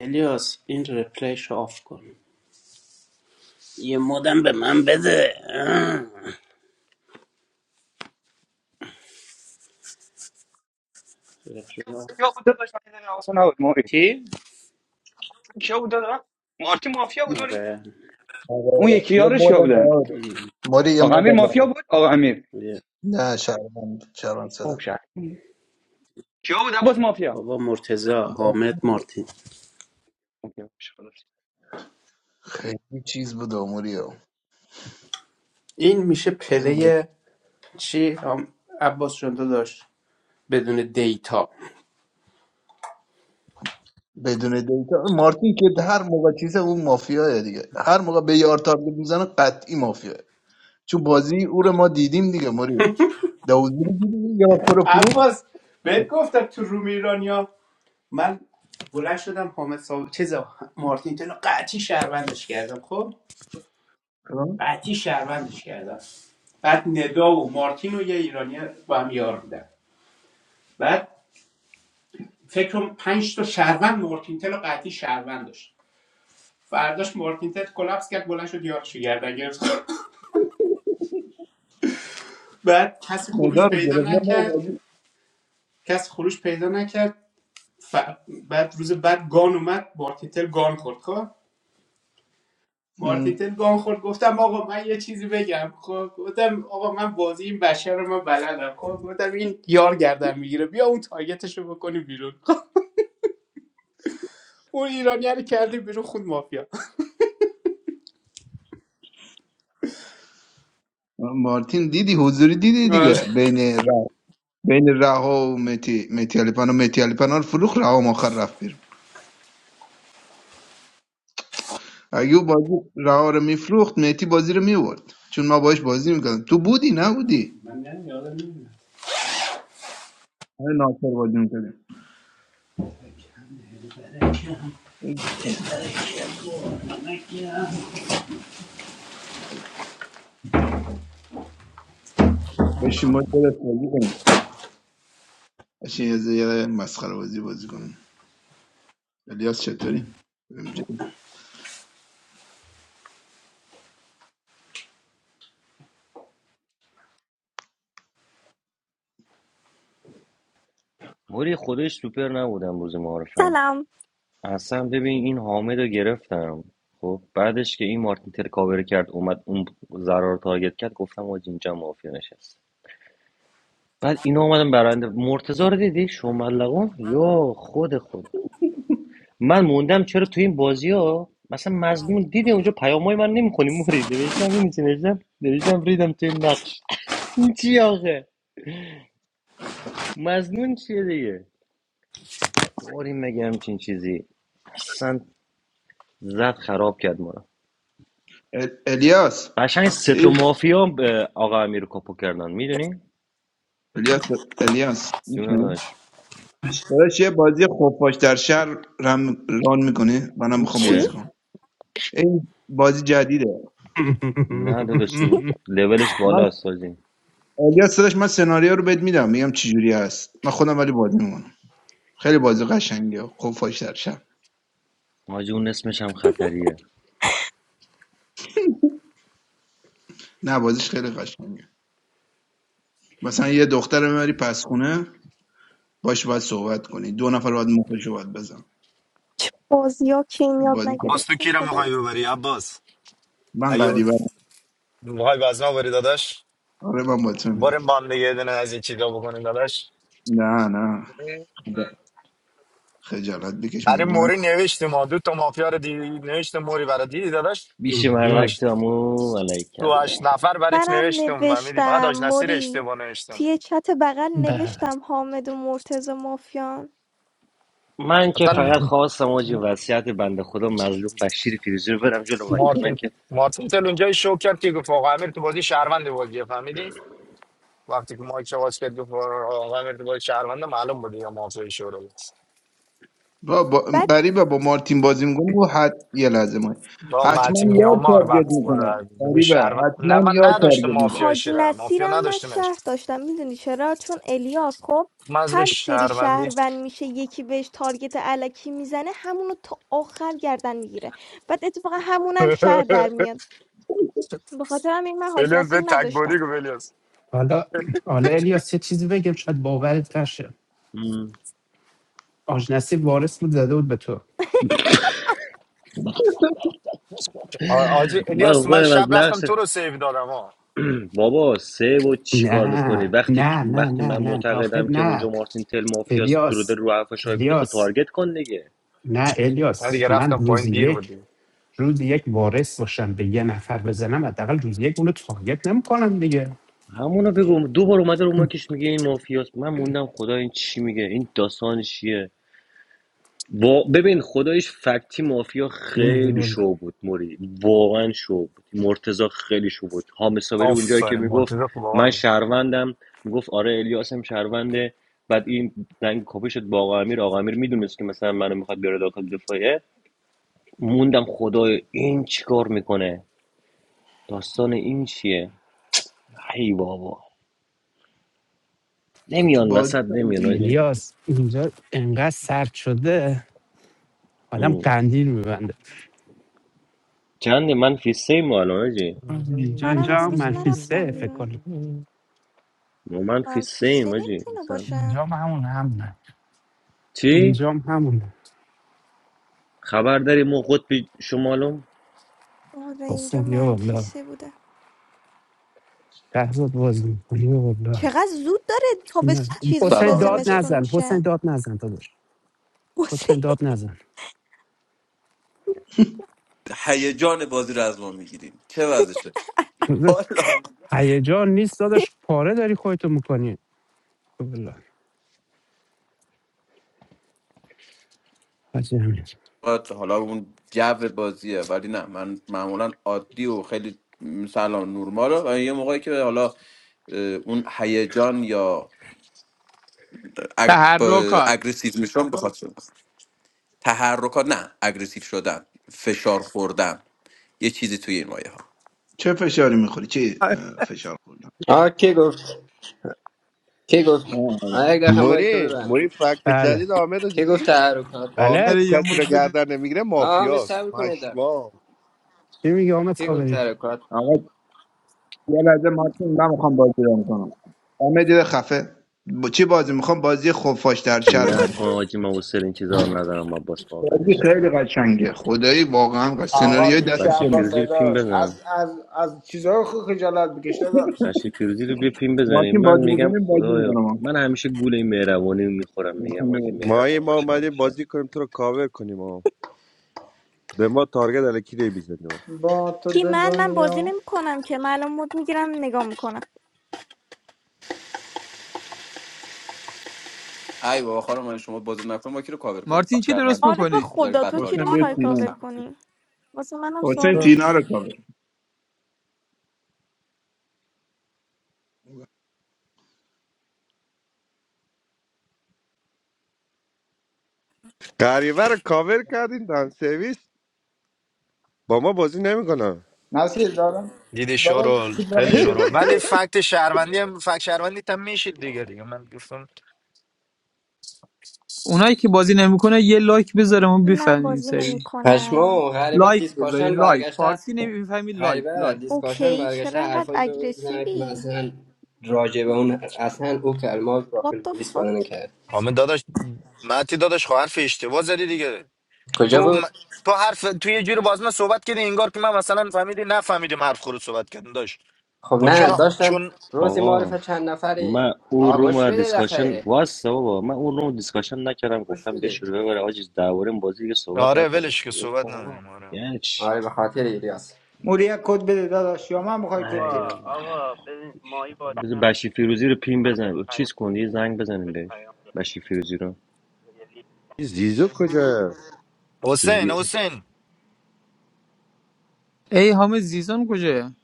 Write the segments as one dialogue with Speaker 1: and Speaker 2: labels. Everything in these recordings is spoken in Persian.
Speaker 1: الیاس این ریپلیش رو آف کن یه مدم به من بده اه. ریپلی آف.
Speaker 2: کیا بود داداش من یه دقیقه حواسم نبود موری
Speaker 1: چی؟
Speaker 2: کیا بود داداش مارتی مافیا بود موری
Speaker 1: آره
Speaker 3: آره
Speaker 2: اون
Speaker 3: آره
Speaker 2: یکی
Speaker 3: یه
Speaker 2: یارش
Speaker 3: مود
Speaker 2: کیا بودن
Speaker 3: نهاده
Speaker 1: ام.
Speaker 3: موری یه
Speaker 2: آقا
Speaker 3: مود
Speaker 2: امیر مافیا
Speaker 3: نهاده
Speaker 2: بود آقا امیر
Speaker 1: یه
Speaker 3: نه شرمند شرمند زدم
Speaker 2: کیا بود باز مافیا
Speaker 1: بابا مرتزا حامد
Speaker 3: مارتین
Speaker 1: مارتین
Speaker 2: مافیا باشه، خلاص.
Speaker 3: خیلی چیز بود آموریو
Speaker 1: این میشه
Speaker 3: خیلی ب-
Speaker 1: پله چی؟ هم... عباس جان تو داشت بدون دیتا
Speaker 3: بدون دیتا مارتین که هر موقع چیزه اون مافیاه دیگه هر موقع به یار تارگت میزنه قطعی مافیاه چون بازی او رو ما دیدیم دیگه موری دوزی رو دیدیم یا خور فروخت
Speaker 1: عباس بهت گفتم تو روم ایرانیا من بلند شدم حامد صاحب چیزا مارتین تلو قطعی شهروندش کردم خب قطعی شهروندش کردم بعد ندا و مارتین و یه ایرانی با هم یار بودن بعد فکر کنم 5 تا شهروند مارتینتل و قطعی شهروند داشت فرداش مارتینتل کلاپس کرد بلند شد یارشو گردن گرفت بعد کسی خروج
Speaker 3: مدار
Speaker 1: پیدا
Speaker 3: گرفت نه نه
Speaker 1: نکرد
Speaker 3: بازی
Speaker 1: کسی خروج پیدا نکرد ف... بعد روز بعد گان اومد مارتینتل گان خورد خب
Speaker 3: م.
Speaker 1: مارتینتل گان خورد گفتم آقا من یه چیزی بگم خب گفتم آقا من بازی این بشر رو من بلدم خب گفتم این یار گردن میگیره بیا اون تارگتش رو بکنی بیرون خب اون ایرانی رو کردیم بیرون خود مافیا
Speaker 3: مارتین دیدی حضوری دیدی دیگه بین بین رها و متی متی علیپنا متی علیپنا رو فروخت رها هم آخر رفت بیرون اگه او بازی رها رو میفروخت متی بازی رو میورد چون ما باش بازی میکردیم تو بودی نبودی های ناصر بازی میکردیم بشین ما درست بازی کنیم بشین یه ز- یه مسخره بازی بازی کنیم الیاس چطوری ام جی.
Speaker 4: موری خودش سوپر نبودم روز معارفم
Speaker 5: سلام
Speaker 4: اصلا ببین این حامد رو گرفتم خب بعدش که این مارتین تل کاور کرد اومد اون ضرر تارگت کرد گفتم آج اینجا مافیا نشست بعد اینا اومدم برنده مرتضی رو دیدی شملقان یا خود خدا من موندم چرا تو این بازی ها مثلا مزنون دیده اونجا پیامای من نمیخونی موری نوشتم این چی نوشتم نوشتم ریدم توی نقش این چی آخه مزنون چیه دیگه داریم مگه همچین چیزی اصلا زد خراب کرد ما رو
Speaker 3: ال- الیاس
Speaker 4: قشنگ سه
Speaker 3: ای،
Speaker 4: تا مافیا به آقا امیر کاپو کردن میدونی
Speaker 3: الیاس الیاس
Speaker 4: جون
Speaker 3: می‌شنوی؟
Speaker 4: داداش
Speaker 3: داداش یه بازی خفاش در شهر رم ران میکنه منم
Speaker 4: اون
Speaker 3: میخوام
Speaker 5: چی؟
Speaker 3: بازی
Speaker 4: چیه
Speaker 3: کنم این بازی جدیده
Speaker 4: نه داداش اون لولش
Speaker 3: من
Speaker 4: بالاست سازی
Speaker 3: الیاس صداش من سناریو رو بهت میدم میگم چی جوری هست من خودم ولی بازی میکنم خیلی بازی قشنگه خب فاش در شب
Speaker 4: حاجی اون اسمش هم خطریه
Speaker 3: نه بازیش خیلی قشنگه مثلا یه دختر رو میبری پس خونه باش باید صحبت کنی دو نفر باید مخش رو باید بزن
Speaker 5: چه بازی ها که این
Speaker 3: این
Speaker 5: یاد
Speaker 3: بازی خیلی-
Speaker 6: عباس تو
Speaker 5: نگرفتم
Speaker 6: کی رو
Speaker 5: خدایا
Speaker 6: میخوای ببری عباس
Speaker 3: من
Speaker 6: اگه
Speaker 3: غریبه
Speaker 6: میخوای وزنا بری داداش
Speaker 3: آره من باید
Speaker 6: بار
Speaker 3: میبینم
Speaker 6: با هم دیگه یه دونه از این چیزا بکنیم داداش
Speaker 3: نه نه خجالت بکش
Speaker 6: برای
Speaker 3: مگه من
Speaker 6: موری نوشتیم ما دو تا مافیا رو دی... نوشتیم موری برای دیدی داداش
Speaker 4: بیش
Speaker 6: تو
Speaker 4: مردک
Speaker 6: هشت
Speaker 4: تامو علیک
Speaker 6: تو
Speaker 4: کربله
Speaker 6: هشت نفر برات
Speaker 5: منم
Speaker 6: نوشتم و میدی فقط
Speaker 5: نوشتم
Speaker 6: آج نصیر
Speaker 5: موری
Speaker 6: اشتباه نوشتم
Speaker 5: توی چت بغل نوشتم حامد و مرتز مافیان
Speaker 4: من که
Speaker 6: مثلا
Speaker 1: آره.
Speaker 4: فقط خواستم حاجی وصیت بنده خدا مظلوم بشیر فیروزی رو برم جلو وگرنه
Speaker 6: مارتین
Speaker 4: که
Speaker 6: مارتین تل اونجای شو کرد که گفت آقا امیر تو بازی شهروند بازی فهمیدی وقتی که مایک شواز کرد گفت آقا امیر تو بازی شهروند معلوم بود یا مافیا شو رو.
Speaker 3: با, با
Speaker 5: بعد
Speaker 3: غریبه با مارتین بازی میکنه و حت یه لحظه ما
Speaker 6: با
Speaker 3: حتما
Speaker 6: متی
Speaker 3: یار
Speaker 6: میامار
Speaker 3: تارگت
Speaker 6: وقت
Speaker 3: میکنه
Speaker 6: خورد روی
Speaker 3: غریبه
Speaker 6: شهر نه
Speaker 3: حتما
Speaker 6: من
Speaker 3: یار
Speaker 6: نداشته
Speaker 3: تارگت میکنه
Speaker 6: مافیا
Speaker 5: حاج
Speaker 6: شیره مافیا
Speaker 5: نصیرم من
Speaker 6: نداشتمش
Speaker 5: شهر داشتم میدونی چرا چون الیاس خب
Speaker 6: من از روی
Speaker 5: هر سری
Speaker 6: شهروندی
Speaker 5: شهروند میشه یکی بهش تارگت علکی میزنه همونو تا آخر گردن میگیره بعد اتفاقا همونم شهر در میاد بخاطر همین من حاج
Speaker 6: الیاس به
Speaker 5: نسیم نداشتم.
Speaker 6: تکبری گفت الیاس
Speaker 1: حالا حالا الیاس یه چیزی بگم شاید باورت نشه
Speaker 4: م.
Speaker 1: آج نصیب وارث بود زده بود به تو
Speaker 6: آ- آجی
Speaker 4: من
Speaker 6: الیاس من
Speaker 4: خودم
Speaker 6: شب
Speaker 4: از
Speaker 6: رفتم
Speaker 4: نقش
Speaker 6: تو رو سیو دادم ها
Speaker 4: بابا سه و چیکار میکنی
Speaker 1: نه
Speaker 4: وقتی
Speaker 1: نه نه
Speaker 4: وقتی
Speaker 1: نه
Speaker 4: من
Speaker 1: نه آخر
Speaker 4: معتقدم که اونجا
Speaker 1: نه
Speaker 4: مارتین تل مافیاس درود
Speaker 1: الیاس
Speaker 4: رو حرف شایبی خود
Speaker 1: الیاس
Speaker 4: تارگت کن دیگه
Speaker 1: نه
Speaker 6: من دیگه
Speaker 1: الیاس من
Speaker 6: رفتم پایین
Speaker 1: روزی
Speaker 6: دیر
Speaker 1: یک
Speaker 6: بودی
Speaker 1: روزی یک وارث باشم به یه نفر بزنم حداقل روزی یک اونو تارگت نمیکنم دیگه
Speaker 4: همونو بگو دو بار اومده رو ماکش میگه این مافیاس من موندم خدا این چی میگه این داستان چیه وا... ببین خدایش فکتی مافیا خیلی
Speaker 1: اینو بگم
Speaker 4: شو بود موری واقعا شو بود مرتزا خیلی شو بود حامد صابری اونجایی که
Speaker 6: آفرین
Speaker 4: میگفت
Speaker 6: مرتضی خوب آقای
Speaker 4: من شهروندم میگفت آره الیاس هم شهرونده بعد این دنگ کپی شد با آقا امیر آقا امیر میدونست که مثلا منو میخواد بیاره داخل دفاعیه موندم خدای این چیکار میکنه داستان این چیه ای بابا
Speaker 3: تو
Speaker 4: نمیان
Speaker 3: بازی
Speaker 4: وسط
Speaker 3: تارگت
Speaker 4: نمیان آجی
Speaker 3: می‌کنه.
Speaker 1: الیاس اینجا انقدر سرد شده آدم قندیل میبنده
Speaker 4: چنده من فی سیم الان آجی
Speaker 1: اینجا
Speaker 5: منم
Speaker 1: اینجا هم
Speaker 5: امروز
Speaker 1: منفی سه
Speaker 5: نرفتم
Speaker 1: فکر
Speaker 5: بیرون.
Speaker 1: کنم
Speaker 6: من.
Speaker 4: من فی
Speaker 5: منفی سه
Speaker 4: سیم آجی
Speaker 5: نمیتونه
Speaker 4: مثلا
Speaker 5: باشه.
Speaker 1: اینجا هم همون هم نه
Speaker 4: چی
Speaker 1: اونجا هم همونه
Speaker 4: خبر داری ما قطب شمالم
Speaker 5: آره اینجا
Speaker 1: حسین بیا
Speaker 5: منفی
Speaker 1: بالا
Speaker 5: سه بوده.
Speaker 1: لحظات بازی میکنی بیا بالا
Speaker 5: چقدر زود داره
Speaker 1: اینا-
Speaker 5: تابس چیز میشه
Speaker 1: حسین
Speaker 7: سلام
Speaker 1: داد
Speaker 5: زمستون
Speaker 7: مجدد
Speaker 1: نزن حسین
Speaker 5: میشه.
Speaker 1: داد نزن داداش
Speaker 5: واسه
Speaker 1: حسین داد نزن
Speaker 7: هیجان بازی رو از ما میگیریم چه وضعشه
Speaker 1: داداش،
Speaker 7: حالا
Speaker 1: هیجان نیست داداش پاره داری خودتو میکنی
Speaker 7: حالا اون جو بازیه ولی نه من معمولا عادی و خیلی سلام نورما رو و یه موقعی که حالا اه، اون هیجان یا اگ... با-
Speaker 8: تحرکات
Speaker 7: اگریسیو میشم بخواد شدن تحرکات نه اگریسیو شدن فشار خوردن یه چیزی توی این مایه ها
Speaker 3: چه فشاری میخوری چی اه، فشار خوردن
Speaker 9: آه کی گفت کی گفت
Speaker 3: آه،
Speaker 9: آه
Speaker 3: آره.
Speaker 9: یک دقیقه مایک تو
Speaker 10: موری
Speaker 9: ببند
Speaker 10: موری فکت
Speaker 1: بله
Speaker 10: جدید حامد رو
Speaker 9: کی گفت
Speaker 10: دیدی
Speaker 9: تحرکات
Speaker 1: بله
Speaker 8: آره
Speaker 10: حامد
Speaker 8: یه
Speaker 10: کسی رو
Speaker 8: مد بده
Speaker 10: گردن نمیگیره
Speaker 9: آه می
Speaker 10: مافیاست
Speaker 9: صبر کنید دقیقه
Speaker 10: پشما
Speaker 1: چی میگی آمد
Speaker 9: کی گفت
Speaker 1: خبری
Speaker 9: تحرکات
Speaker 3: آقا یه لحظه مارتین من میخوام بازی رو کنم همه دیده خفه با چی بازی میخوام بازی خفاش در شر رام
Speaker 4: نکن
Speaker 3: کنم
Speaker 4: آجی من واسه این چیزا رو ندارم من باس ما
Speaker 3: بازی
Speaker 4: ولش
Speaker 3: خیلی
Speaker 4: کن
Speaker 3: قشنگه خدایی واقعا قشنگ.
Speaker 4: ول
Speaker 11: آقا
Speaker 3: سناریوی
Speaker 4: کن
Speaker 3: دست
Speaker 4: بشی
Speaker 11: دیشب با
Speaker 3: خودم
Speaker 4: فیروزی رو پیم
Speaker 11: صداش
Speaker 4: بزن
Speaker 11: از از از چیزهای خوب خجالت بکش داداش
Speaker 4: بشی فیروزی رو بیا پیم بزنیم
Speaker 3: مارتین
Speaker 4: من
Speaker 3: بازی
Speaker 4: میگم
Speaker 3: میکنیم بازی
Speaker 4: خدایا
Speaker 3: میکنم
Speaker 4: من همیشه گول این مهربانی میخورم میگم
Speaker 3: حسین
Speaker 4: آجی
Speaker 3: بگو
Speaker 10: ما یه
Speaker 4: مهربان
Speaker 10: ما
Speaker 4: باشه
Speaker 10: اومدیم
Speaker 4: همیشه
Speaker 10: بازی کنیم تو رو کاور کنیم آه. به ما تارگت الکی نمیزنیم
Speaker 11: با تو
Speaker 5: کی
Speaker 11: به
Speaker 5: من من بازی
Speaker 11: دنیا
Speaker 5: نمیکنم که من الان مود میگیرم نگاه میکنم.
Speaker 7: ای بابا خانم من شما بازی نکنم ما کی رو کاور کنیم
Speaker 8: مارتین چی درست
Speaker 7: شهروند
Speaker 5: آره
Speaker 7: اینجا
Speaker 5: به
Speaker 8: میکنی
Speaker 7: بذاریم
Speaker 5: خدا
Speaker 7: بعد
Speaker 5: تو کی رو
Speaker 3: حسین
Speaker 7: تارگت
Speaker 3: بیا
Speaker 5: میخوای
Speaker 7: بخوریم از
Speaker 3: سینه
Speaker 5: کاور
Speaker 7: هم.
Speaker 5: کنی؟ واسه منم
Speaker 3: حسین
Speaker 5: سوالم.
Speaker 3: تینا رو کاور
Speaker 10: غریبه رو کاور کردین دن سرویس با ما بازی نمیکنن
Speaker 11: نسیر دارم
Speaker 6: دیدی
Speaker 11: دارم
Speaker 6: شورول خیلی
Speaker 11: سیگنال
Speaker 6: شورول
Speaker 11: گرفتم
Speaker 6: ولی
Speaker 11: داشت
Speaker 6: فکت شهروندی هم فکت شهروندی هم میشید دیگه دیگه من گفتم
Speaker 8: اونایی که بازی نمیکنه یه لایک بذاره ما
Speaker 5: من
Speaker 8: بفهمیم
Speaker 5: بازی
Speaker 8: سری
Speaker 5: نمیکنم.
Speaker 9: پشمو غریبت
Speaker 8: لایک
Speaker 9: دیسکاشن
Speaker 8: بذارین لایک
Speaker 9: برگشته
Speaker 8: فارسی نمیفهمی لایک
Speaker 9: غریبه
Speaker 8: لایک
Speaker 9: دیسکاشن
Speaker 5: اوکی
Speaker 9: برگشته
Speaker 5: چرا انقدر
Speaker 9: حرفایی به من بزنه که من
Speaker 5: اگریسیوی
Speaker 9: اصلا راجع به اون اصلا او کلمات
Speaker 5: What
Speaker 9: داخل
Speaker 5: the
Speaker 9: پلیس وارد
Speaker 5: fuck
Speaker 9: نکرد
Speaker 6: حامد داداش متی داداش خب حرف اشتباه زدی دیگه
Speaker 9: کجا
Speaker 6: تو م-
Speaker 9: بود
Speaker 6: تو حرف تو یه جوری باز من صحبت کردی انگار که من مثلا فهمیدی نفهمیدیم حرف خورد صحبت کردن داشت
Speaker 9: خب
Speaker 6: خب
Speaker 9: نه
Speaker 6: چون
Speaker 9: داشتن
Speaker 6: چون
Speaker 9: روزی معرفه
Speaker 4: آقا
Speaker 9: چند نفری
Speaker 4: من اون
Speaker 9: آگوش
Speaker 4: روم
Speaker 9: بده
Speaker 4: دیسکاشن
Speaker 9: دفعه
Speaker 4: واسه بابا من اون روم دیسکاشن نکردم
Speaker 9: گوش
Speaker 4: گفتم بیا
Speaker 9: بده
Speaker 4: شروع ببره آجی درباره این بازی دیگه صحبت
Speaker 6: آره
Speaker 4: نکنه
Speaker 6: ولش
Speaker 4: چی
Speaker 6: که
Speaker 4: ول
Speaker 6: صحبت
Speaker 4: کن آقا
Speaker 6: نداریم آره
Speaker 4: یعنی چی؟
Speaker 9: آره به خاطر ایلیاس
Speaker 11: موری یک کد بده داداش یا من میخوای کد
Speaker 1: آقا
Speaker 11: بدم
Speaker 1: آقا ببین ماهی بازی
Speaker 4: بذار
Speaker 1: نمی‌کنه.
Speaker 4: بشی فیروزی رو پین
Speaker 1: من بهش
Speaker 4: بزن
Speaker 1: پیام
Speaker 4: چیز
Speaker 1: دادم،
Speaker 4: کن یه زنگ بزنیم
Speaker 1: بهش
Speaker 4: بهش
Speaker 1: پیام دادم
Speaker 4: بشی فیروزی رو
Speaker 1: یعنی
Speaker 10: این زیزو کجا
Speaker 6: حسین حسین
Speaker 8: ای حامد زیزان کجا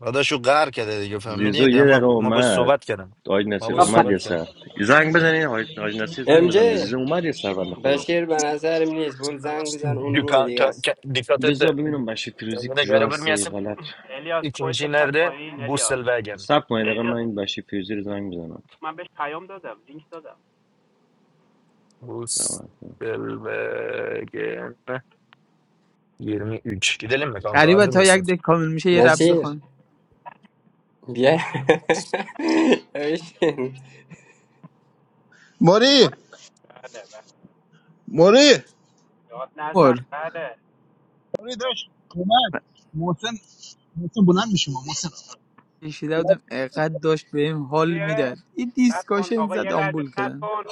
Speaker 6: داداشو قهر کرده دیگه فهمیدی
Speaker 4: زیزو
Speaker 6: ده
Speaker 4: یه دقیقه
Speaker 6: ما ما باش
Speaker 4: اومد
Speaker 6: صحبت کردم
Speaker 4: آج
Speaker 6: ما
Speaker 4: نصیر
Speaker 6: باش
Speaker 12: من,
Speaker 4: اومد
Speaker 12: پ-
Speaker 4: یه
Speaker 6: صحبت
Speaker 4: سر
Speaker 6: کردم
Speaker 4: زنگ بزنین آج آج نصیر
Speaker 9: ام
Speaker 4: زنگ بزن به
Speaker 9: جی
Speaker 4: زیزو اومد یه سر بنده خدا
Speaker 9: بشیر به نظرم نیست برو زنگ بزن اون روم دیگه است
Speaker 4: بذار ببینم بشی فیروزی کجا هسته ای
Speaker 6: دیکاتت
Speaker 4: غلط
Speaker 1: الیاس خود
Speaker 6: İkinci
Speaker 1: بپر
Speaker 6: nerede?
Speaker 1: پایین الیاس
Speaker 6: Busselwagen.
Speaker 4: سب کنید دقیقه من
Speaker 1: الیاس
Speaker 4: این بشی فیروزی رو زنگ بزنم
Speaker 1: من بهش پیام دادم لینک دادم
Speaker 6: Busselwagen 23. Gidelim mi kanka?
Speaker 8: قریبا
Speaker 6: Hazır
Speaker 8: تا یک
Speaker 6: mısın?
Speaker 8: دک کامل میشه یه رب
Speaker 9: نصیر
Speaker 8: بخوان
Speaker 9: بیا بشین
Speaker 3: موری
Speaker 1: بله بله
Speaker 3: موری
Speaker 1: یاد نزن
Speaker 8: بر
Speaker 1: بله
Speaker 3: موری داشت اومد محسن محسن بلند میشه ما محسن
Speaker 8: کشیده بودم اقد داشت بهم حال
Speaker 1: چیه؟
Speaker 8: میداد این
Speaker 1: صبر کن
Speaker 8: دیسکاشن
Speaker 1: آقا یه
Speaker 8: زد
Speaker 1: لحظه
Speaker 8: آمبول
Speaker 1: صبر
Speaker 8: کردن
Speaker 1: کن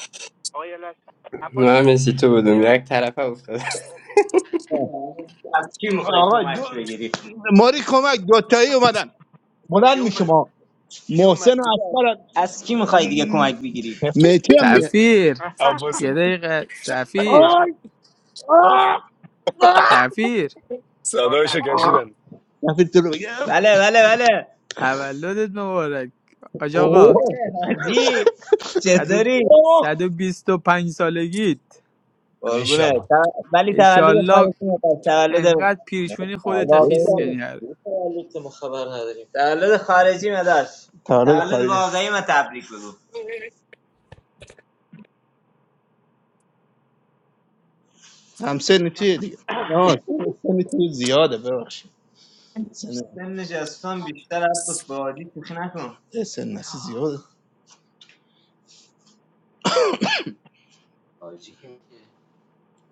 Speaker 1: آقا یه لحظه عباس کی
Speaker 9: من مسی تو بودم یک طرفه افتاد
Speaker 3: از کی میخوای آقا کمک دو... بگیری ماری کمک دوتایی اومدن
Speaker 1: کی
Speaker 3: بلند می
Speaker 1: اومد
Speaker 3: شما
Speaker 1: کی اومد
Speaker 3: محسن و اصغر از کی میخوای دیگه کمک بگیری میتی هم میره
Speaker 8: سفیر یه
Speaker 6: Abbas'ın.
Speaker 8: دقیقه
Speaker 1: علی
Speaker 8: سفیر
Speaker 1: پناه
Speaker 6: Oh,
Speaker 8: سفیر
Speaker 6: صدای
Speaker 1: یاد ند
Speaker 6: شکشیدن
Speaker 3: دفعه جلو بگه. بله بله بله
Speaker 8: تولدت مبارک آج آقا.
Speaker 3: حاجی
Speaker 8: صد و
Speaker 3: چطوری اوه،
Speaker 8: صد و بیست و پنج سالگیت
Speaker 3: قربونه
Speaker 6: انشالله
Speaker 3: ت- ولی تولد
Speaker 8: انشالله
Speaker 3: خارجی نداشت تولد
Speaker 8: انقدر پیرشونی خودت خیس
Speaker 3: واقعی
Speaker 8: کنی
Speaker 3: نیست
Speaker 8: هر
Speaker 3: تولد خارجی نداشت تولد تولد خارجی واقعی من تبریک بگو همسن چیه دیگه نه سن سن تو زیاده ببخشید سن سنش بیشتر عباس با عادی شوخی نکن اه، سن نسی زیاده حاجی که میگه.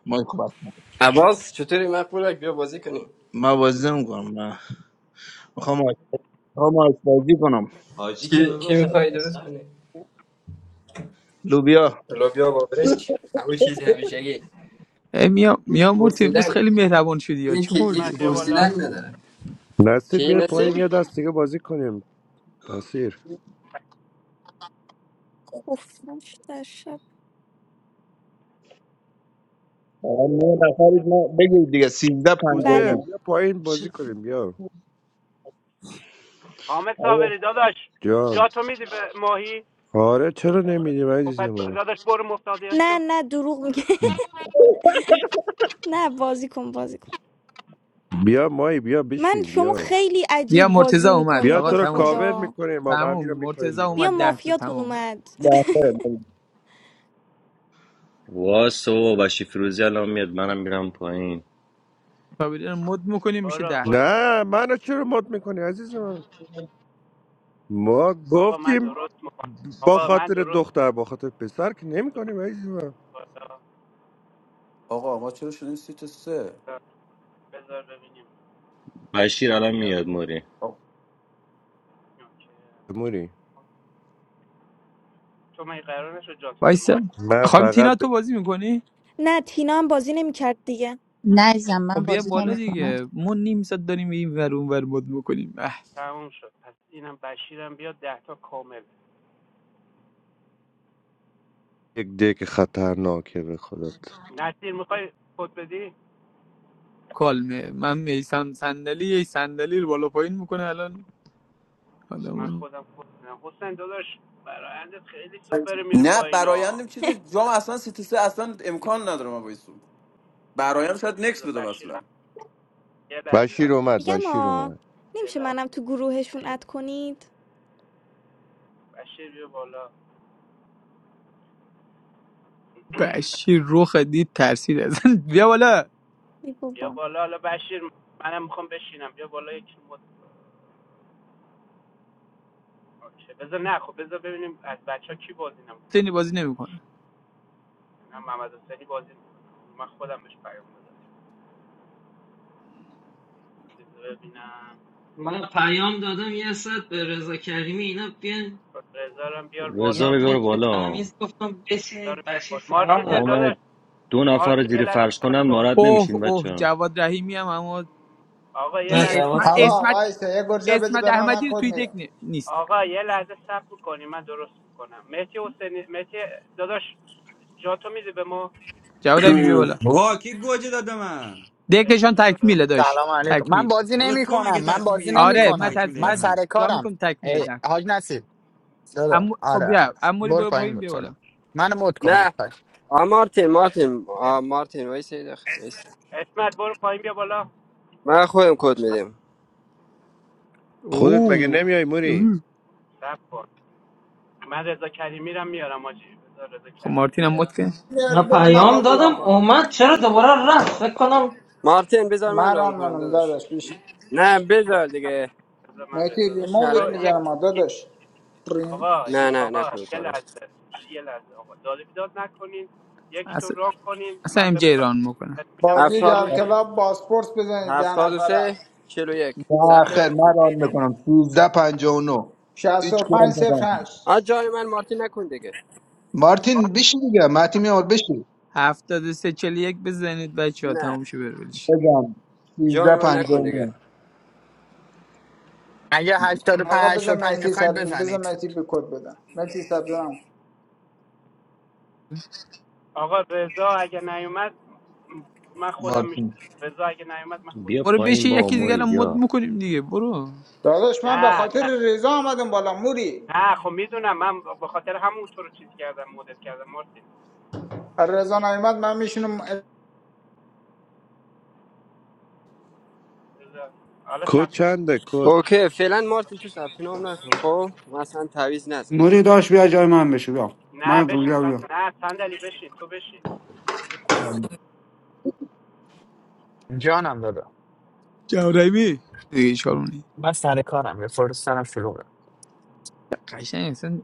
Speaker 3: مایکو بس نکن.
Speaker 9: عباس چطوری مقبولک بیا بازی کنیم
Speaker 3: من بازی نمیکنم من میخوام میخوام آشپزی کنم حاجی که
Speaker 9: چی, چی
Speaker 3: میگفت
Speaker 9: میخوای درست
Speaker 3: اصلا
Speaker 9: کنی؟
Speaker 3: لوبیا
Speaker 9: لوبیا با برنج همون چیزی همیشگی یک
Speaker 8: ای میا میا مرتی بس
Speaker 9: پرسیدن
Speaker 8: خیلی مهربان شدی یا چی
Speaker 9: یکی یک
Speaker 1: قسمت
Speaker 8: خوردی
Speaker 1: بیا
Speaker 9: پرسیدن
Speaker 1: بالا
Speaker 9: نداره
Speaker 10: نصیر
Speaker 9: چی
Speaker 10: بیا پایین یه
Speaker 9: نصیر؟
Speaker 10: دست دیگه بازی کنیم نصیر
Speaker 5: خفاش در شب
Speaker 3: آقا نه نفرید نه بگید دیگه 13
Speaker 10: کوسه
Speaker 5: بله
Speaker 3: 59
Speaker 10: بیا پایین بازی
Speaker 3: چه
Speaker 10: کنیم بیا
Speaker 1: حامد
Speaker 3: آره
Speaker 1: صابری داداش
Speaker 10: جان
Speaker 1: جا تو میدی به ماهی
Speaker 10: آره چرا نمیدیم
Speaker 1: خب پس
Speaker 10: عزیزم
Speaker 1: داداش برو مفتادیان
Speaker 5: نه
Speaker 1: شو
Speaker 5: نه دروغ میگه نه بازی کن بازی کن
Speaker 10: بیا مایی بیا
Speaker 5: من
Speaker 10: بشین
Speaker 5: شما
Speaker 10: بیا
Speaker 5: خیلی
Speaker 8: بیا
Speaker 5: عجیب بازی
Speaker 8: مرتزا اومد
Speaker 10: بیا
Speaker 5: میکنید
Speaker 8: آقا
Speaker 5: به
Speaker 10: تو رو
Speaker 8: تموم شد
Speaker 10: کاور
Speaker 5: خدا
Speaker 10: میکنیم ما غمی
Speaker 8: تموم
Speaker 10: رو میکنیم
Speaker 8: مرتزا
Speaker 10: بیرون
Speaker 8: اومد
Speaker 5: بیا
Speaker 8: ده
Speaker 10: بیا
Speaker 8: تا
Speaker 5: مافیاتون
Speaker 8: تموم
Speaker 5: اومد
Speaker 3: ده خیر
Speaker 4: واسو بشی فیروزی الان میاد منم میرم پایین
Speaker 8: کابینه رو مد میکنیم میشه
Speaker 1: برو
Speaker 8: ده تا
Speaker 1: برو
Speaker 10: نه منو چرا مد میکنی عزیز من ما
Speaker 1: آقا من
Speaker 10: گفتیم
Speaker 1: درست میکنم
Speaker 10: با
Speaker 1: آقا من
Speaker 10: خاطر
Speaker 1: درست
Speaker 10: دختر با خاطر پسر که نمیکنیم عزیز من
Speaker 1: بالا.
Speaker 7: آقا ما چرا شدیم سیت سه
Speaker 1: بذار ببینیم
Speaker 4: بشیر
Speaker 1: بشیرم
Speaker 4: الان
Speaker 1: بیاد
Speaker 4: میاد موری
Speaker 1: اوکی.
Speaker 10: موری
Speaker 1: تو من قرار نشد جاتو به
Speaker 8: وایسا
Speaker 1: ما
Speaker 10: من
Speaker 8: خانم تینا
Speaker 10: فقط
Speaker 8: تو
Speaker 10: به
Speaker 8: بازی میکنی
Speaker 5: نه تینا هم بازی نمیکرد دیگه
Speaker 13: Nice, I'm a
Speaker 8: خب بیا
Speaker 13: busy day,
Speaker 8: بالا
Speaker 13: my friend.
Speaker 8: دیگه ما نیم ساعت داریم این ور اون ور مد میکنیم اه
Speaker 1: تموم شد پس اینم بشیرم بیاد ده تا کامل
Speaker 10: یک دک خطرناکه به خودت
Speaker 1: نصیر میخوای خود بدی
Speaker 8: کالمه من میسم صندلی یه صندلی رو بالا پایین میکنه الان
Speaker 1: من
Speaker 8: آدم.
Speaker 1: خودم خود بدم حسین داداش برایندت خیلی سوپر میری
Speaker 7: نه
Speaker 1: پایین ها
Speaker 7: برایندم چیزی جام اصلا سی تو سه اصلا امکان نداره ما وایسون برایند
Speaker 1: خب،
Speaker 7: شاید نکس
Speaker 1: بذار
Speaker 7: بدم
Speaker 1: بشیر
Speaker 7: اصلا
Speaker 1: یه لحظه
Speaker 10: بشیر اومد
Speaker 5: میگم
Speaker 10: بشیر
Speaker 5: آ
Speaker 10: اومد
Speaker 1: یه
Speaker 5: نمیشه
Speaker 1: لحظه
Speaker 5: منم تو گروهشون
Speaker 1: یه-
Speaker 5: اد کنید
Speaker 1: بشیر بیا بالا
Speaker 8: بشیر رخ دید ترسید ازن بیا بالا
Speaker 5: ای
Speaker 1: بیا
Speaker 5: بابا
Speaker 1: بالا حالا بشیر منم میخوام بشینم بیا بالا یکی بود بذار نه خب بذار ببینیم از بچه ها کی بازی
Speaker 8: سنی
Speaker 1: نمیکنن
Speaker 8: بازی نمیکنه
Speaker 1: نه محمد حسینی بازی میکنه من خودم بهش پیام دادم بذار ببینم
Speaker 12: من پیام دادم یه ساعت به رضا کریمی اینا بیان
Speaker 1: رضا رو بیار
Speaker 4: رضا
Speaker 1: بالا
Speaker 12: یه
Speaker 4: رو
Speaker 12: دک
Speaker 4: بیار
Speaker 1: مارتین
Speaker 4: بالا
Speaker 12: تمیز گفتم بشینید
Speaker 1: رو بیار
Speaker 12: بشیر
Speaker 1: بالا مارتین
Speaker 12: فرار
Speaker 4: آقا
Speaker 12: نکنه
Speaker 1: داداش
Speaker 4: من دو نفر رو
Speaker 1: مارتین یه
Speaker 4: زیر
Speaker 1: لحظه
Speaker 4: فرش
Speaker 1: صبر
Speaker 4: کنم ناراحت
Speaker 1: کن
Speaker 8: اوه
Speaker 4: نمیشین
Speaker 8: اوه
Speaker 4: بچه
Speaker 8: جواد رحیمی هم اما
Speaker 1: آقا یه
Speaker 12: نه
Speaker 8: این
Speaker 1: لحظه
Speaker 12: جواد
Speaker 8: اسمت
Speaker 1: صبر کن
Speaker 12: که
Speaker 11: آقا
Speaker 8: اسمت
Speaker 11: وایسه یه گرجه بده
Speaker 8: اسمت
Speaker 11: به من من
Speaker 8: احمدی رو
Speaker 11: کد
Speaker 8: توی دک
Speaker 11: میدم
Speaker 8: نی- نیست
Speaker 1: آقا یه لحظه صبر کنی من درست میکنم مهدی حسینی مهدی داداش جاتو میدی به ما
Speaker 8: جواد رحیمی بیا بالا
Speaker 2: آقا کی گوجه داده من
Speaker 8: دکشان
Speaker 1: عشق داداش
Speaker 8: تکمیله داشت
Speaker 14: سلام علیکم من
Speaker 8: تکمیل
Speaker 14: بازی
Speaker 2: بابا
Speaker 14: نمی
Speaker 2: تو
Speaker 14: کنم
Speaker 2: مگه
Speaker 14: من
Speaker 2: تصمیم
Speaker 14: بازی
Speaker 2: میگیری که
Speaker 14: نمی
Speaker 8: آره
Speaker 2: دک
Speaker 8: من
Speaker 14: کنم
Speaker 8: تص...
Speaker 2: تکمیله
Speaker 14: من
Speaker 2: یا
Speaker 8: من
Speaker 14: سر
Speaker 2: نه
Speaker 8: راه
Speaker 14: کارم
Speaker 8: میکنم تکمیله
Speaker 14: ای
Speaker 8: ده
Speaker 14: حاج نصیب دادا
Speaker 8: اما خب
Speaker 14: آره آره
Speaker 8: بیا اموری
Speaker 14: برو
Speaker 8: برو
Speaker 14: پایین
Speaker 8: پایین
Speaker 14: برو
Speaker 8: بیا
Speaker 14: پایین
Speaker 8: بالا
Speaker 14: منو مد کنید
Speaker 9: نه
Speaker 14: پایین
Speaker 9: آ مارتین مارتین آ مارتین وایس وایس
Speaker 1: اسمت برو پایین بیا بالا
Speaker 9: من خودم کد میدم
Speaker 10: خودت مگه
Speaker 8: اوه
Speaker 10: نمیای موری
Speaker 8: اوه.
Speaker 1: صبر کن من رضا کریمی رو میارم آجی بذار رضا
Speaker 8: خب
Speaker 1: کریمی رو
Speaker 8: مارتین هم مد
Speaker 1: میارم
Speaker 8: که
Speaker 11: میاری
Speaker 12: من
Speaker 11: بده من
Speaker 12: پیام
Speaker 11: باز
Speaker 12: دادم
Speaker 11: جوان کنم
Speaker 12: اومد چرا دوباره رفت فکر کنم
Speaker 9: مارتین بذار من
Speaker 11: من
Speaker 9: ران
Speaker 11: ران
Speaker 9: کنم
Speaker 11: منم
Speaker 9: داداش
Speaker 11: داداش بیش
Speaker 9: نه بذار دیگه
Speaker 1: بذار من
Speaker 11: میتی
Speaker 1: رضا
Speaker 9: یه
Speaker 1: رو میارم
Speaker 11: ریموویت
Speaker 9: شلایی
Speaker 1: تو یک
Speaker 9: تو
Speaker 11: میزنم داداش ریم
Speaker 1: آقا
Speaker 9: نه نه
Speaker 1: آقا
Speaker 9: نکن این
Speaker 1: یه
Speaker 9: کارو
Speaker 1: لحظه یه لحظه آقا داد و بیداد نکنین یکیتون
Speaker 8: اصلا
Speaker 1: راه کنین
Speaker 8: اصلا
Speaker 1: من
Speaker 8: ام
Speaker 1: به
Speaker 8: جی ران میکنه
Speaker 1: میگم
Speaker 11: بازی
Speaker 9: هفتاد
Speaker 1: لینک
Speaker 11: در
Speaker 9: و
Speaker 3: نه
Speaker 11: کلاب باسپورس بزنید ده
Speaker 9: هفتاد و
Speaker 11: نفره
Speaker 9: سه چلو یک ثبت
Speaker 3: خیر
Speaker 9: نام کن
Speaker 3: من ران میکنم 13 59 هیچ کدوم
Speaker 11: 65
Speaker 3: نکنم
Speaker 11: 08
Speaker 9: آ جان من مارتین نکن دیگه
Speaker 3: مارتین بشی دیگه مارتین میام بشی
Speaker 8: هفتاد و سه چلی یک بزنید بچه ها
Speaker 9: نه
Speaker 8: تموم شه بره ولش.
Speaker 3: بزن 13
Speaker 9: جان من نکن دیگه
Speaker 3: 59
Speaker 14: اگه
Speaker 11: آقا
Speaker 14: 85
Speaker 11: بذار
Speaker 14: 85
Speaker 11: مهدی
Speaker 14: میخواید
Speaker 11: سب... بذار
Speaker 14: بزنید
Speaker 11: مهدی به کد بدم مهدی سبزم
Speaker 1: آقا رضا اگه نیومد من خودم میشم
Speaker 3: مارتین
Speaker 1: رضا اگه نیومد من خودم
Speaker 4: بیا
Speaker 8: برو
Speaker 1: میشم
Speaker 8: بشی
Speaker 4: پایین بابا
Speaker 8: یکی دیگر
Speaker 4: موری
Speaker 8: هم مد
Speaker 4: بیا
Speaker 8: میکنیم دیگه برو
Speaker 11: داداش
Speaker 1: نه
Speaker 11: من به
Speaker 1: نه
Speaker 11: خاطر رضا آمدم بالا موری
Speaker 1: نه خب میدونم من به خاطر همون تو رو چیز کردم مدت کردم مارتین
Speaker 11: هر رضا نیومد من میشینم
Speaker 1: بذار. حالا
Speaker 10: کد
Speaker 1: سب
Speaker 10: چنده کد
Speaker 9: اوکی فعلا مارتین تو ثبت نام نکن خب مثلا تعویض نزنم
Speaker 15: موری داشت بیا جای من بشه بیا
Speaker 1: نه
Speaker 15: من
Speaker 1: بشین
Speaker 15: بیا بیا
Speaker 1: صند... نه صندلی بشین تو بشین تو
Speaker 14: جانم دادا
Speaker 8: جاربی دیگه چارونی
Speaker 14: من سر کارم یه فرصت دارم شلوغه
Speaker 8: قشنگ اصلا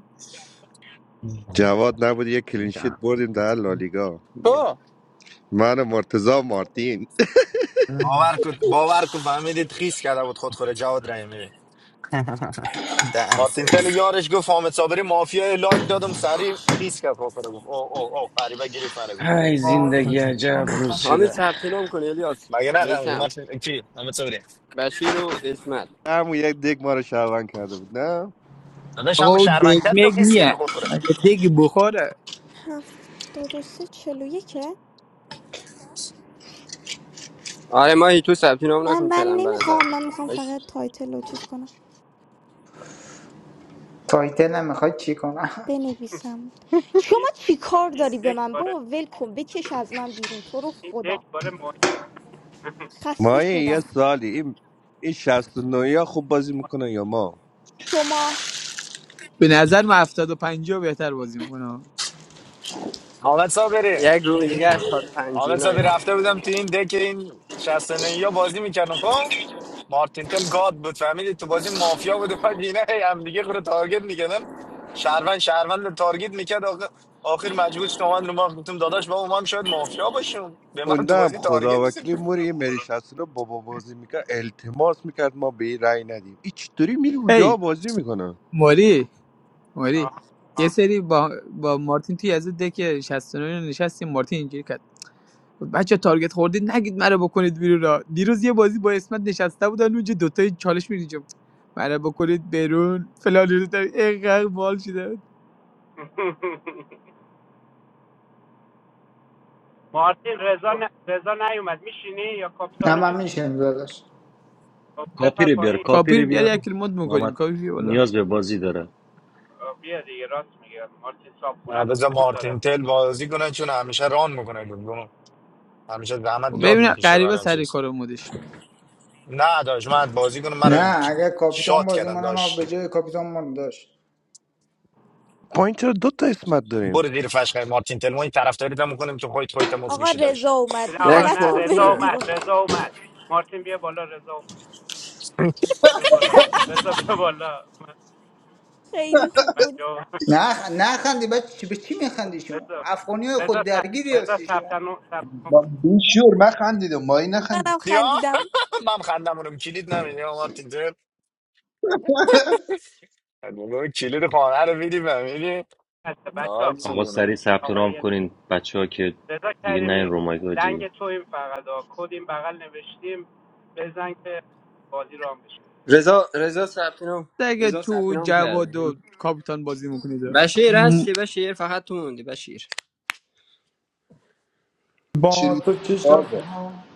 Speaker 10: جواد نبود یک کلینشیت
Speaker 14: جانم
Speaker 10: بردیم در لالیگا
Speaker 4: بیا
Speaker 14: تو
Speaker 10: من و مرتضی و مارتین
Speaker 6: باور کن باور کن فهمیدید خیس کرده بود خودخوره جواد رحیمی
Speaker 14: دن
Speaker 6: مارتین تل
Speaker 14: سیکس
Speaker 6: یارش گفت حامد صابری مافیای لایک دادم سریع خیس کرد خودخوره گفت او او او فریبا گیری فره گفت
Speaker 4: های زندگی عجب روز
Speaker 9: همین
Speaker 4: شده
Speaker 9: ثبت نام کن الیاس
Speaker 6: مگه نه
Speaker 9: میسم
Speaker 6: مارتین کی حامد صابری
Speaker 9: بشیر و اسمت
Speaker 10: همون یک دیگ ما رو شهروند کرده بود نه
Speaker 6: داداش
Speaker 8: آقا
Speaker 6: همون
Speaker 8: او
Speaker 6: شهروند
Speaker 8: دگ
Speaker 6: کرد تو
Speaker 8: مگ
Speaker 6: خیس
Speaker 8: نیه
Speaker 6: کردی
Speaker 8: مگه دگ بخوره
Speaker 5: هفتاد و سه چلو یکه
Speaker 9: آره ماهی تو ثبت نام
Speaker 5: نه
Speaker 9: نکن
Speaker 5: من
Speaker 9: فعلا به نظر
Speaker 5: نمیخوام من میخوام فقط
Speaker 9: باش.
Speaker 5: تایتل رو چیز کنم
Speaker 11: فایده نمیخواد چی کنم
Speaker 5: بنویسم
Speaker 1: بشین
Speaker 5: شما چی کار
Speaker 1: این
Speaker 5: داری به
Speaker 1: دک
Speaker 5: من
Speaker 1: باره
Speaker 5: بابا ول کن بکش از من بیرون تو رو
Speaker 1: این دک
Speaker 5: خدا
Speaker 1: باره مهم
Speaker 5: خسته
Speaker 10: مایه یه
Speaker 5: شدم
Speaker 10: سالی این این 69 ها خوب بازی میکنه یا ما
Speaker 5: شما
Speaker 8: به نظر من هفتاد و پنجاه بهتر بازی میکنه
Speaker 6: حامد صابری
Speaker 9: یک روم دیگه 85
Speaker 6: حامد
Speaker 9: اینا
Speaker 6: صابری
Speaker 9: اینا
Speaker 6: رفته
Speaker 9: خوبه
Speaker 6: بودم تو این دک این 69 یا بازی میکردم خب مارتین تل گاد بود فهمیدی تو بازی مافیا بود بعد اینا هی هم دیگه خود تارگت میکردن شهروند شهروند رو تارگت میکرد آخر آخر مجبور شدم من رو ما گفتم داداش با ما هم شاید مافیا باشیم به من تو
Speaker 10: موندم
Speaker 6: بازی تارگت
Speaker 10: خدا
Speaker 6: بزنی
Speaker 10: وکیلی موری این مری 69 بابا بازی میکرد التماس میکرد ما به این رأی ندیم این چطوری میری اونجا
Speaker 8: هی
Speaker 10: بازی میکنه
Speaker 8: ماری ماری
Speaker 1: آه،
Speaker 8: یه
Speaker 1: آه.
Speaker 8: سری با, با مارتین توی از دک 69 نشستیم مارتین اینجوری کرد گفت بچه تارگت خوردید نگید مرا بکنید بیرون را دیروز یه بازی با اسمت نشسته بودن اونجا دوتای چالش میریجم مرا بکنید بیرون فلان رو اینقدر بال شده
Speaker 1: مارتین رضا ن... رضا نیومد میشینی یا
Speaker 11: نه
Speaker 1: کاپیتانو
Speaker 11: من
Speaker 1: بیارم
Speaker 11: میشینم داداش
Speaker 1: خب
Speaker 4: کاپی
Speaker 1: بپر
Speaker 4: رو بیار
Speaker 1: پایین
Speaker 4: کاپی
Speaker 8: کاپیر
Speaker 4: رو
Speaker 8: بیار
Speaker 4: بیار
Speaker 8: یک کلمات
Speaker 4: محمد
Speaker 8: میکنیم کاپیر بیا بالا
Speaker 4: نیاز به بازی داره
Speaker 1: آه، بیا دیگه راست میگه مارتین صاحب
Speaker 6: نه
Speaker 1: خونت
Speaker 6: بذار
Speaker 1: نمیذاره
Speaker 6: مارتین تل بازی کنه چون همیشه ران میکنه گفتم همیشه زحمت
Speaker 8: خب
Speaker 6: زیاد
Speaker 8: ببین
Speaker 6: میکشه برای
Speaker 8: غریبه
Speaker 6: این
Speaker 8: سر
Speaker 6: چیز
Speaker 8: کار مودش کرد.
Speaker 6: نه داش من بازی کنم من رو
Speaker 11: نه اگه کاپیتان
Speaker 6: شات
Speaker 11: بازی
Speaker 6: کردم
Speaker 11: منم هم
Speaker 6: داش
Speaker 11: به جای کاپیتان من داشت
Speaker 10: پایین چرا دوتا اسمت داریم
Speaker 6: برو زیر فشقه مارتین تل ما این طرفداریت هم میکنیم که خودت خودت هم
Speaker 5: آقا
Speaker 6: مفروشی
Speaker 5: رضا
Speaker 6: داشت
Speaker 5: اومد
Speaker 1: آقا
Speaker 9: یک
Speaker 1: نه
Speaker 5: همتون
Speaker 1: رضا
Speaker 5: برید
Speaker 9: مارتینه
Speaker 5: بیرون
Speaker 1: اومد رضا اومد مارتین بیا بالا رضا اومد. بیا بالا رضا بیا بالا من
Speaker 5: خیلی خوب
Speaker 1: من
Speaker 5: بود
Speaker 1: جواب
Speaker 11: نه نه خندی بچه چی- به چی میخندی شما
Speaker 1: بذار
Speaker 11: افغانی های
Speaker 1: بذار
Speaker 11: خود
Speaker 1: ث-
Speaker 11: درگیری
Speaker 1: بذار
Speaker 11: هستی
Speaker 1: ثبت
Speaker 11: شما
Speaker 1: نام ثبت نام
Speaker 3: با بیشور من خندیدم ما این نخندید
Speaker 5: منم
Speaker 3: که
Speaker 6: یا
Speaker 5: خندیدم
Speaker 6: من خندم اونم کلید نمیدی یا مارتین تل بابا کلید خانه رو میدی بمیدی
Speaker 1: کنید. بچه‌ها،
Speaker 6: ناز
Speaker 4: آقا
Speaker 6: بگونه
Speaker 4: سریع ثبت نام
Speaker 1: آقای
Speaker 4: کنین بچه ها که
Speaker 1: رضا
Speaker 4: دیگه نه این
Speaker 1: کریمی
Speaker 4: رومایگاجی
Speaker 1: لنگ تویم فقط ها. کد این بغل نوشتیم بزن که بازی رام بشه
Speaker 9: رضا رضا ثبت نام
Speaker 8: اگه
Speaker 9: رضا ثبت
Speaker 8: تو
Speaker 9: نام کرده
Speaker 8: جواد و کاپیتان بازی میکنید
Speaker 9: بشیر هستی بشیر فقط تو موندی بشیر
Speaker 3: شیر
Speaker 11: با تو چه شب
Speaker 3: بازه
Speaker 11: ها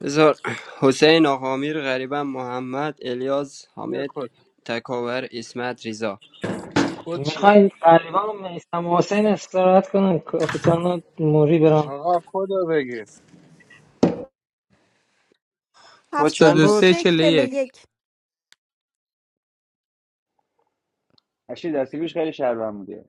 Speaker 9: رضا حسین آقامیر غریبم محمد الیاز
Speaker 16: بیا
Speaker 9: حامد
Speaker 16: کد
Speaker 9: تکاور اسمت رضا
Speaker 16: کد چیه
Speaker 12: میخواین قریبا میسم و حسین استراحت کنن کاپیتان موری برن
Speaker 16: آقا کد رو بگید
Speaker 9: کو چند
Speaker 5: هفتاد و
Speaker 9: بود
Speaker 8: 73
Speaker 5: سه چهل
Speaker 8: 41
Speaker 5: و یک
Speaker 2: اشی دستگیرش خیلی شربم بوده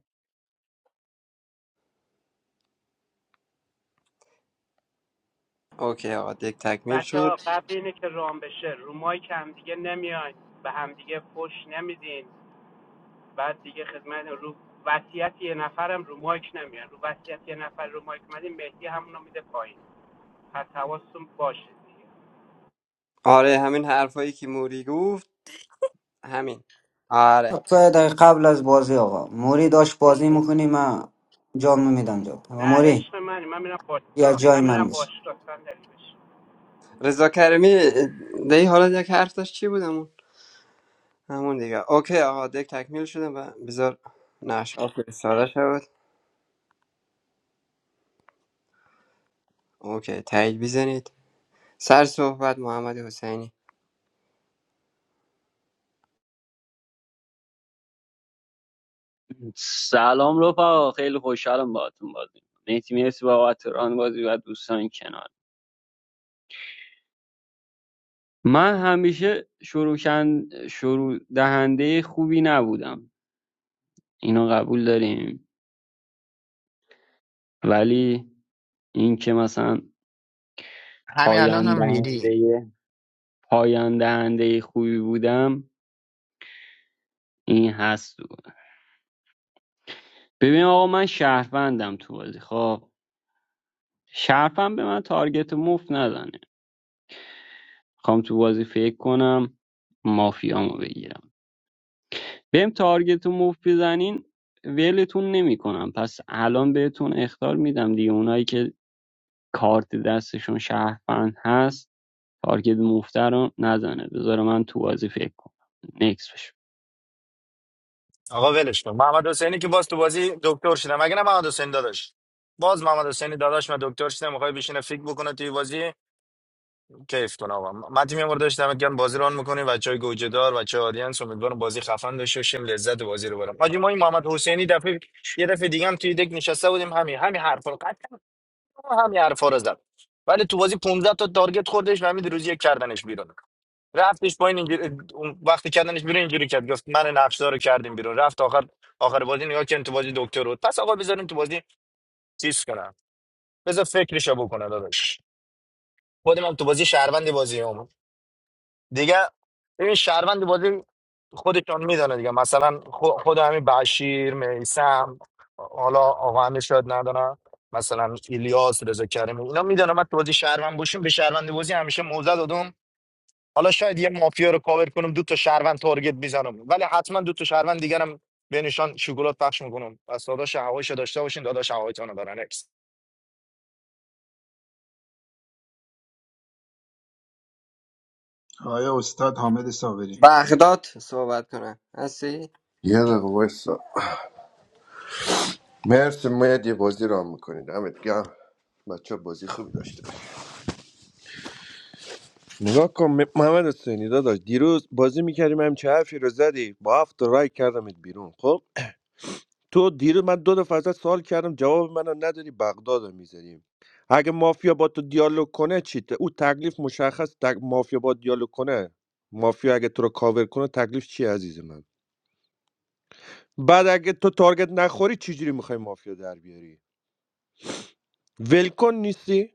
Speaker 9: اوکی آقا دک تکمیل
Speaker 1: بچه
Speaker 9: شد
Speaker 1: ها قبل اینه که رام بشه رو مایک هم دیگه نمیاین به هم دیگه پشت نمیدین بعد دیگه خدمت رو وصیت یه نفرم رو مایک نمیان رو وصیت یه نفر رو مایک مدین مهدی همونو میده پایین پس حواستون باشه دیگه
Speaker 9: آره همین حرفایی که موری گفت همین آره
Speaker 15: سه دقیقه قبل از بازی آقا موری داشت بازی
Speaker 5: خیلی خوب
Speaker 15: میکنی من جام میدم جام
Speaker 1: نه
Speaker 15: آقا موری
Speaker 1: عشق منی من میرم
Speaker 15: یا
Speaker 1: باشگاه
Speaker 15: جای
Speaker 1: من میرم
Speaker 15: من بشه
Speaker 1: باشگاه صندلی بشین
Speaker 9: رضا کریمی دی حالا یک حرف داشت چی بود همون همون دیگه اوکی آقا دک تکمیل شده و بذار نقش آفر ساره شد اوکی تایید بزنید سر صحبت محمد حسینی
Speaker 17: سلام رفقا خیلی خوشحالم باهاتون بازی می‌کنم. مهدی مرسی بابت ران بازی و دوستان کنار من همیشه شروع کن- شروع دهنده خوبی نبودم اینو قبول داریم ولی این که مثلا
Speaker 14: همین
Speaker 17: پایان
Speaker 14: الانم ریدی
Speaker 17: دهنده پایان دهنده خوبی بودم این هست ببین آقا من شهروندم تو بازی خب شرفم به من تارگت مفت نزنه خوام تو بازی فکر کنم مافیامو بگیرم بهم تارگت و موف بزنین ولتون نمیکنم پس الان بهتون اخطار میدم دیگه اونایی که کارت دستشون شهروند هست تارگت مفتر رو نزنه بذار من تو بازی فکر کنم نکس بشه
Speaker 6: آقا ولش کن محمد حسینی که باز تو بازی دکتر شده مگه نه محمد حسین داداش باز محمد حسینی داداش من دکتر شده میخوای بشینه فکر بکنه توی بازی کیف کنه آقا مدی میام داشتم گرم بازی ران میکنیم بچه های گوجه دار بچه آدینس امیدوارم بازی خفن داشته باشیم لذت بازی رو برم حاجی ما این محمد حسینی دفعه یه دفعه دیگه هم توی دک نشسته بودیم همین همین حرفا رو قطعا همین حرفا رو زد ولی تو بازی 15 تا تارگت خوردش و همین روز یک کردنش بیرون رفتش پایین اینجوری اون وقتی کردنش بیرون اینجوری کرد گفت من نقشدار رو کردیم بیرون رفت آخر آخر بازی نگاه کردن تو بازی دکتر بود پس آقا بذاریم تو بازی چیز کنم بذار فکرشو بکنه داداش خودم هم تو بازی شهروند بازی دیگه این شهروند بازی خودشان میدونه دیگه مثلا خو- خود همین بشیر میسم حالا آقا همه شاید ندارن مثلا ایلیاس رضا کریمی اینا میدونم من تو بازی شهروند باشیم به شهروند بازی همیشه موزه دادم حالا شاید یه مافیا رو کاور کنم دو تا شهروند تارگت بزنم ولی حتما دو تا شهروند دیگرم به نشان شکلات پخش میکنم پس داداش هوایشو داشته باشین داداش هوایتون رو برنکس
Speaker 3: آیا استاد حامد صابری
Speaker 9: بغداد صحبت کنم هستی؟
Speaker 10: یه دقیقه وایسا مرسی مید یه بازی را میکنید همه گم بچه بازی خوب داشته باشید. نگاه کن م- محمد حسینی داداش دیروز بازی میکردیم همچه حرفی رو زدی با هفت تا رای کردمت بیرون خب تو دیروز من دو دفعه ازت سوال کردم جواب منو نداری بغدادو میزنیم اگه مافیا با تو دیالوگ کنه چی ت- او تکلیف مشخص تک مافیا با دیالوگ کنه مافیا اگه تو رو کاور کنه تکلیف چی عزیز من بعد اگه تو تارگت نخوری چجوری میخوای مافیا در بیاری ولکن نیستی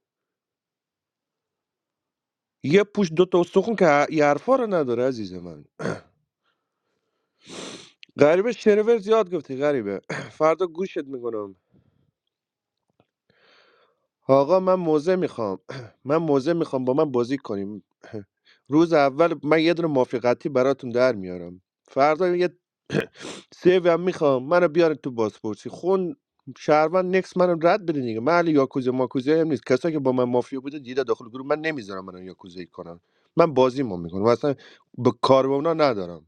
Speaker 10: یه پوش دوتا استخون که ه- یه حرفا رو نداره عزیز من غریبه شرور زیاد گفتی غریبه فردا گوشت میکنم آقا من موزه میخوام من موزه میخوام با من بازی کنیم روز اول من یه دونه موافقتی براتون در میارم فردا یه سیوی هم میخوام منو بیارن تو بازپرسی خون شهروند نکس منو رد بده دیگه من علی یاکوزه ماکوزه هم نیست کسایی که با من مافیا بوده دیده داخل گروه من نمیذارم منو یاکوزه کنم من بازیمو میکنم اصلا به کار با اونا ندارم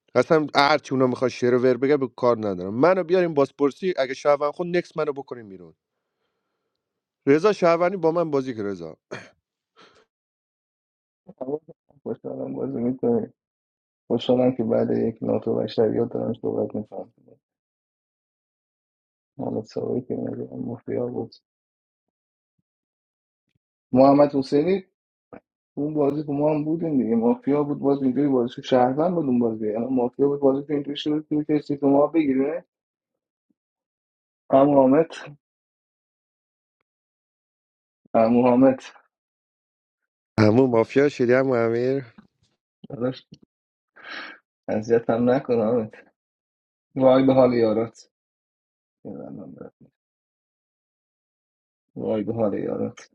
Speaker 10: اصلا هرچی اونا میخواد شعر و ور بگه به کار ندارم منو بیاریم بازپرسی اگه شهروند خون نکس منو بکنیم بیرون رضا شهروندی با من بازی که رضا
Speaker 18: خوشحالم بازی میکنی خوشحالم که بعد یک ناتو بشریات دارم صحبت میکنم محمد سوایی که میگم مافیا بود محمد حسینی اون بازی که ما هم بودیم دیگه مافیا بود باز اینجوری بازی شد. شهروند بود اون بازی یعنی مافیا بود بازی که اینجوری شد که تو ما بگیره ام حامد ام حامد
Speaker 10: همون مافیا شدی هم امیر
Speaker 18: داداش اذیت هم نکن حامد وای به حال یارات وای به حال یارات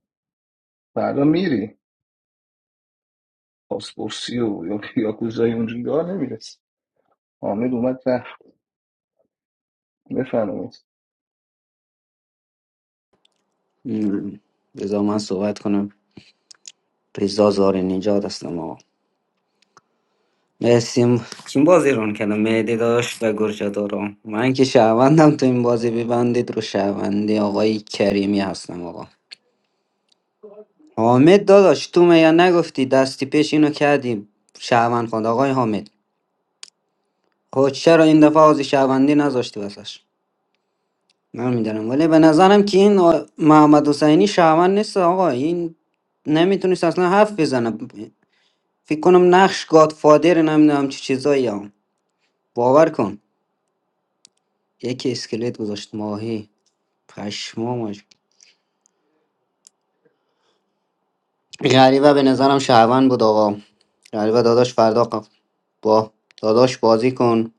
Speaker 18: فردا میری پاسپورسی و یا یاکوزای اونجوری دار نمیرسی حامد اومد بفرمایید
Speaker 15: م، بذار من صحبت کنم رضا زار نجات هستم آقا مرسیم چین بازی ران کردم مهدی داشت و گرجا دارم من که شهروندم تو این بازی ببندید رو شهروندی آقای کریمی هستم آقا حامد داداش تو میا نگفتی دستی پیش اینو کردیم شهروند خواند آقای حامد خب چرا این دفعه آز شهروندی نذاشتی واسش نمیدونم ولی به نظرم که این آ- محمد حسینی شهروند نیست آقا این نمیتونست اصلا حرف بزنه فکر کنم نقش گادفادر نمیدونم چه چیزایی هم باور کن یکی اسکلت گذاشت ماهی پشمام غریبه به نظرم شهروند بود آقا غریبه داداش فردا ق- با داداش بازی کن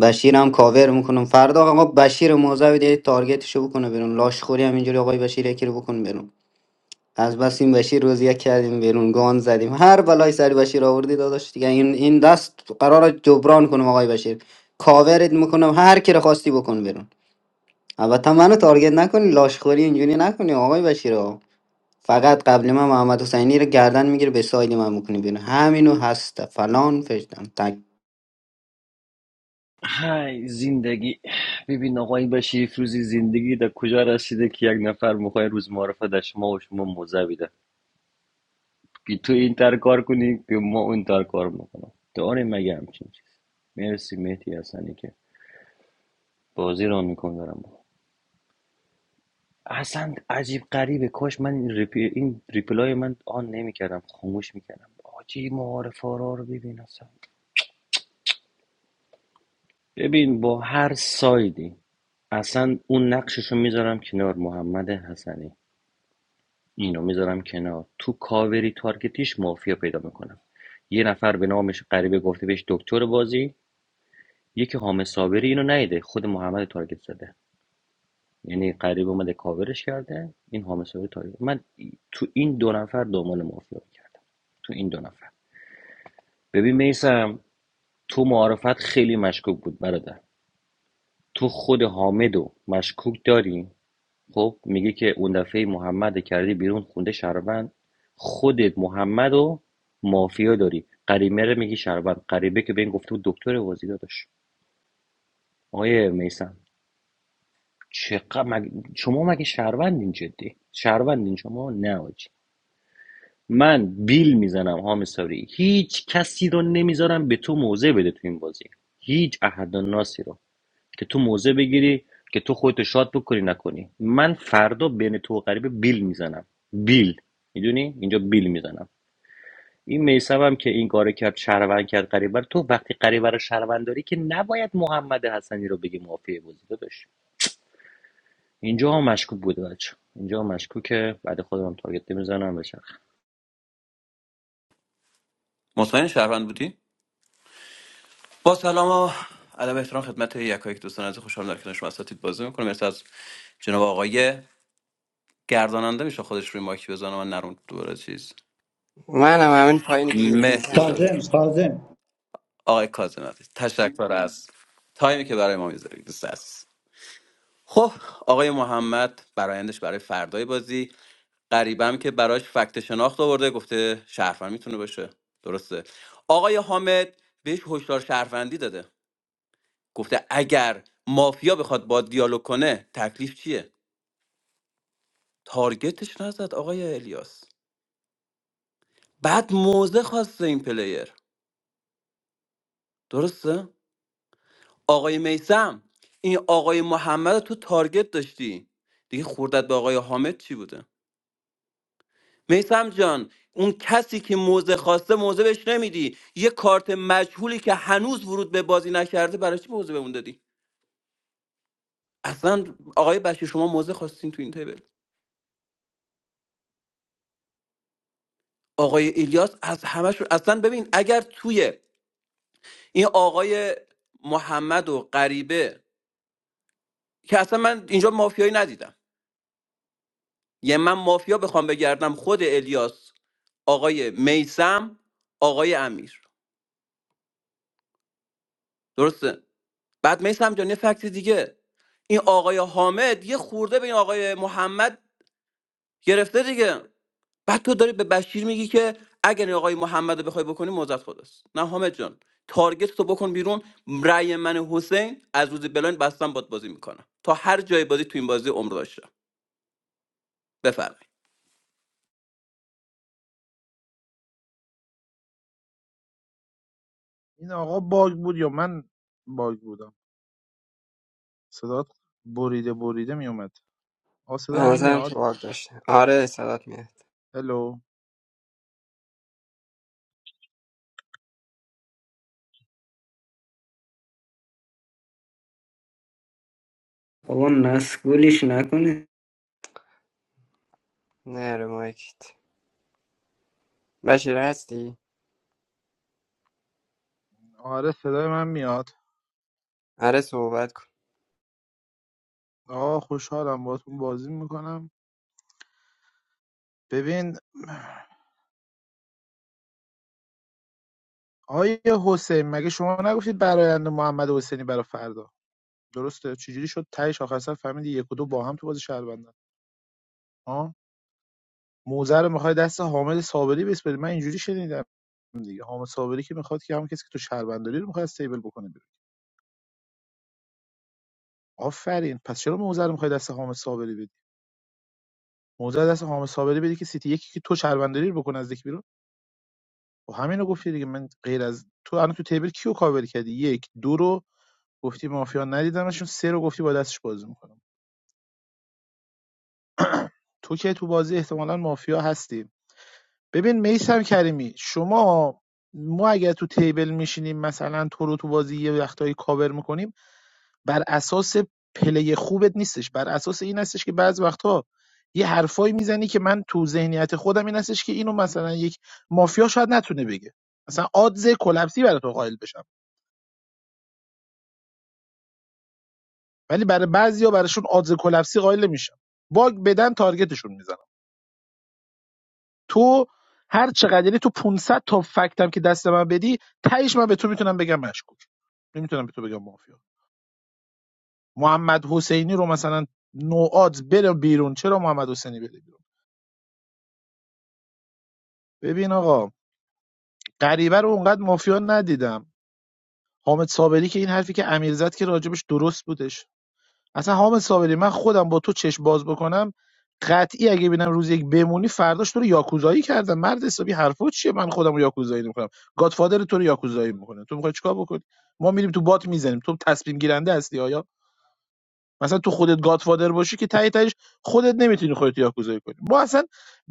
Speaker 15: بشیر هم کاور میکنم فردا آقا بشیر موزه بده تارگتشو بکنه بیرون لاش خوری هم اینجوری آقای بشیر یکی رو بکن بیرون از بس این بشیر روز یک کردیم بیرون گان زدیم هر بلای سر بشیر آوردی داداش دیگه این این دست قرار جبران کنم آقای بشیر کاورت میکنم هر کی رو خواستی بکن بیرون البته منو تارگت نکنی لاش خوری اینجوری نکنی آقای بشیر فقط قبل من محمد حسینی رو گردن میگیره به ساید من میکنی بیرون همینو هست فلان فشتم تک
Speaker 4: های زندگی ببین آقای بشیر فروزی زندگی در کجا رسیده که یک نفر میخوای روز معرفه در شما و شما موزه بیده که تو این تر کار کنی که ما اون تر کار میکنم داریم مگه همچین چیز مرسی مهدی حسنی که بازی را میکنم دارم با. اصلا عجیب غریبه کاش من این, ریپی... این ریپلای من آن نمیکردم خاموش میکردم آجی معارف آرا رو ببین اصلا ببین با هر سایدی اصلا اون نقششو میذارم کنار محمد حسنی اینو میذارم کنار تو کاوری تارگتیش مافیا پیدا میکنم یه نفر به نامش غریبه گفته بهش دکتر بازی یکی حامد صابری اینو نیده خود محمد تارگت زده یعنی قریب اومده کاورش کرده این حامسوری تاریخ. من تو این دو نفر دنبال مافیا کردم تو این دو نفر ببین میسم تو معارفت خیلی مشکوک بود برادر تو خود حامدو مشکوک داری خب میگه که اون دفعه محمد کردی بیرون خونده شربند خودت محمدو مافیا داری قریمه رو میگی شربند قریبه که به این گفته بود دکتر وازی داداش آیه میسم چقدر مگ... شما مگه شهروندین جدی شهروندین شما نه آجی. من بیل میزنم هامساری هیچ کسی رو نمیذارم به تو موضع بده تو این بازی هیچ احد و ناسی رو که تو موضع بگیری که تو خودتو شاد بکنی نکنی من فردا بین تو و غریبه بیل میزنم بیل میدونی اینجا بیل میزنم این میسم هم که این کار کرد شهروند کرد قریبر تو وقتی قریبر رو شهروند داری که نباید محمد حسنی رو بگی مافیه بازی داداش اینجا هم مشکوک بوده بچه اینجا هم مشکوکه بعد خودم تارگت میزنم بشه
Speaker 7: مطمئن شهروند بودی با سلام و ادب و احترام خدمت یکایک دوستان از خوشحال در کنار شما اساتید بازی میکنم مرسی از جناب آقای گرداننده میشه خودش روی مایک بزنه من نرم دوباره چیز
Speaker 9: من هم همین پایینی که
Speaker 7: مهدی
Speaker 9: نمیشن
Speaker 7: جان
Speaker 9: گذاشت
Speaker 11: کاظم کاظم
Speaker 7: آقای کاظم عزیز تشکر از تایمی که برای ما میذارید دوست عزیز خب آقای محمد برایندش برای فردای بازی غریبم که براش فکت شناخت آورده گفته شهروند میتونه باشه درسته آقای حامد بهش هشدار شهروندی داده گفته اگر مافیا بخواد با دیالوگ کنه تکلیف چیه تارگتش نزد آقای الیاس بعد موزه خواسته این پلیر درسته آقای میسم این آقای محمد رو تو تارگت داشتی دیگه خوردت به آقای حامد چی بوده میسم جان اون کسی که موزه خواسته موزه بهش نمیدی یه کارت مجهولی که هنوز ورود به بازی نکرده برای چی موزه به اون دادی اصلا آقای بشیر شما موزه خواستین تو این تیبل آقای الیاس از همشون اصلا ببین اگر توی این آقای محمد و غریبه که اصلا من اینجا مافیایی ندیدم یه من مافیا بخوام بگردم خود الیاس آقای میسم آقای امیر درسته بعد میسم جان یه فکت دیگه این آقای حامد یه خورده به این آقای محمد گرفته دیگه بعد تو داری به بشیر میگی که اگر این آقای محمد رو بخوای بکنی موزت خداست نه حامد جان تارگت تو بکن بیرون رأی من حسین از روز بلاین بستم باد بازی میکنم تا هر جای بازی تو این بازی عمر داشتم بفرمایید
Speaker 16: این آقا من باگ بودم صدات بریده بریده میومد آقا
Speaker 9: به
Speaker 16: صدا من
Speaker 9: نظرم
Speaker 16: میاد
Speaker 9: تو باگ داشته آره صدات میاد
Speaker 16: هلو
Speaker 15: بابا مسئولیش نکنه
Speaker 9: نه رو مایکت بشیر هستی؟
Speaker 16: آره میاد
Speaker 9: آره صحبت کن
Speaker 16: آقا خوشحالم باهاتون بازی میکنم ببین آیه حسین مگه شما نگفتید برایند محمد حسینی برای فردا درسته چجوری شد تهش آخر سر فهمیدی یک و دو با هم تو بازی شهر بندن ها موزه رو میخوای دست حامد صابری بسپری من اینجوری شنیدم دیگه حامد صابری که میخواد که همون کسی که تو شهر بنداری رو میخواد استیبل بکنه آفرین پس چرا موزه رو میخوای دست حامد صابری بدی موزه رو دست حامد صابری بدی که سیتی یکی که تو شهرونداری رو بکنه از یک بیرون و همینو گفتی دیگه من غیر از تو الان تو تیبل کیو کاور کردی یک دو رو گفتی مافیا ندیدمشون سه رو گفتی با دستش بازی میکنم تو که تو بازی احتمالا مافیا هستی ببین میسم کریمی شما ما اگر تو تیبل میشینیم مثلا تو رو تو بازی یه وقتایی کاور میکنیم بر اساس پلی خوبت نیستش بر اساس این هستش که بعض وقتها یه حرفایی میزنی که من تو ذهنیت خودم این هستش که اینو مثلا یک مافیا شاید نتونه بگه مثلا آدز کلپسی برای تو قائل بشم ولی برای بعضیا براشون آدز کلپسی قائل نمیشم باگ بدن تارگتشون میزنم تو هر چقدر یعنی تو 500 تا فکتم که دست من بدی تهش من به تو میتونم بگم مشکوک نمیتونم به تو بگم مافیا محمد حسینی رو مثلا نوعات بره بیرون چرا محمد حسینی بره بیرون ببین آقا غریبه رو اونقدر مافیا ندیدم حامد صابری که این حرفی که امیر زد که راجبش درست بودش اصلا حامد صابری من خودم با تو چشم باز بکنم قطعی اگه ببینم روز یک بمونی فرداش تو رو یاکوزایی کردم مرد حسابی حرفا چیه من خودم رو یاکوزایی نمیکنم گادفادر تو رو یاکوزایی میکنه تو میخوای چیکار بکنی ما میریم تو بات میزنیم تو تصمیم گیرنده هستی آیا مثلا تو خودت گادفادر باشی که تهی تهش خودت نمیتونی خودت یاکوزایی کنی ما اصلا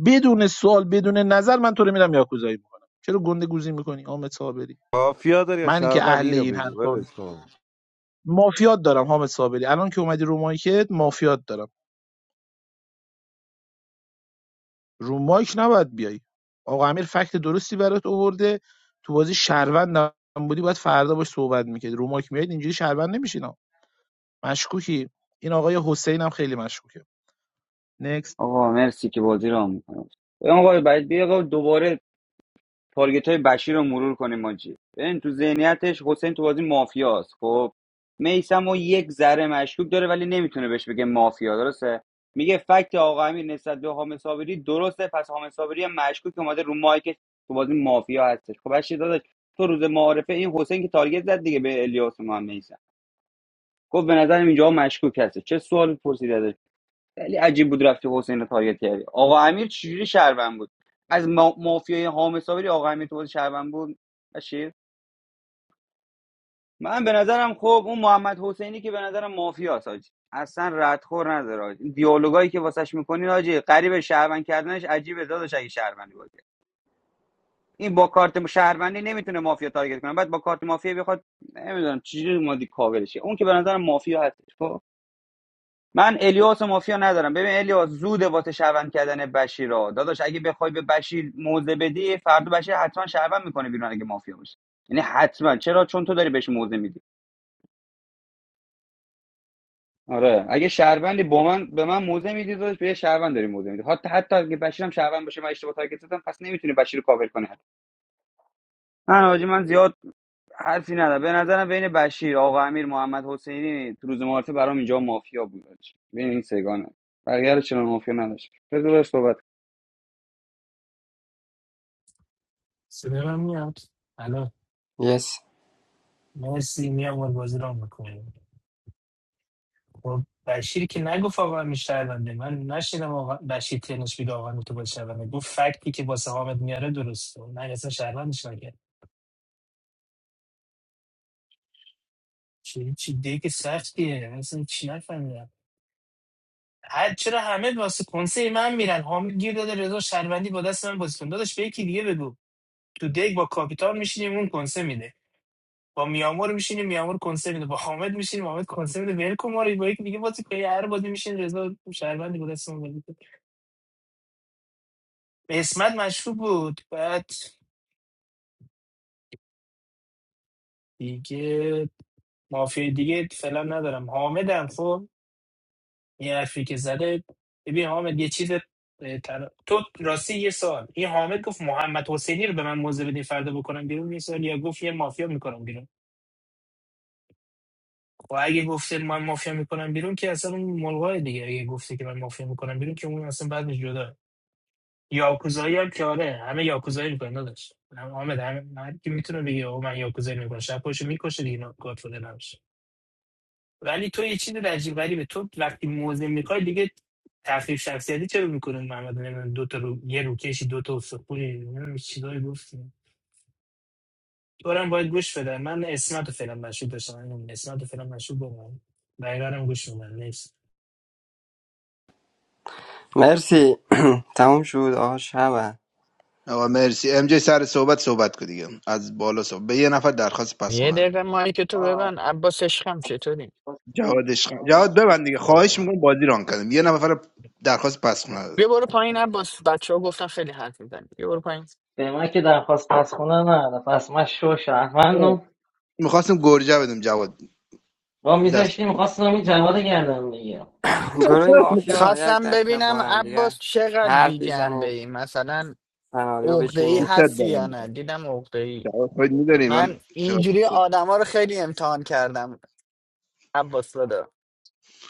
Speaker 16: بدون سوال بدون نظر من تو رو میرم یاکوزایی میکنم چرا گنده گوزی میکنی حامد صابری
Speaker 10: مافیا داری یا
Speaker 16: منی که
Speaker 10: شهروند
Speaker 16: اهل
Speaker 10: اینو
Speaker 16: این
Speaker 10: بگو
Speaker 16: حرفا
Speaker 10: ولش
Speaker 16: نیست
Speaker 10: کن
Speaker 16: مافیات دارم حامد صابری الان که اومدی رو مایکت مافیات دارم رو مایک نباید بیای آقا امیر فکت درستی برات آورده تو بازی شهروند هم بودی باید فردا باش صحبت میکرد رو مایک میاد اینجوری شهروند نمیشین ها. مشکوکی این آقای حسین هم خیلی مشکوکه نکست
Speaker 2: آقا مرسی که بازی را میکنم آقا باید بیا آقا دوباره تارگت های بشیر رو مرور کنیم ماجی ببین تو ذهنیتش حسین تو بازی مافیاست خب میسم و یک ذره مشکوک داره ولی نمیتونه بهش بگه مافیا درسته میگه فکت آقا امیر نسبت به حامد صابری درسته پس حامد صابری هم مشکوک اومده رو مایکش تو بازی مافیا هستش خب بشیر داداش تو روز معارفه این حسین که تارگت زد دیگه به الیاس و محمد میسم گفت به نظرم اینجا مشکوک هست چه سوالی پرسید خیلی عجیب بود رفتی حسین رو تارگت کردی آقا امیر چجوری شهروند بود از ما... مافیای حامد صابری آقا امیر تو بازی شهروند بود بشیر من به نظرم خب اون محمد حسینی که به نظرم مافیاست حاجی اصلا ردخور نداره حاجی این دیالوگایی که واسش میکنین حاجی قریب شهروند کردنش عجیبه داداش اگه شهروندی باشه این با کارت شهروندی نمیتونه مافیا تارگت کنه بعد با کارت مافیا بخواد نمیدونم چجوری مادی کاورشه اون که به نظرم مافیا هست خب من الیاس و مافیا ندارم ببین الیاس زود واسه شهروند کردن بشیر داداش اگه بخوای به بشیر موزه بدی فردا بشیر حتما شهروند میکنه بیرون اگه مافیا باشه یعنی حتما چرا چون تو داری بهش موزه میدی آره اگه شهروندی با من به من موزه میدی داداش به یه شهروند داری موزه میدی حتی حتی اگه بشیرم شهروند باشه من اشتباه تارگت زدم پس نمیتونی بشیر رو کاور کنی من حاجی من زیاد حرفی ندارم به نظرم بین بشیر آقا امیر محمد حسینی تو روز معارفه برام اینجا مافیا بود حاجی. بین این سگانه بقیه رو چنان مافیا نداشت بذار صحبت
Speaker 19: صدام میاد الان
Speaker 9: یس
Speaker 19: مرسی میام باید بازی را میکنیم خب بشیر که نگفت آقا همین شهرونده من نشیدم آقا بشیر تنش بیده آقا تو باید شهرونده گفت فکتی که واسه حامد میاره درسته من اصلا شهروندش نکرد چی چی دیگه که سختیه من اصلا چی نفهمیدم هر چرا همه واسه کنسه من میرن حامد گیر داده رضا شهروندی با دست من بازی کن داداش به یکی دیگه بگو تو دیگ با کاپیتان میشینیم اون کنسه میده با میامور میشینیم میامور کنسه میده با حامد میشینیم حامد کنسه میده ول کن ما رو با یکی دیگه بازی کنی هر بازی میشین رضا شهروندی بود اسمون بود به اسمت مشروب بود بعد دیگه مافیا دیگه فعلا ندارم حامدم خب یه حرفی که زده ببین حامد یه چیز اه، تر... تو راستی یه سال این حامد گفت محمد حسینی رو به من موزه بدین فردا بکنم بیرون یه سال یا گفت یه مافیا میکنم بیرون و اگه گفته من مافیا میکنم بیرون که اصلا اون ملغای دیگه اگه گفته که من مافیا میکنم بیرون که اون اصلا بعد جدا یاکوزایی هم که آره همه یاکوزایی میکنن داداش هم- حامد هم هر کی میتونه بگه او من یاکوزایی میکنم شب پاشو میکشه دیگه اینا گادفادر نمیشه ولی تو یه چیز عجیب غریبه تو وقتی موزه میخوای دیگه تخریب شخصیتی چرا میکنن محمد نمیدونم دو تا رو یه رو کشی دو تا اسطوره نمیدونم چیزایی گفتی تو هم باید گوش بده من اسمت رو فعلا مشهود داشتم من اسمت رو فعلا مشهود بگم بقیه رو هم گوش میدم نیست
Speaker 9: مرسی تموم شد آقا شبه
Speaker 3: آقا مرسی ام جی سر صحبت صحبت کن دیگه از بالا صحبت به یه نفر درخواست پس
Speaker 14: یه
Speaker 3: خونه دادم.
Speaker 14: دقیقه مایی که تو
Speaker 12: آه،
Speaker 14: ببن عباس عشقم چطوری
Speaker 12: درخواست که-
Speaker 3: جواد عشق
Speaker 12: آه،
Speaker 3: جواد
Speaker 12: درخواست
Speaker 3: ببند دیگه
Speaker 12: نداره.
Speaker 3: خواهش
Speaker 14: قربونت.
Speaker 3: میکنم بازی ران کنیم یه نفر درخواست پس خونه
Speaker 14: بیا
Speaker 3: دادم
Speaker 14: برو پایین عباس بچه ها گفتن خیلی حرف میزنی بیا برو پایین
Speaker 12: به من که درخواست از خونه نه پس من شو شهروندم
Speaker 3: میخواستم گرجه بدم جواد
Speaker 12: با
Speaker 3: دست
Speaker 12: میذاشتیم خواستم این جواد گردم بگیرم
Speaker 9: گروه
Speaker 3: میخواستم
Speaker 9: مافیا یک
Speaker 14: خواستم
Speaker 9: دقیقه با
Speaker 14: ببینم
Speaker 9: هم
Speaker 14: عباس
Speaker 9: دیگه
Speaker 14: چقدر بی
Speaker 9: حرف
Speaker 14: جنبه
Speaker 9: بزنید
Speaker 14: ای مثلا
Speaker 9: سناریو
Speaker 14: عقده ای
Speaker 3: دوست
Speaker 9: بچینید
Speaker 14: هستی
Speaker 3: دارم
Speaker 14: یا نه
Speaker 3: جواد
Speaker 14: دیدم عقده ای
Speaker 3: جواد خود میدونی من
Speaker 14: من
Speaker 3: چقدر
Speaker 14: اینجوری
Speaker 3: دوست دارم.
Speaker 14: آدما رو خیلی امتحان کردم عباس دادا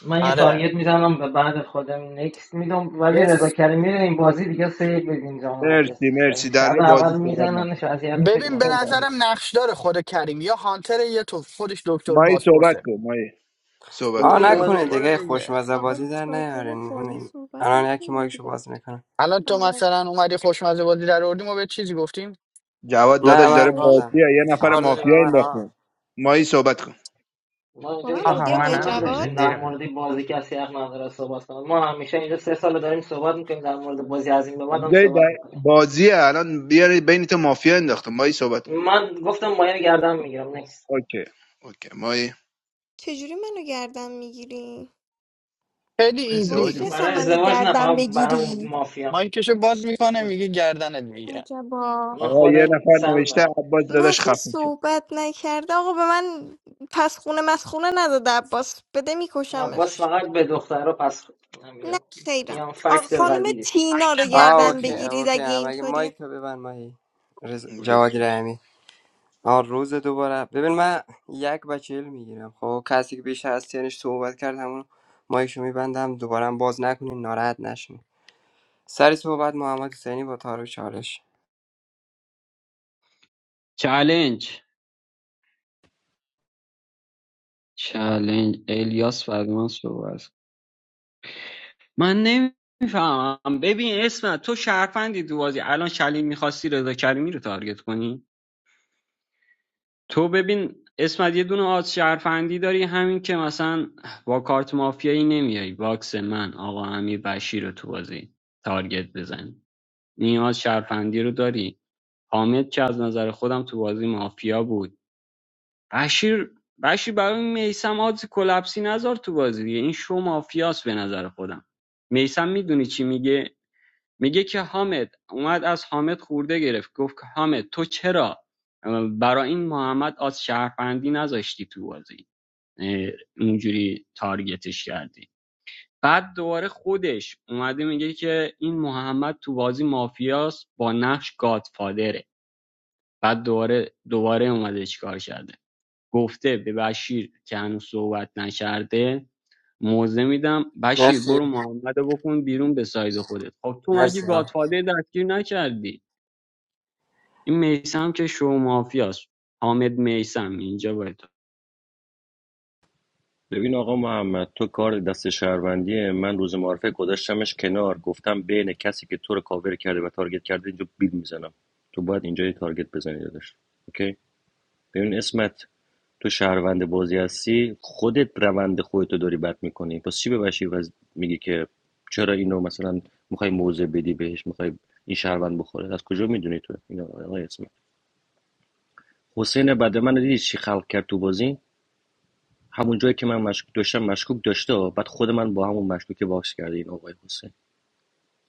Speaker 12: من یه
Speaker 14: آره
Speaker 12: تارگت میزنم و بعد خودم نکست میدم ولی رضا
Speaker 14: یس
Speaker 12: کریمی رو این بازی دیگه سه یک بدین جام هرکس
Speaker 3: مرسی
Speaker 12: دوست
Speaker 3: مرسی در
Speaker 12: شب اول
Speaker 3: بازی صحبت نم
Speaker 12: میزننش اذیت میشه که
Speaker 14: ببین به
Speaker 12: گناه دار
Speaker 3: مرسی
Speaker 14: نظرم نقشدار خود کریم یا هانتر یا تو خودش دکتر
Speaker 3: مایی صحبت
Speaker 14: بازپرسه
Speaker 3: کن مایی صحبت
Speaker 9: آه
Speaker 3: کن
Speaker 14: اه،
Speaker 12: دکتر
Speaker 9: نکنید
Speaker 12: نیست
Speaker 14: برو
Speaker 9: دیگه
Speaker 12: ولی
Speaker 14: دیگه
Speaker 9: خوشمزه
Speaker 5: آقا
Speaker 9: بازی در
Speaker 5: راجع به
Speaker 9: نیارین
Speaker 5: بازی
Speaker 9: یعنی
Speaker 5: صحبت
Speaker 9: الان یکی
Speaker 5: نکنیم
Speaker 9: مایکشو
Speaker 5: دیگه
Speaker 9: باز میکنه
Speaker 14: الان تو
Speaker 5: آره
Speaker 14: مثلا اومدی خوشمزه بازی در آوردیم و به چیزی گفتیم
Speaker 3: جواد داداش
Speaker 5: با
Speaker 9: نه
Speaker 3: داره
Speaker 9: من
Speaker 5: منی
Speaker 3: بازی
Speaker 9: گادم
Speaker 3: یه نفر
Speaker 9: کار
Speaker 14: آفر
Speaker 9: داری
Speaker 3: مافیا
Speaker 9: به من آقا
Speaker 3: انداخته مایی صحبت کن
Speaker 12: ما
Speaker 5: با
Speaker 12: اینجا
Speaker 5: من
Speaker 12: هیچ وقت
Speaker 14: آها
Speaker 5: بودی آقای
Speaker 12: قانون
Speaker 14: منم
Speaker 5: جواد
Speaker 12: نداشتیم در
Speaker 14: زیر
Speaker 12: مورد بازی کسی حق نداره صحبت کنه ما همیشه اینجا سه سال داریم صحبت میکنیم در مورد بازی از این به بعد هم
Speaker 3: اونجای
Speaker 12: صحبت
Speaker 3: در-
Speaker 12: میکنیم
Speaker 3: بازیه الان بیاری بین تو مافیا انداخته مایی صحبت کن
Speaker 12: من گفتم مایه گردم میگیرم نیست
Speaker 3: اوکی اوکی مایی
Speaker 5: چجوری منو گردن میگیری
Speaker 14: خیلی
Speaker 5: واسه
Speaker 3: ازدواج
Speaker 14: ایزی
Speaker 5: چه
Speaker 3: میکنه
Speaker 5: اصلا
Speaker 12: برای
Speaker 5: منو
Speaker 12: ازدواج نه
Speaker 5: گردن
Speaker 12: فقط برای
Speaker 5: بگیری
Speaker 12: مافیا
Speaker 14: مایکشو باز میکنه میگه گردنت میگیرم
Speaker 5: عجبا
Speaker 12: من
Speaker 3: آقا یه
Speaker 12: خودم
Speaker 3: نفر
Speaker 12: سن
Speaker 3: نوشته
Speaker 12: دارم
Speaker 3: عباس داداش
Speaker 5: مثلا
Speaker 3: خفه
Speaker 5: صحبت نکرده آقا به من پس خونه مسخونه نداده عباس بده
Speaker 12: عباس
Speaker 5: میکشمش
Speaker 12: فقط به دخترها پس خورد.
Speaker 5: نه
Speaker 12: همینه. این
Speaker 5: خیرم
Speaker 12: هم
Speaker 5: آقا
Speaker 12: فکت
Speaker 5: خانم
Speaker 12: ولیدش
Speaker 5: تینا رو
Speaker 14: مایکت
Speaker 9: آه
Speaker 14: ولید
Speaker 5: گردن
Speaker 9: اوکی
Speaker 14: بود
Speaker 5: بگیرید
Speaker 9: اوکی
Speaker 5: اگه
Speaker 9: هم اگه
Speaker 5: اینطوریه
Speaker 9: مایک تو ببند ماهی رز...
Speaker 3: شد
Speaker 9: جواد رحمی آن روز دوباره ببین من یک بچل میگیرم خب کسی که بیشتر از تنش صحبت کرد همون مایکشو میبندم دوباره هم باز نکنین ناراحت نشین سر صحبت محمد حسینی با تارو چالش
Speaker 17: چالنج چالنج الیاس فرمان صحبت من نمیفهمم ببین اسم تو شرفندی تو بازی الان شلیل میخواستی رضا کریمی رو تارگت کنی تو ببین اسمت یه دونه آز شرفندی داری همین که مثلا با کارت مافیایی نمیای باکس من آقا امیر بشیر رو تو بازی تارگت بزن این آز شرفندی رو داری حامد که از نظر خودم تو بازی مافیا بود بشیر بشیر برای میسم آز کلپسی نذار تو بازی دیگه این شو مافیاست به نظر خودم میسم میدونی چی میگه میگه که حامد اومد از حامد خورده گرفت گفت حامد تو چرا برای این محمد از شهرفندی نذاشتی تو بازی اونجوری تارگتش کردی بعد دوباره خودش اومده میگه که این محمد تو بازی مافیاست با نقش گادفادره بعد دوباره دوباره اومده چیکار کرده گفته به بشیر که هنوز صحبت نکرده موزه میدم بشیر
Speaker 9: مرسی
Speaker 17: برو محمد رو بکن بیرون به ساید خودت خب تو مگه
Speaker 9: مرسی آه.
Speaker 17: گادفادر دستگیر نکردی این میثم که شو مافیاست حامد میثم اینجا باید
Speaker 4: ببین آقا محمد تو کار دست شهروندیه من روز معارفه گذاشتمش کنار گفتم بین کسی که تو رو کاور کرده و تارگت کرده اینجا بیل میزنم تو باید اینجا یه تارگت بزنی داداش اوکی ببین اسمت تو شهروند بازی هستی خودت روند خودتو داری بد میکنی پس چی ببشی و میگی که چرا اینو مثلا میخوای موضع بدی بهش میخوای این شهروند بخوره از کجا میدونی تو اینو آقای اسمت حسین بعد من دیدی چی خلق کرد تو بازی همون جایی که من مشکوک داشتم مشکوک داشته ها. بعد خود من با همون مشکوک باکس کرده این آقای حسین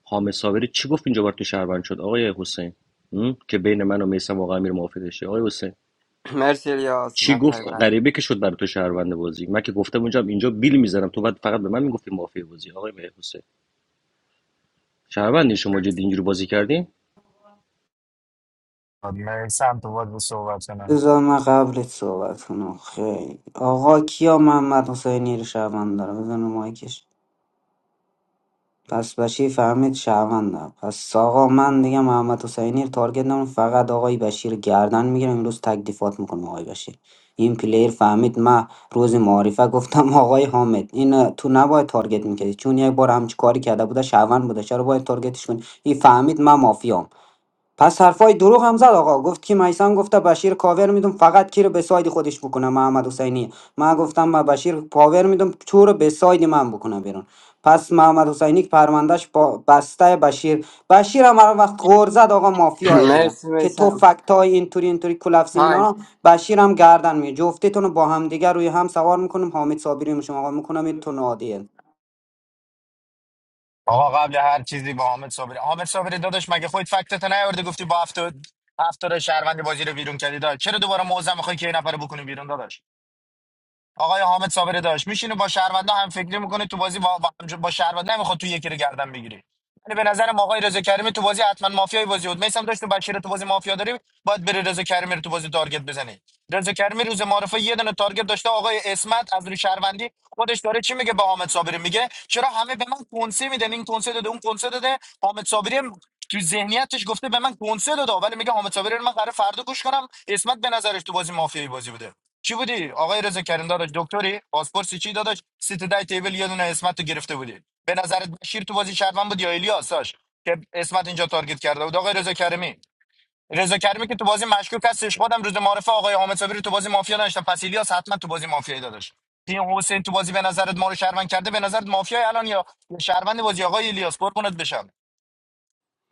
Speaker 4: حامد صابری چی گفت اینجا بار تو شهروند شد آقای حسین هم؟ که بین من و میسم واقعا امیر موافقه شه آقای حسین
Speaker 9: مرسی الیاس
Speaker 4: چی گفت
Speaker 9: نفر بعد
Speaker 4: غریبه که شد برای تو شهروند بازی من که گفتم اونجا اینجا بیل میزنم تو بعد فقط به من میگفتی مافیا بازی آقای مهر حسین شهروندی شما جدی اینجوری بازی کردین
Speaker 6: میسم تو بازی صحبت کنه.
Speaker 15: بذار من قبلت صحبت کنم خیلی آقا کیا محمد حسینی رو شهروند داره بزن رو مایکش پس بشیر فهمید شهروندم پس آقا من دیگه محمد حسینی رو تارگت نمون فقط آقای بشیر رو گردن میگیرم امروز تک دیفات میکنم آقای بشیر این پلیر فهمید من روز معارفه گفتم آقای حامد این تو نباید تارگت میکردی چون یک بار همچی کاری کرده بوده شهروند بوده چرا باید تارگتش کنی این فهمید من مافیام پس حرفای دروغ هم زد آقا گفت که میسم گفته بشیر کاور میدم فقط کی رو به ساید خودش بکنه محمد حسینی من گفتم ما بشیر پاور میدم چور به ساید من بکنه بیرون پس محمد حسینی که پروندهش با بسته بشیر بشیر هم هر وقت غور زد آقا مافیاه دیگه
Speaker 9: مرسی
Speaker 15: که تو
Speaker 9: میسم
Speaker 15: فکت های اینطوری اینطوری کلفسی
Speaker 9: تایم
Speaker 15: مینا بشیر هم گردن می جفتتون رو با هم دیگه روی هم سوار میکنم حامد صابری میشم آقا میکنم این تو نادیه
Speaker 6: آقا قبل هر چیزی با حامد صابری حامد صابری داداش مگه خودت فکتت نیورده گفتی با هفت هفتاد شهروند بازی رو بیرون کردی داد چرا دوباره موزه میخوای که یه نفر رو بکنی بیرون داداش آقای حامد صابری داشت میشینه با شهروندا هم فکری میکنه تو بازی با, با با شهروندا نمیخواد تو یکی رو گردن بگیری یعنی به نظرم آقای رضا کریمی تو بازی حتما مافیای بازی بود میسم داشت تو بشیر رو تو بازی مافیا داری باید بری رضا کریمی رو تو بازی تارگت بزنی رضا کریمی روز معرفه یه دونه تارگت داشته آقای اسمت از روی شهروندی خودش داره چی میگه به حامد صابری میگه چرا همه به من کنسه میدن این کنسه داده اون کنسه داده حامد صابری هم تو ذهنیتش گفته به من کنسه داده ولی میگه حامد صابری رو من قراره فردا گوش کنم اسمت به نظرش تو بازی مافیایی بازی بوده چی بودی آقای رضا کریم داداش دکتری پاسپورت چی داداش سیت دای تیبل یه دونه اسمت رو گرفته بودی به نظرت بشیر تو بازی شهروند بود یا الیاس داش که اسمت اینجا تارگت کرده بود آقای رضا کریمی رضا کریمی که تو بازی مشکوک هستش خودم روز معرفه آقای حامد صابری رو تو بازی مافیا داشتم پس الیاس حتما تو بازی مافیایی داداش این حسین تو بازی به نظرت ما رو شهروند کرده به نظرت مافیای الان یا یا شهروند بازی آقای الیاس قربونت بشم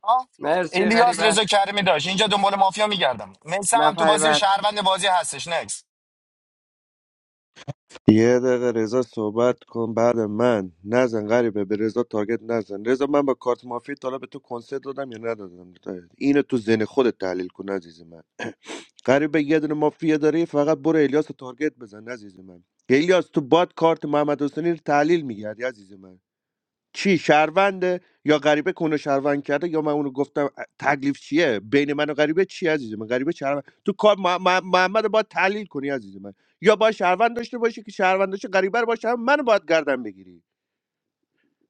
Speaker 6: ها
Speaker 9: مرسی
Speaker 6: الیاس
Speaker 9: غریبه
Speaker 6: رضا کریمی داشت اینجا دنبال مافیا میگردم میسم هم تو
Speaker 9: نفر
Speaker 6: بازی
Speaker 9: بعد
Speaker 6: شهروند بازی هستش نکس
Speaker 10: یه دقیقه رضا صحبت کن بعد من نزن غریبه به رضا تارگت نزن رضا من با کارت مافیا تا حالا به تو کنسرت دادم یا ندادم اینو تو ذهن خودت تحلیل کن عزیز من غریبه یه دونه مافیا داری فقط برو الیاس رو تارگت بزن عزیز من الیاس تو باد کارت محمد حسینی رو تحلیل میگردی عزیز من چی شهرونده یا غریبه کنه شهروند کرده یا من اونو گفتم تکلیف چیه بین من و غریبه چی عزیز من غریبه شهروند تو کار مح- مح- محمد رو باید تحلیل کنی عزیز من یا باید شهروند داشته باشی که شهروند داشته غریبه رو باشه هم من باید گردن بگیری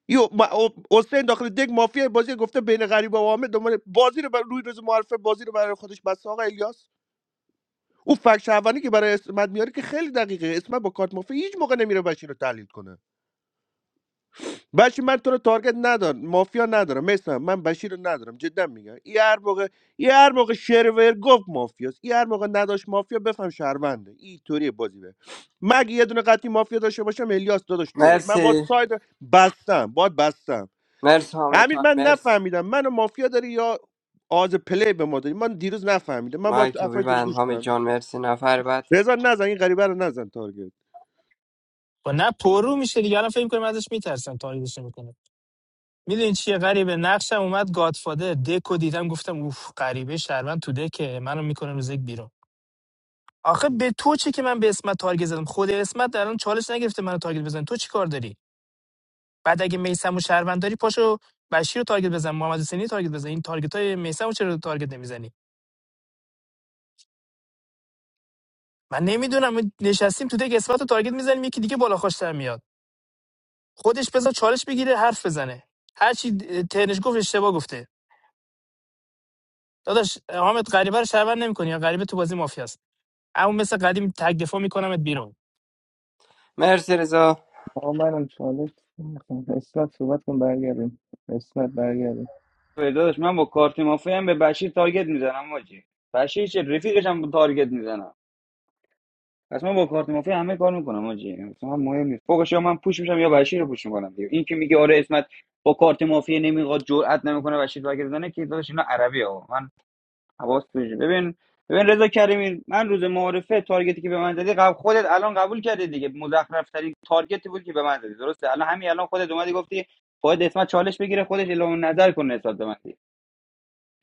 Speaker 10: یو ما- او- حسین داخل دگ مافیا بازی گفته بین غریبه و عامه دنبال بازی رو بر روی روز معرفه بازی رو برای خودش بس آقا الیاس اون فک شهروندی که برای اسمت میاره که خیلی دقیقه اسمت با کارت مافیا هیچ موقع نمیره بشین رو تحلیل کنه بشی من تو رو تارگت ندارم مافیا ندارم مثلا من بشیر رو ندارم جدا میگم این هر موقع این هر موقع شرور گفت مافیاست این هر موقع نداشت مافیا بفهم شهرونده این طوری بازی به مگه یه دونه قطعی مافیا داشته باشم الیاس داداش توه من باید
Speaker 9: مرسی
Speaker 10: ساید بستم باید بستم
Speaker 9: مرسی حامد
Speaker 10: امیر
Speaker 9: تایم
Speaker 10: من
Speaker 9: مرسی
Speaker 10: نفهمیدم منو مافیا داری یا آز پلی به ما داری من دیروز نفهمیدم من باید
Speaker 9: مایک رو
Speaker 10: افایت رو
Speaker 9: ببند
Speaker 10: گوش
Speaker 9: حامد
Speaker 10: کنم
Speaker 9: جان مرسی نفر بعد
Speaker 10: رضا نزن این غریبه رو نزن تارگت
Speaker 19: خب نه پرو میشه دیگه الان فکر کنم ازش میترسن تاریخش نمیکنه میدونی چیه غریبه نقشم اومد گادفادر دکو دیدم گفتم اوف غریبه شهروند تو دکه منو میکنه روز یک بیرون آخه به تو چه که من به اسمت تارگت زدم خود اسمت در الان چالش نگرفته منو تارگت بزن تو چی کار داری بعد اگه میسم و شهروند داری پاشو بشیر رو تارگت بزن محمد حسینی رو تارگت بزن این تارگت های میسم رو چرا تارگت نمیزنی من نمیدونم نشستیم تو دک اسمت رو تارگت میزنیم یکی دیگه بالا خوشتر میاد خودش بزن چالش بگیره حرف بزنه هر چی ترنش گفت اشتباه گفته داداش حامد غریبه رو شهروند نمیکنی یا غریبه تو بازی مافیاست اما مثل قدیم تک دفاع میکنمت بیرون
Speaker 9: مرسی رضا
Speaker 18: آقا منم چالش نمیخوام اسمت صحبت کن برگردیم اسمت برگردیم
Speaker 2: داداش من با کارت مافیا هم به بشیر تارگت میزنم حاجی بشیر چه رفیقش هم تارگت میزنم پس من با کارت مافیا همه کار میکنم حاجی اصلا مهم نیست فوقش یا من پوش میشم یا بشیر رو پوش میکنم دیگه این که میگه آره اسمت با کارت مافیا نمیخواد جرئت نمیکنه بشیر تارگت بزنه که داداش اینا عربی ها من حواس توشه ببین ببین رضا کریمی من روز معارفه تارگتی که به من زدی قبل خودت الان قبول کردی دیگه مزخرف ترین تارگتی بود که به من زدی درسته الان همین الان خودت اومدی گفتی خودت اسمت چالش بگیره خودش اعلام نظر کنه نسبت به من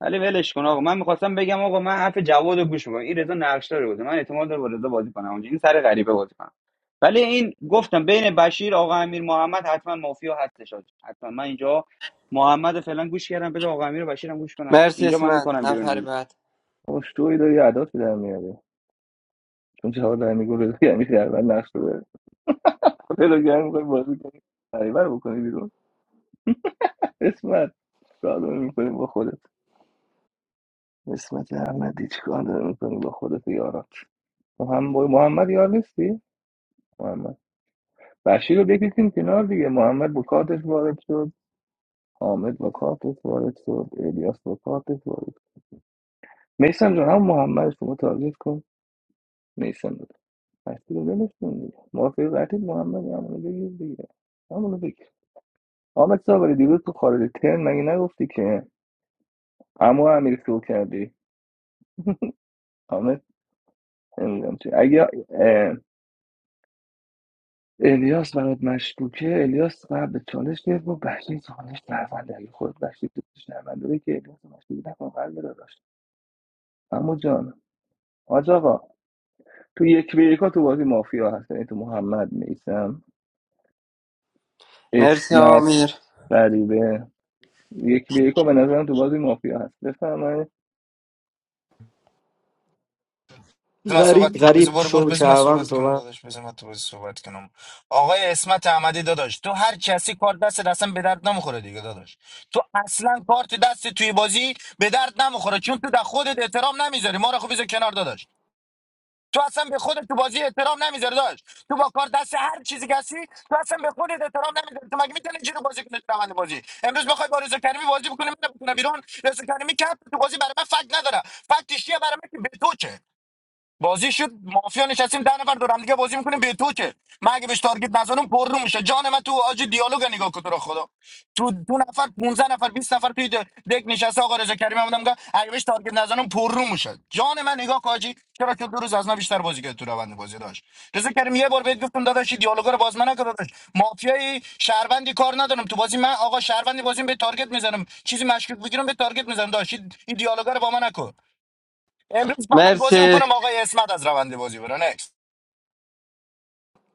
Speaker 2: ولی ولش کن آقا من میخواستم بگم آقا من حرف جواد رو گوش میکنم این رضا نقشدار بوده من اعتماد دارم با رضا بازی کنم اونجا این سر غریبه بازی کنم ولی این گفتم بین بشیر آقا امیر محمد حتما مافیا هستش آج. حتما من اینجا محمد رو فعلا گوش کردم بده آقا امیر و بشیرم گوش کنم
Speaker 9: مرسی
Speaker 2: اینجا من
Speaker 9: اسمت
Speaker 2: میکنم بیرون
Speaker 9: نفر
Speaker 2: امیر
Speaker 9: بعد
Speaker 18: آقا شوی داری عداتی در میاره چون جواب در میگو رضا یعنی در من نقش رو داره بلو گرم میخوای بازی کنی بریبر بکنی بیرون اسمت چیکار داری میکنی با خودت اسمت احمدی چیکار داری میکنی با خودت و یارات محمد محمد یار نیستی محمد بشیر رو بکشیم کنار دیگه محمد با کارتش وارد شد حامد با کارتش وارد شد الیاس با کارتش وارد شد میسم جان هم محمد شما تارگت کن میسم داد پس دیگه ولشون دیگه موافقی قطعید محمد همونو بگیر دیگه همونو بگیر آمد صابری دیروز تو خارج ترم مگه نگفتی که عمو امیر شو کردی آمد نمیدونم چی اگه اه، الیاس برات مشکوکه الیاس قبل چالش گرفت و بشیر چالش درونده اگه خود بشیر دوستش نرونده که الیاس مشکوک نکن قلب را داشت عمو جان حاج آقا تو یک به یکا تو بازی مافیا هست یعنی تو محمد میسم
Speaker 9: مرسی
Speaker 18: اسمت
Speaker 9: آمیر
Speaker 18: غریبه یک به یکو به نظرم تو بازی مافیا هست بفرمایید
Speaker 6: بذار من صحبت
Speaker 15: غریب
Speaker 6: کنم بذار
Speaker 15: غریب
Speaker 6: برو برو
Speaker 15: شو
Speaker 6: بذار من
Speaker 15: شهروند
Speaker 6: صحبت کنم
Speaker 15: صحبت
Speaker 6: داداش بذار من تو بذار صحبت کنم آقای اسمت احمدی داداش تو هر کسی کار دست اصلا به درد نمیخوره دیگه داداش تو اصلا کارت دست توی بازی به درد نمیخوره چون تو در خودت احترام نمیذاری ما رو خب بذار کنار داداش تو اصلا به خودت تو بازی احترام نمیذاری داشت تو با کار دست هر چیزی که هستی تو اصلا به خودت احترام نمیذاری تو مگه میتونی جیرو بازی کنی تو روند بازی امروز بخوای با رضا کریمی بازی بکنی من بکنه بیرون رضا کریمی که تو بازی برای من فکت نداره فکتش چیه برای من که به تو چه بازی شد مافیا نشستیم ده نفر دور هم دیگه بازی میکنیم به تو که من اگه بهش تارگت نزنم پر رو میشه جان من تو آج دیالوگ نگاه کن تو رو خدا تو دو نفر 15 نفر بیست نفر توی د- دک نشسته آقا رضا کریم هم بودم که اگه بهش تارگت نزنم پر رو میشه جان من نگاه کن آجی چرا که دو روز از من بیشتر بازی کرد تو روند بازی داشت رضا کریم یه بار بهت گفتم داداش این دیالوگا رو باز من نکن داداش مافیای شهروندی کار ندارم تو بازی من آقا شهروندی بازی به تارگت میزنم چیزی مشکوک بگیرم به تارگت میزنم داشت این دیالوگا رو با من نکن امروز فقط بازی
Speaker 9: مرسی
Speaker 6: میکنم آقای اسمت از روند بازی برو نکس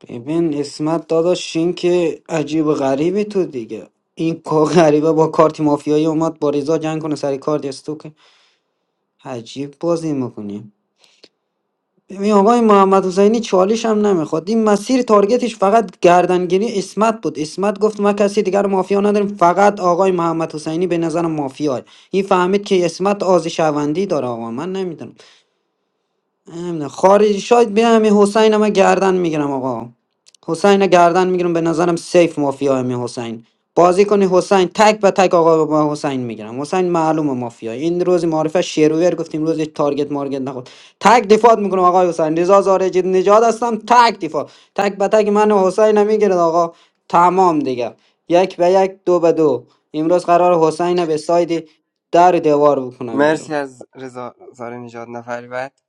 Speaker 15: ببین اسمت داداش این که عجیب و غریبی تو دیگه این کا- غریبه با کارت مافیایی اومد با رضا جنگ کنه سر کارت استو که عجیب بازی میکنیم ببین آقای محمد حسینی چالش هم نمیخواد این مسیر تارگتش فقط گردنگیری اسمت بود اسمت گفت ما کسی دیگر مافیا نداریم فقط آقای محمد حسینی به نظر مافیاه این فهمید که اسمت آز شوندی داره آقا من نمیدونم نمیدونم خارجی شاید بیا همین حسین هم من گردن میگیرم آقا حسین رو گردن میگیرم به نظرم سیف مافیا همین حسین بازی کنی حسین تک به تک آقا با حسین میگیرم حسین معلومه مافیا این روز معرفه شیرویر گفتیم روز هیچ تارگت مارگت نخورد تک دفاع میکنم آقا حسین رضا زارجی نجات هستم تک دفاع تک به تک من و حسین میگیرد آقا تمام دیگه یک به یک دو به دو امروز قرار حسین رو به ساید در دیوار بکنم بیرون
Speaker 9: مرسی از رضا زاره نجات نفر بعد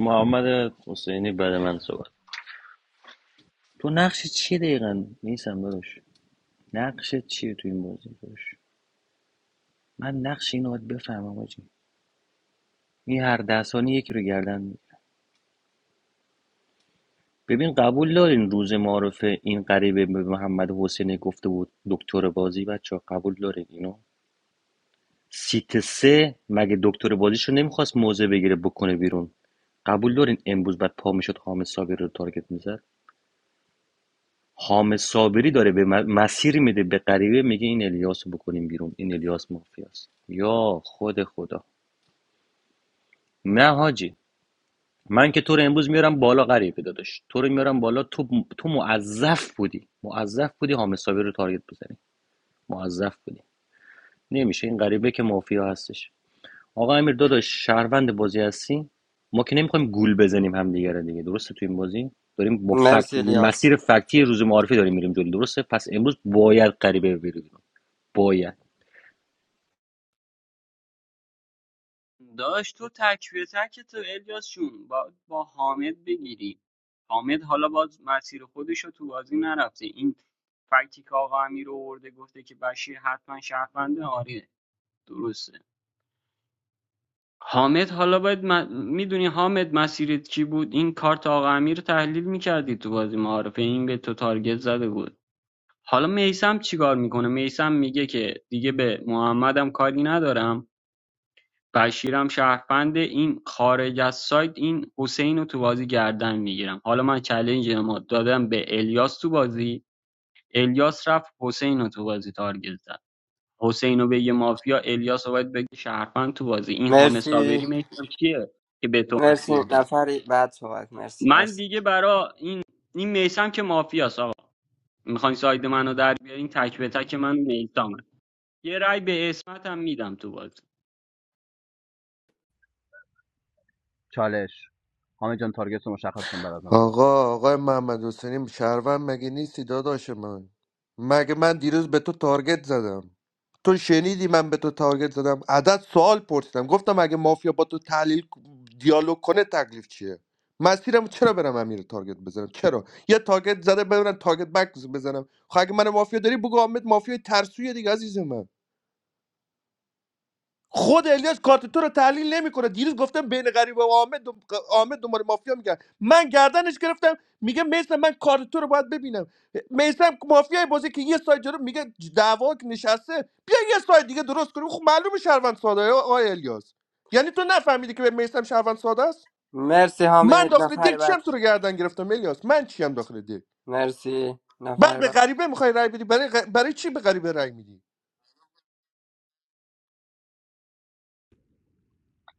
Speaker 4: محمد حسینی بعد من صحبت تو نقش چی دقیقا نیستم داداش نقش چیه تو این بازی داداش من نقش اینو باید بفهمم آجی. این هر ده ثانیه یکی رو گردن می‌گیره. ببین قبول دارین روز معارفه این غریبه به محمد حسینی گفته بود دکتر بازی بچه قبول دارین اینو سیت سه مگه دکتر بازیشو نمیخواست موزه بگیره بکنه بیرون قبول دارین امروز بعد پا میشد حامد صابری رو تارگت میزد حامد صابری داره به مسیر میده به غریبه میگه این الیاس رو بکنیم بیرون این الیاس مافیاست یا خود خدا نه حاجی من که تو رو امروز میارم بالا غریبه داداش تو رو میارم بالا تو تو موظف بودی موظف بودی حامد صابری رو تارگت بزنی موظف بودی نمیشه این غریبه که مافیا هستش آقا امیر داداش شهروند بازی هستی ما که نمیخوایم گول بزنیم همدیگه رو دیگه درسته تو این بازی داریم با فکت
Speaker 9: مرسی الیاس
Speaker 4: مسیر فکتی روز معارفی داریم میریم جلو درسته پس امروز باید غریبه بری باید
Speaker 17: داشت تو تک به تک تو الیاس جون با, با حامد بگیری حامد حالا باز مسیر خودش رو تو بازی نرفته این فکتی که آقا امیر آورده گفته که بشیر حتما شهرونده آره درسته حامد حالا باید م... میدونی حامد مسیرت چی بود این کارت آقا امیر رو تحلیل میکردی تو بازی معارفه این به تو تارگت زده بود حالا میثم چیکار میکنه میثم میگه که دیگه به محمدم کاری ندارم بشیرم شهروند این خارج از سایت این حسین رو تو بازی گردن میگیرم حالا من چلنج ما دادم به الیاس تو بازی الیاس رفت حسین رو تو بازی تارگت زد حسین رو بگه مافیا الیاس رو باید بگه شهروند تو بازی این حامد
Speaker 9: مرسی
Speaker 17: صابری میثم چیه که به تو
Speaker 9: مرسی
Speaker 17: مسیر داد
Speaker 9: نفر بعد صحبت مرسی
Speaker 17: من
Speaker 9: مرسی
Speaker 17: دیگه برا این این میثم که مافیاست آقا میخواین ساید منو در بیارین تک به تک من میثم یه رای به اسمت هم میدم تو باز
Speaker 7: چالش حامد جان تارگت رو مشخص کن بعد از من صحبت
Speaker 10: آقا آقای محمد حسینی شهروند مگه نیستی داداش من مگه من دیروز به تو تارگت زدم تو شنیدی من به تو تارگت زدم عدد سوال پرسیدم گفتم اگه مافیا با تو تحلیل دیالوگ کنه تکلیف چیه مسیرم چرا برم امیر تارگت بزنم چرا یه تارگت زده برم تارگت بک بزنم خب اگه من مافیا داری بگو حامد مافیا ترسویه دیگه عزیز من خود الیاس کارت تو رو تحلیل نمیکنه دیروز گفتم بین غریب و عامد عامد دنبال مافیا میگن من گردنش گرفتم میگه میسم من کارت تو رو باید ببینم میسم مافیای بازی که یه سایت جلو میگه دعوا که نشسته بیا یه سایت دیگه درست کنیم خب معلومه شهروند ساده ای آقای الیاس یعنی تو نفهمیدی که به میسم شهروند ساده است
Speaker 9: مرسی
Speaker 10: من
Speaker 9: حامد
Speaker 10: داخل دل
Speaker 9: نفر
Speaker 10: چیم
Speaker 9: بعد
Speaker 10: تو رو گردن گرفتم الیاس من چیم داخل دل
Speaker 9: مرسی
Speaker 10: بعد
Speaker 9: نفر
Speaker 10: به
Speaker 9: بعد
Speaker 10: غریبه میخوای رای بدی برای غ- برای چی به غریبه رای میدی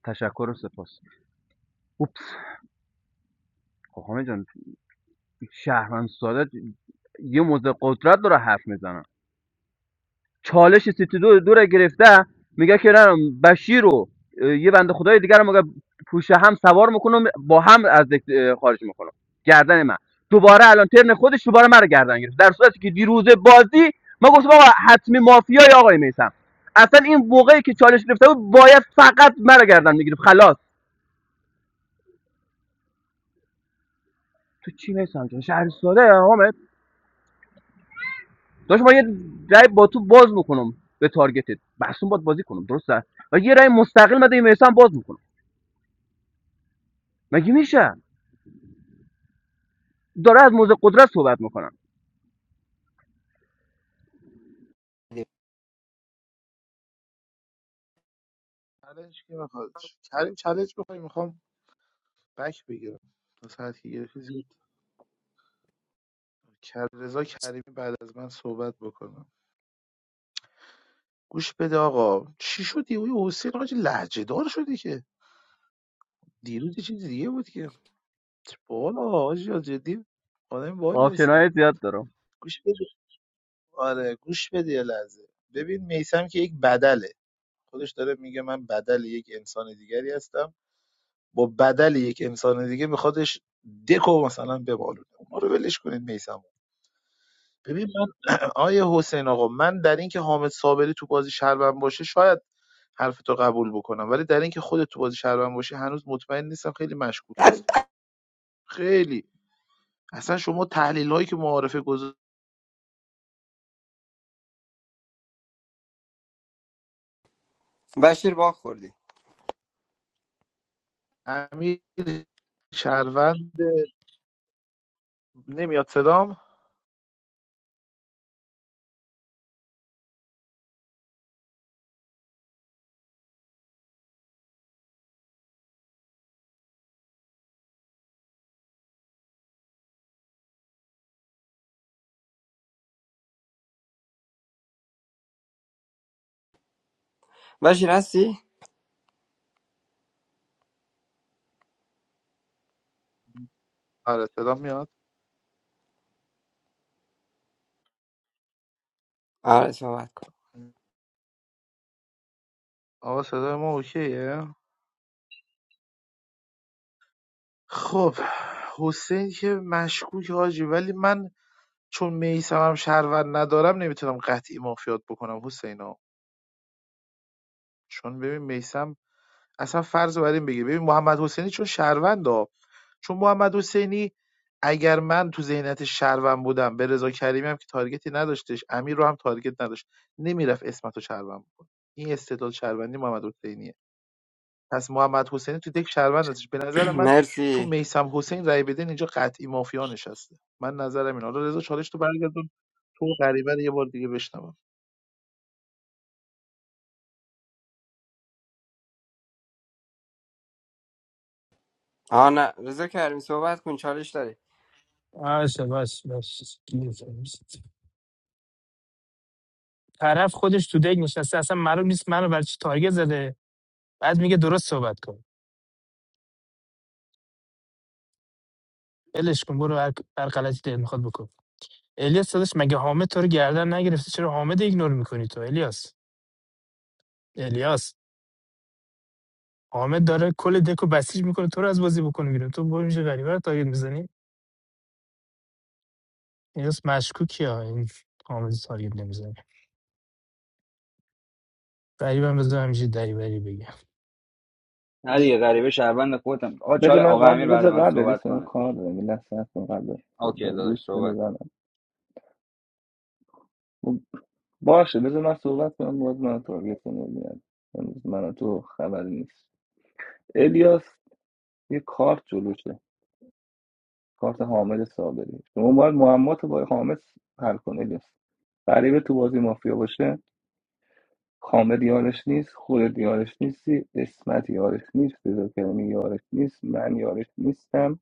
Speaker 7: تشکر و سپاس اوپس خب حامد جان شهرمند ساده یه موزه قدرت داره حرف میزنه چالش سیتی دو دو رو گرفته میگه که نه بشیر رو یه بنده خدای دیگر رو مگه پوشه هم سوار میکنم با هم از دک- خارج میکنم گردن من دوباره الان ترن خودش دوباره مرا گردن گرفت در صورتی که دیروز بازی ما گفتم آقا حتمی مافیای آقای میسم اصلا این موقعی که چالش گرفته بود باید فقط مرا گردن میگرفت خلاص تو چی میسم جان شهر ساده حامد داشت ما یه رای با تو باز میکنم به تارگتت بحثون باید بازی کنم درسته و یه رای مستقل مده میسم باز میکنم مگه میشه داره از موزه قدرت صحبت میکنم
Speaker 16: چالش کی میخواد کریم چالش میخوای میخوام بک بگیرم تا ساعت که گرفتی زود کر- رضا کریمی بعد از من صحبت بکنم گوش بده آقا چی شدی اوی حسین آج لهجه دار شدی که دیروز یه چیز دیگه بود که بالا آجی جدی آدم بالی هستی
Speaker 7: آپشنهای زیاد دارم
Speaker 16: گوش بده آره گوش بده یه لحظه ببین میسم که یک بدله خودش داره میگه من بدل یک انسان دیگری هستم با بدل یک انسان دیگه میخوادش دکو مثلا ببالونه ما رو ولش کنید میسم ببین من آیه حسین آقا من در اینکه حامد صابری تو بازی شهروند باشه شاید حرف تو قبول بکنم ولی در اینکه خودت تو بازی شهروند باشه هنوز مطمئن نیستم خیلی مشکوک هستی خیلی اصلا شما تحلیل هایی که معارفه گذاشت
Speaker 9: بشیر با خوردی
Speaker 16: امیر شهروند نمیاد صدام
Speaker 9: بشیر هستی؟ آره صحبت کن
Speaker 16: آقا صدای ما اوکیه خب حسین که مشکوک حاجی ولی من چون میسمم شهروند ندارم نمیتونم قطعی مافیات بکنم حسینا چون ببین میسم اصلا فرض رو بر این بگیر ببین محمد حسینی چون شهروند ها. چون محمد حسینی اگر من تو ذهنیت شهروند بودم به رضا کریمی هم که تارگتی نداشتش امیر رو هم تارگت نداشت نمیرفت اسمت رو شهروند بکنه این استدلال شهروندی محمد حسینیه پس محمد حسینی تو دک شهروند هستش به نظر من تو
Speaker 9: مرسی
Speaker 16: میسم حسین رای بدین اینجا قطعی مافیا نشسته من نظرم اینه حالا رضا چالش تو برگردون تو غریبه رو یه بار دیگه بشنوم
Speaker 9: آنا نه رضا کریمی صحبت کن چالش داری
Speaker 19: باشه باشه باشه طرف خودش تو دیگ نشسته اصلا معلوم نیست منو برای چی تارگت زده بعد میگه درست صحبت کن ولش کن برو هر هر غلطی دلت میخواد بکن الیاس داداش مگه حامد تو رو گردن نگرفته چرا حامد ایگنور میکنی تو الیاس الیاس حامد داره کل دکو بسیج میکنه تو رو از بازی بکنه بیرون تو برو میشه غریبه رو تارگت میزنی الیاس مشکوکی ها این حامد رو تارگت نمیزنی قریبم بذار همیشه دریوری بگم
Speaker 2: نه دیگه غریبه شهروند خودم آقا
Speaker 18: بذار
Speaker 2: چاره
Speaker 18: من
Speaker 2: آقا امیر
Speaker 18: قبل
Speaker 2: بعد
Speaker 18: بذار
Speaker 2: من
Speaker 18: قبل
Speaker 2: صحبت
Speaker 18: بسم
Speaker 2: کنه
Speaker 18: کار دارم یه لحظه صبر کن قبل
Speaker 2: اوکی
Speaker 18: بذار گوش
Speaker 2: داداش
Speaker 18: بده
Speaker 2: صحبت
Speaker 18: برم باشه بذار من صحبت کنم باز من تارگت کنم ببینم امروز من و تو خبری نیست الیاس یه کارت جلوشه کارت حامد صابری شما باید معما تو با حامد حل کن الیاس غریبه تو بازی مافیا باشه حامد یارش نیست خودت یارش نیستی اسمت یارش نیست رضا کریمی یارش نیست من یارش نیستم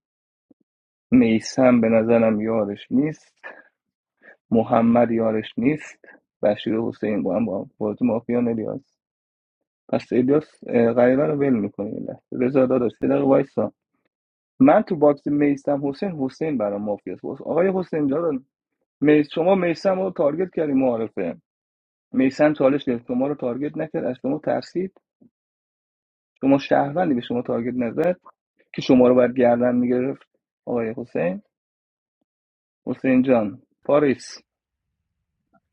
Speaker 18: میسم به نظرم یارش نیست محمد یارش نیست بشیر و حسین با هم با بازی مافیا الیاس پس الیاس اه، غریبه رو ول میکنه یه لحظه رضا داداش یه دقیقه وایسا من تو باکس میسم حسین حسین برام مافیاست واسه آقای حسین جان میس شما میسم رو تارگت کردی معارفه میسم چالش گرفت شما رو تارگت نکرد از شما ترسید شما شهروندی به شما تارگت نزد که شما رو باید گردن میگرفت آقای حسین حسین جان پاریس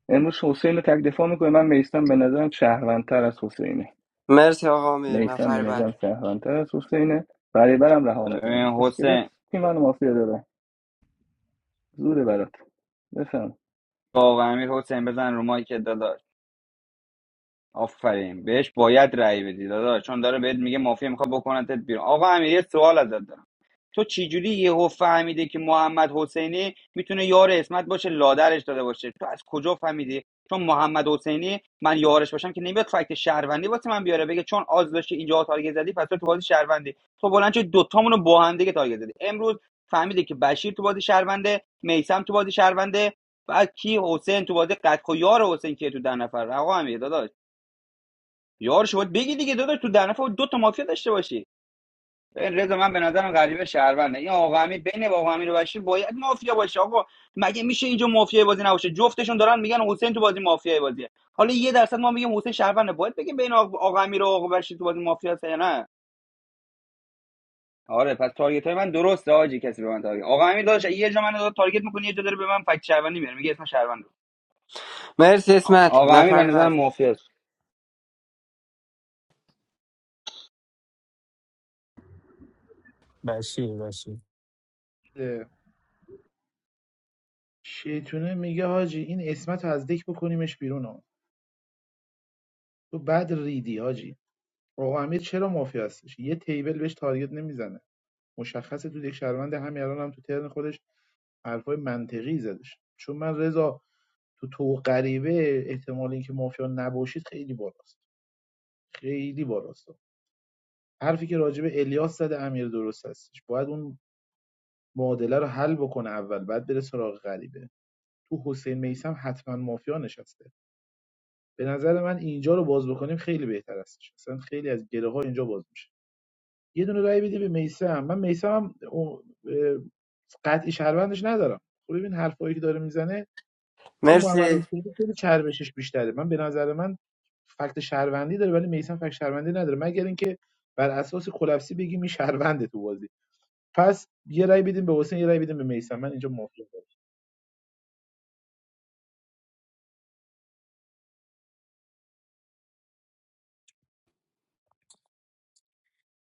Speaker 18: امروز حسین رو تک دفاع میکنه من میستم به نظرم شهروندتر از حسینه
Speaker 9: مرسی آقا امیر
Speaker 18: میستم به
Speaker 9: نفر بعد
Speaker 18: نظرم شهروندتر از حسینه برای برم رها
Speaker 2: ببین
Speaker 18: میکنم اسکلت
Speaker 2: حسین
Speaker 18: کی منو مافیا داره زوده برات بفهم
Speaker 2: آقا امیر حسین بزن رو مایک داداش آفرین بهش باید رأی بدی داداش چون داره بهت میگه مافیا میخواد بکنتت بیرون آقا امیر یه سوال ازت دارم تو چجوری یهو فهمیده که محمد حسینی میتونه یار اسمت باشه لادرش داده باشه تو از کجا فهمیدی چون محمد حسینی من یارش باشم که نمیاد فکت شهروندی واسه من بیاره بگه چون آز داشتی اینجا تارگت زدی پس تو تو بازی شهروندی تو بلند شدی دوتامونو با هم دیگه تارگت زدی امروز فهمیده که بشیر تو بازی شهرونده میسم تو بازی شهرونده بعد کی حسین تو بازی قد خو یار حسین که تو ده نفر آقا امیر داداش یارش باید بگی دیگه داداش تو در نفع دو تا مافیا داشته باشی این رضا من به نظرم غریب شهرونده این آقا امیر بین آقا امیر و بشیر باید مافیا باشه آقا مگه میشه اینجا مافیا بازی نباشه جفتشون دارن میگن حسین تو بازی مافیا بازیه حالا یه درصد ما میگیم حسین شهرونده باید بگیم بین آقا آقا امیر و آقا بشیر تو بازی مافیا هست یا نه آره پس تارگت های من درسته آجی کسی به من تارگت آقا امیر داداش یه جا من تارگت میکنی یه جا داره به من فک شهروندی میاره میگه اسم شهروند
Speaker 9: مرسی اسمت
Speaker 2: آقا امیر به
Speaker 9: نفر بعد
Speaker 2: نظرم مافیاست
Speaker 19: بشیر بشیر
Speaker 16: شیطونه میگه حاجی این اسمت رو از دک بکنیمش بیرون ها. تو بعد ریدی آجی آقا امیر چرا مافیا هستش یه تیبل بهش تارگت نمیزنه مشخصه تو یک شهروند همین الان هم تو ترن خودش حرفای منطقی زدش چون من رضا تو تو غریبه احتمال اینکه مافیا نباشید خیلی بالاست خیلی بالاست حرفی که راجب الیاس زده امیر درست هستش باید اون معادله رو حل بکنه اول بعد بره سراغ غریبه تو حسین میسم حتما مافیا نشسته به نظر من اینجا رو باز بکنیم خیلی بهتر هستش اصلا خیلی از گره ها اینجا باز میشه یه دونه رای بده به میسم من میسم هم او- اه، قطعی شهروندش ندارم خب ببین حرفایی که داره میزنه چون محمد
Speaker 9: مرسی
Speaker 16: حسینی خیلی چربشش بیشتره من به نظر من فکت شهروندی داره ولی میسم فکت شهروندی نداره مگر اینکه بر اساس کلفسی بگیم این شهرونده تو بازی پس یه رای بدیم به حسین یه رای بدیم به میسم من اینجا موافقم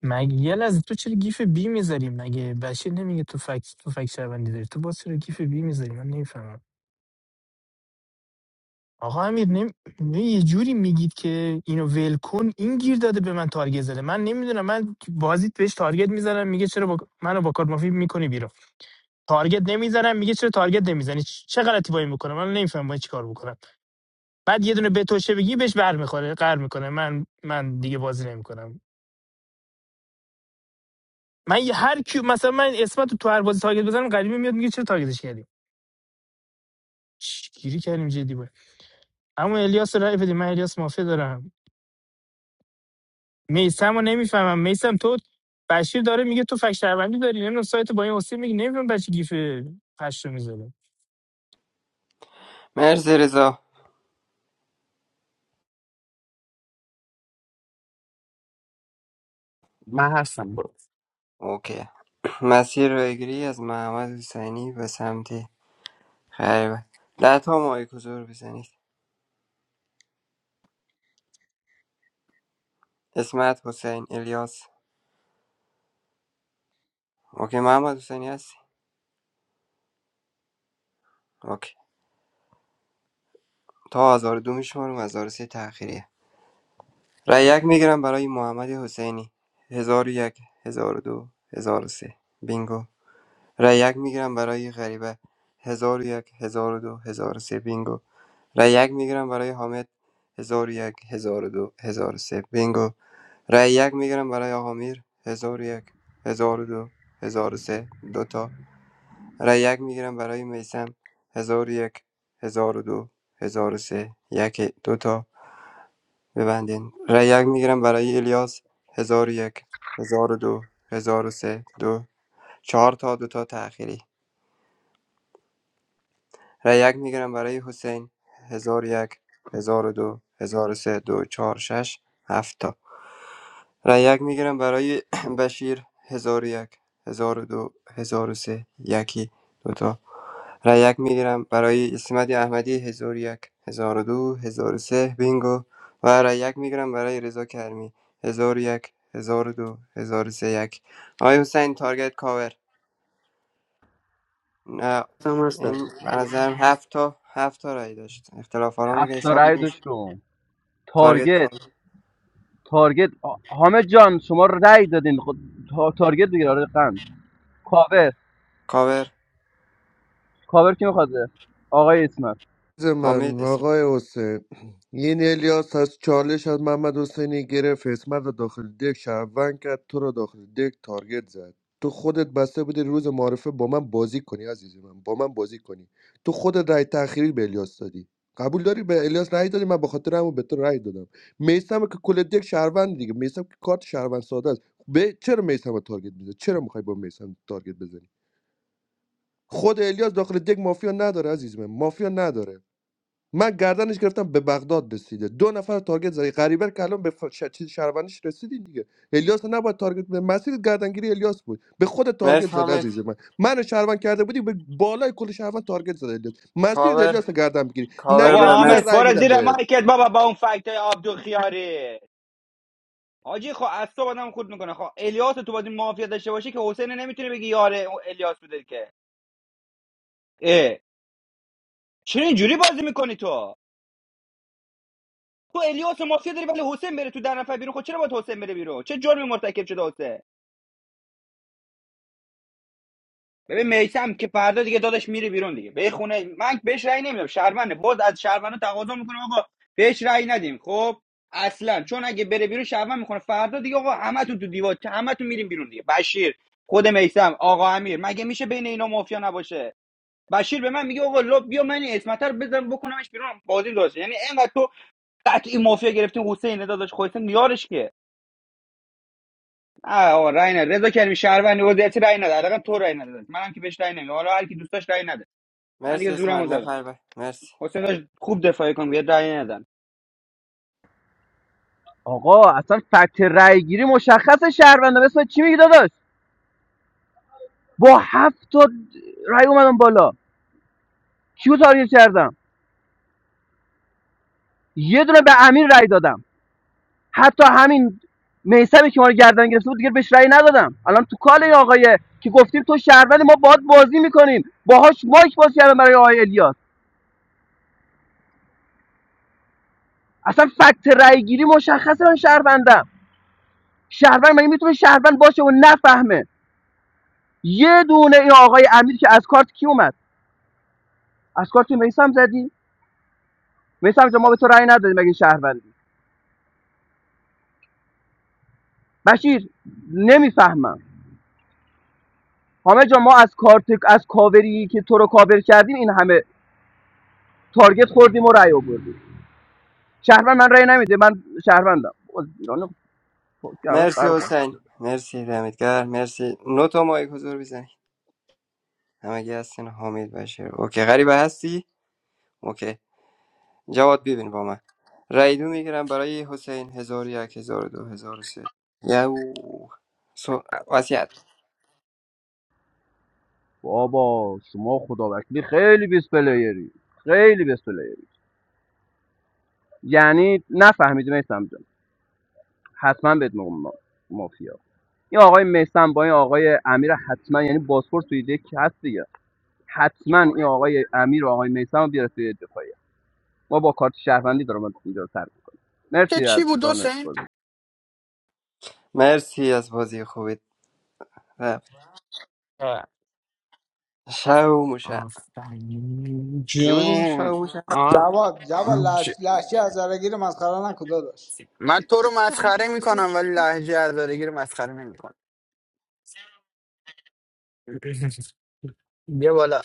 Speaker 19: مگه یه لحظه تو چرا گیف بی میذاری مگه بشیر نمیگه تو فکس تو فکس شهروندی داری تو باز چرا گیف بی میذاری من نمیفهمم آقا امیر نمی... یه جوری میگید که اینو ول کن این گیر داده به من تارگت زده من نمیدونم من بازیت بهش تارگت میزنم میگه چرا با... منو با کارت مافی میکنی تارگت نمیزنم میگه چرا تارگت نمیزنی چه غلطی با این میکنه من نمیفهمم باید چیکار بکنم بعد یه دونه بتوشه بگی بهش بر میخوره قر میکنه من من دیگه بازی نمیکنم من یه- هر کی مثلا من اسمت تو هر بازی تارگت بزنم قدیمی میاد میگه چرا تارگتش کردیم چی- گیری کردیم جدی بود اما الیاس رو رای بدیم من الیاس مافیا دارم میسم رو نمیفهمم میسم تو بشیر داره میگه تو فک شهروندی داری نمیدونم سایت با این حسین میگه نمیدونم بچه گیف پشت رو میذاره
Speaker 9: مرسی رضا
Speaker 14: من هستم برو
Speaker 9: اوکی مسیر رو از محمد حسینی به سمت خیبر ده تا مایک حضور بزنید اسمت حسین الیاس اوکی محمد حسینی هستی اوکی تا هزار و دو میشمارم هزار و سه تأخیریه رای یک میگیرم برای محمد حسینی هزار و یک هزار و دو هزار و سه بینگو رای یک میگیرم برای غریبه ۱۰۰۱ ۱۰۰۲ سه بینگو رای یک میگیرم برای حامد ۱۰۰۱ ۱۰۰۲ سه بینگو رای یک میگیرم برای آقا میر ۱۰۰۱ ۱۰۰۲ ۱۰۰۳ دو هزار و سه، دوتا رای یک میگیرم برای میسم هزار ۱۰۰۱ ۱۰۰۲ ۱۰۰۳ یک هزار و دو تا ببندین رای یک میگیرم برای الیاس ۱۰۰۱ ۱۰۰۲ ۱۰۰۳ دو هزار چهار تا دو چهار تا دوتا تأخیری رای یک میگیرم برای حسین ۱۰۰۱ ۱۰۰۲ ۱۰۰۳ ۲ ۴ ۶ هفت تا رای یک میگیرم برای بشیر ۱۰۰۱ ۱۰۰۲ ۱۰۰۳ یکی دو تا رای یک میگیرم برای اسمت احمدی ۱۰۰۱ ۱۰۰۲ ۱۰۰۳ بینگو و رای یک میگیرم برای رضا کرمی ۱۰۰۱ ۱۰۰۲ ۱۰۰۳ یک آقای حسین تارگت کاور نه این به نظرم هفت تا هفت تا رای داشت اختلاف آرام
Speaker 7: هفت
Speaker 9: اگه
Speaker 7: تا
Speaker 9: حساب
Speaker 7: رأی
Speaker 9: نمیشه
Speaker 7: داشتم
Speaker 9: تارگت
Speaker 7: تارگت
Speaker 9: کاور
Speaker 7: تارگت آ- حامد جان شما رأی دادین خود تا- تارگت دیگه آره قند کاور
Speaker 9: کاور
Speaker 7: کاور کی میخواد آقای اسمت
Speaker 10: عزیز من
Speaker 9: حامد اسم
Speaker 10: آقای حسین این الیاس از چالش از محمد حسینی گرفت اسمت رو داخل دک شهروند کرد تو رو داخل دک تارگت زد تو خودت بسته بودی روز معرفه با من بازی کنی عزیز من با من بازی کنی تو خودت رای تأخیری به الیاس دادی قبول داری به الیاس رای دادی من به خاطر همون به تو رای دادم میسم که کل دک شهروند دیگه میسم که کارت شهروند ساده است به چرا میسم رو تارگت میزنی چرا میخوای با میسم تارگت بزنی خود الیاس داخل دک مافیا نداره عزیز من مافیا نداره من گردنش گرفتم به بغداد رسیده دو نفر رو تارگت زدی غریبه که الان به ف... ش... چیز شهروندیش رسیدی دیگه الیاس رو نباید تارگت به مسیر گردنگیری الیاس بود به خود تارگت
Speaker 9: مرس
Speaker 10: زد
Speaker 9: حامد
Speaker 10: عزیز من من شهروند کرده بودی به بالای کل شهروند تارگت زد الیاس مسیر
Speaker 9: کاور
Speaker 10: الیاس رو گردن بگیری
Speaker 9: کاور
Speaker 2: بابا
Speaker 9: به
Speaker 10: نگرفتی من
Speaker 2: حامد
Speaker 9: مرس
Speaker 10: رأی
Speaker 2: برو
Speaker 10: میدم
Speaker 2: زیر
Speaker 10: بهت
Speaker 2: مایکت بابا با اون فکت های عبدو آجی خب اصلا آدم خود میکنه خب الیاس رو تو بازی مافیا داشته باشه که حسین نمیتونه بگی یاره اون الیاس بوده که اه چرا اینجوری بازی میکنی تو تو الیاس و مافیا داری ولی حسین بره تو در نفر بیرون خب چرا باید حسین بره بیرون چه جرمی مرتکب شده حسین ببین میسم که فردا دیگه داداش میره بیرون دیگه به خونه من بهش رأی نمیدم شرمنده باز از شرمنده تقاضا میکنم آقا بهش رأی ندیم خب اصلا چون اگه بره بیرون شرمن میکنه فردا دیگه آقا همتون تو دیوار همتون میریم بیرون دیگه بشیر خود میسم آقا امیر مگه میشه بین اینا مافیا نباشه بشیر به من میگه آقا لا بیا من این اسمت رو بزن بکنمش بیرون بازی داشت. یعنی اینقدر تو قطعی مافیا گرفتی حسین داداش خودت میارش که آه آقا رای نده رضا کریمی شهروندی وضعیتی رای نده حداقل تو رای نده منم که بهش رای نمیدم حالا هر کی دوست داشت رای نده من
Speaker 9: مرسی
Speaker 2: دیگه
Speaker 9: اسمت
Speaker 2: زورمو زدم
Speaker 9: نفر به مرسی
Speaker 2: حسین داشت خوب دفاع کن یه رای ندن
Speaker 7: آقا اصلا فکت رأی گیری مشخص شهرونده اسم چی میگی داداش با هفت تا رأی اومدم بالا کیو تارگت کردم یه دونه به امیر رای دادم حتی همین میسمی که ما رو گردن گرفته بود دیگه بهش رأی ندادم الان تو کاله این که گفتیم تو شهروند ما باد بازی میکنیم باهاش مایک باز کردم برای آقای الیاس اصلا فکت رأی گیری مشخصه من شهروندم شهروند مگه میتونه شهروند باشه و نفهمه یه دونه این آقای امیر که از کارت کی اومد از کارت میسم زدی میسم جان ما به تو رأی ندادیم مگه شهروندی بشیر نمیفهمم همه جان ما از کارت از کاوری که تو رو کاور کردیم این همه تارگت خوردیم و رأی آوردیم شهروند من رأی نمیده من شهروندم باز ایران کردم
Speaker 9: مرسی
Speaker 7: غرق باز.
Speaker 9: حسین مرسی دمتگر مرسی نو تا مایک حضور بزنی همگی هستین حامد بشیر اوکی غریبه هستی اوکی جواد ببین با من رای دو میگیرم برای حسین هزار و یک هزار و دو هزار و سه یو سو وسیعت
Speaker 7: بابا شما خدا وکیلی خیلی بیس پلیری خیلی بیس پلیری یعنی نفهمیدی میسم جان حتما بهت میگم ما- مافیا این آقای میسم با این آقای امیر حتما یعنی بازپورت توی دیگه هست دیگه حتما این آقای امیر و آقای میسم رو بیاره توی دفاعیه ما با کارت شهروندی دارم اینجا رو سر می‌کنم.
Speaker 14: که
Speaker 7: مرسی
Speaker 14: چی
Speaker 7: از
Speaker 14: بود
Speaker 7: رانت
Speaker 14: حسین؟
Speaker 7: بازی
Speaker 9: مرسی از بازی خوبت
Speaker 14: اه،
Speaker 9: Shaumuşa.
Speaker 14: آفرین
Speaker 9: Ki
Speaker 14: جون
Speaker 9: شاوموشه
Speaker 14: آه،
Speaker 11: جواد جواد لحش...
Speaker 14: ج...
Speaker 11: لحشی از درگیر مسخره نکن داداش
Speaker 14: من تو رو مسخره
Speaker 5: شهروندی.
Speaker 14: میکنم ولی لحجه ازادگی رو مسخره نمیکنم بیا بالا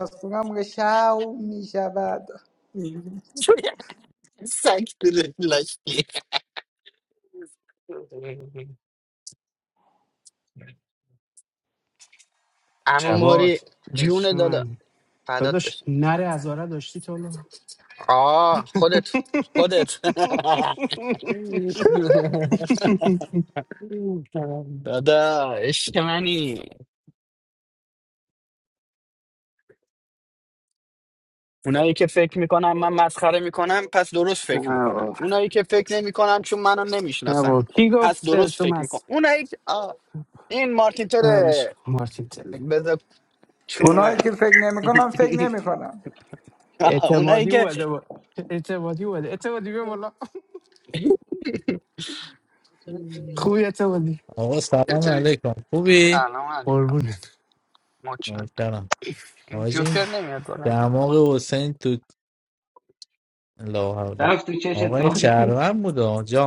Speaker 11: آسونم شو می شود
Speaker 14: چوری سگ تو دل لاشی. عمو
Speaker 1: جواد
Speaker 14: موری جون
Speaker 1: عشق
Speaker 14: دادا
Speaker 1: منی
Speaker 14: فدات بشم
Speaker 1: داداش نره هزاره داشتی تو لو؟
Speaker 14: آه خودت خودت دادا عشق منی اونایی که فکر میکنم من مسخره میکنم پس درست فکر
Speaker 1: نه
Speaker 14: میکنن
Speaker 1: بابا
Speaker 14: اونایی که فکر نمیکنم چون منو
Speaker 1: نه
Speaker 14: نمیشناسن
Speaker 1: بابا کی
Speaker 14: پس
Speaker 1: گفته
Speaker 14: درست
Speaker 1: تو
Speaker 14: فکر میکنم
Speaker 1: مس
Speaker 14: اونایی که- آه، این مارتین
Speaker 1: ولش
Speaker 14: تره
Speaker 1: کن، مارتین تله
Speaker 14: بذار
Speaker 11: اونایی
Speaker 14: چونوه
Speaker 11: که فکر نمی کنم فکر نمی
Speaker 14: آه، اونایی
Speaker 1: اعتمادی
Speaker 14: که
Speaker 1: اومده با اعتمادی اومده اعتمادی بیا بالا خوبی اعتمادی
Speaker 20: Aga sabam
Speaker 14: چطوری؟
Speaker 20: alekom. Khubee,
Speaker 14: سلام علیکم
Speaker 1: قربونت
Speaker 14: مچند
Speaker 20: normal.
Speaker 14: این
Speaker 20: Aajin
Speaker 14: جوکر نمیاد کنم
Speaker 20: deamoge wo sentut lawhaoga.
Speaker 12: رفت تو چش
Speaker 20: Aga ye
Speaker 12: تو نیست.
Speaker 20: charvaam udho, jo?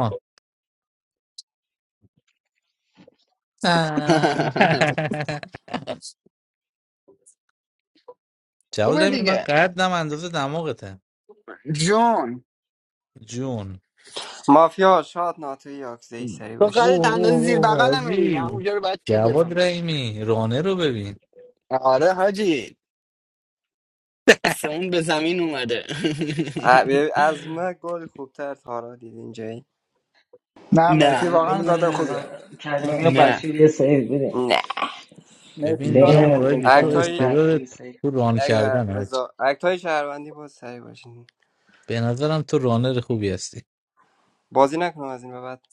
Speaker 20: Ah, chau
Speaker 14: خوبه
Speaker 20: dreymi ma
Speaker 14: دیگه
Speaker 20: khat na mandose deamoge thay.
Speaker 14: جون
Speaker 20: June.
Speaker 9: مافیا شاد ناتوی یاکزه سری
Speaker 14: تو
Speaker 9: باشه
Speaker 14: قراره
Speaker 20: Oh,
Speaker 14: دندان
Speaker 20: oh,
Speaker 14: زیر
Speaker 20: oh,
Speaker 14: بغلمه دیگه
Speaker 20: aajee.
Speaker 14: اونجا رو باید تیپ
Speaker 20: Chau
Speaker 14: بزنم
Speaker 20: dreymi rone robee.
Speaker 14: آره حاجی آسمون به زمین اومده
Speaker 9: ا- ببین، از من گل خوبتر تارا دید اینجایی
Speaker 11: نه مهدی
Speaker 14: نه
Speaker 12: ولی
Speaker 11: واقعا
Speaker 12: بین
Speaker 11: گاده خوبیه
Speaker 12: رضا کریمی
Speaker 11: نه
Speaker 12: و
Speaker 14: نه
Speaker 12: بشیر یه سیف بده
Speaker 9: نه
Speaker 20: Bebe
Speaker 11: مهدی گاده
Speaker 20: niyam
Speaker 14: نه
Speaker 12: بین
Speaker 20: aur
Speaker 12: رضا
Speaker 20: aaj
Speaker 11: خوبیه
Speaker 20: thoo
Speaker 12: کریمی
Speaker 9: اکتای
Speaker 20: esthero de
Speaker 12: بشیر سیف بده
Speaker 20: rone
Speaker 9: اگر
Speaker 20: chadra naa ch.
Speaker 9: رضا اکتای شهروندی بود سری باشین
Speaker 20: Be na zarom thoo rone de khubee asti.
Speaker 9: بازی نکنم از این به بعد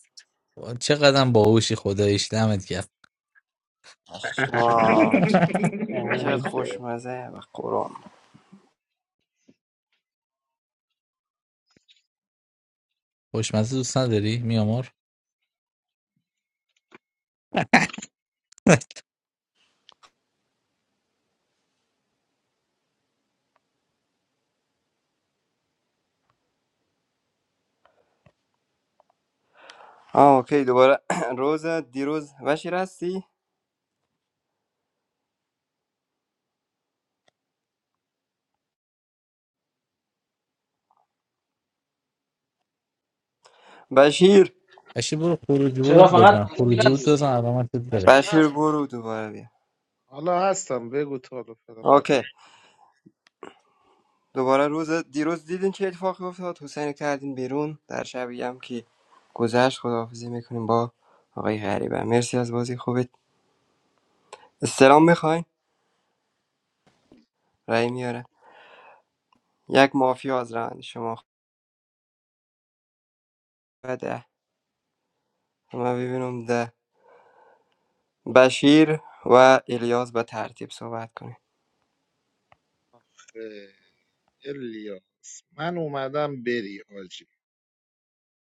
Speaker 20: Chakadan baawishi Khuda islamad kar. Ha
Speaker 9: آه.
Speaker 20: ha ha ha.
Speaker 9: چقدر
Speaker 14: احانت.
Speaker 9: خوشمزه و قرآن
Speaker 20: Ha ha ha ha. Ha ha ha ha. Ha ha ha ha.
Speaker 9: آه اوکی دوباره روز دیروز بشیر هستی؟ بشیر
Speaker 20: Actually, we are very very
Speaker 12: چرا
Speaker 20: good.
Speaker 12: فقط
Speaker 20: Very
Speaker 12: بشیر
Speaker 20: good, that's
Speaker 12: هستی
Speaker 20: our motto.
Speaker 12: بشیر
Speaker 9: بشیر
Speaker 12: هست
Speaker 9: برو دوباره بیا
Speaker 16: حالا هستم بگو تا حالا فقط بقیه
Speaker 9: اوکی دوباره روز دیروز دیدین چه اتفاقی افتاد حسین رو کردین بیرون در شبیه هم که گذشت خداحافظی میکنیم با آقای غریبه مرسی از بازی خوبت استلام میخواین رای میاره یک مافیا از ران شما و ده ما ببینم ده بشیر و الیاس به ترتیب صحبت کنیم
Speaker 16: الیا من اومدم بری حاجی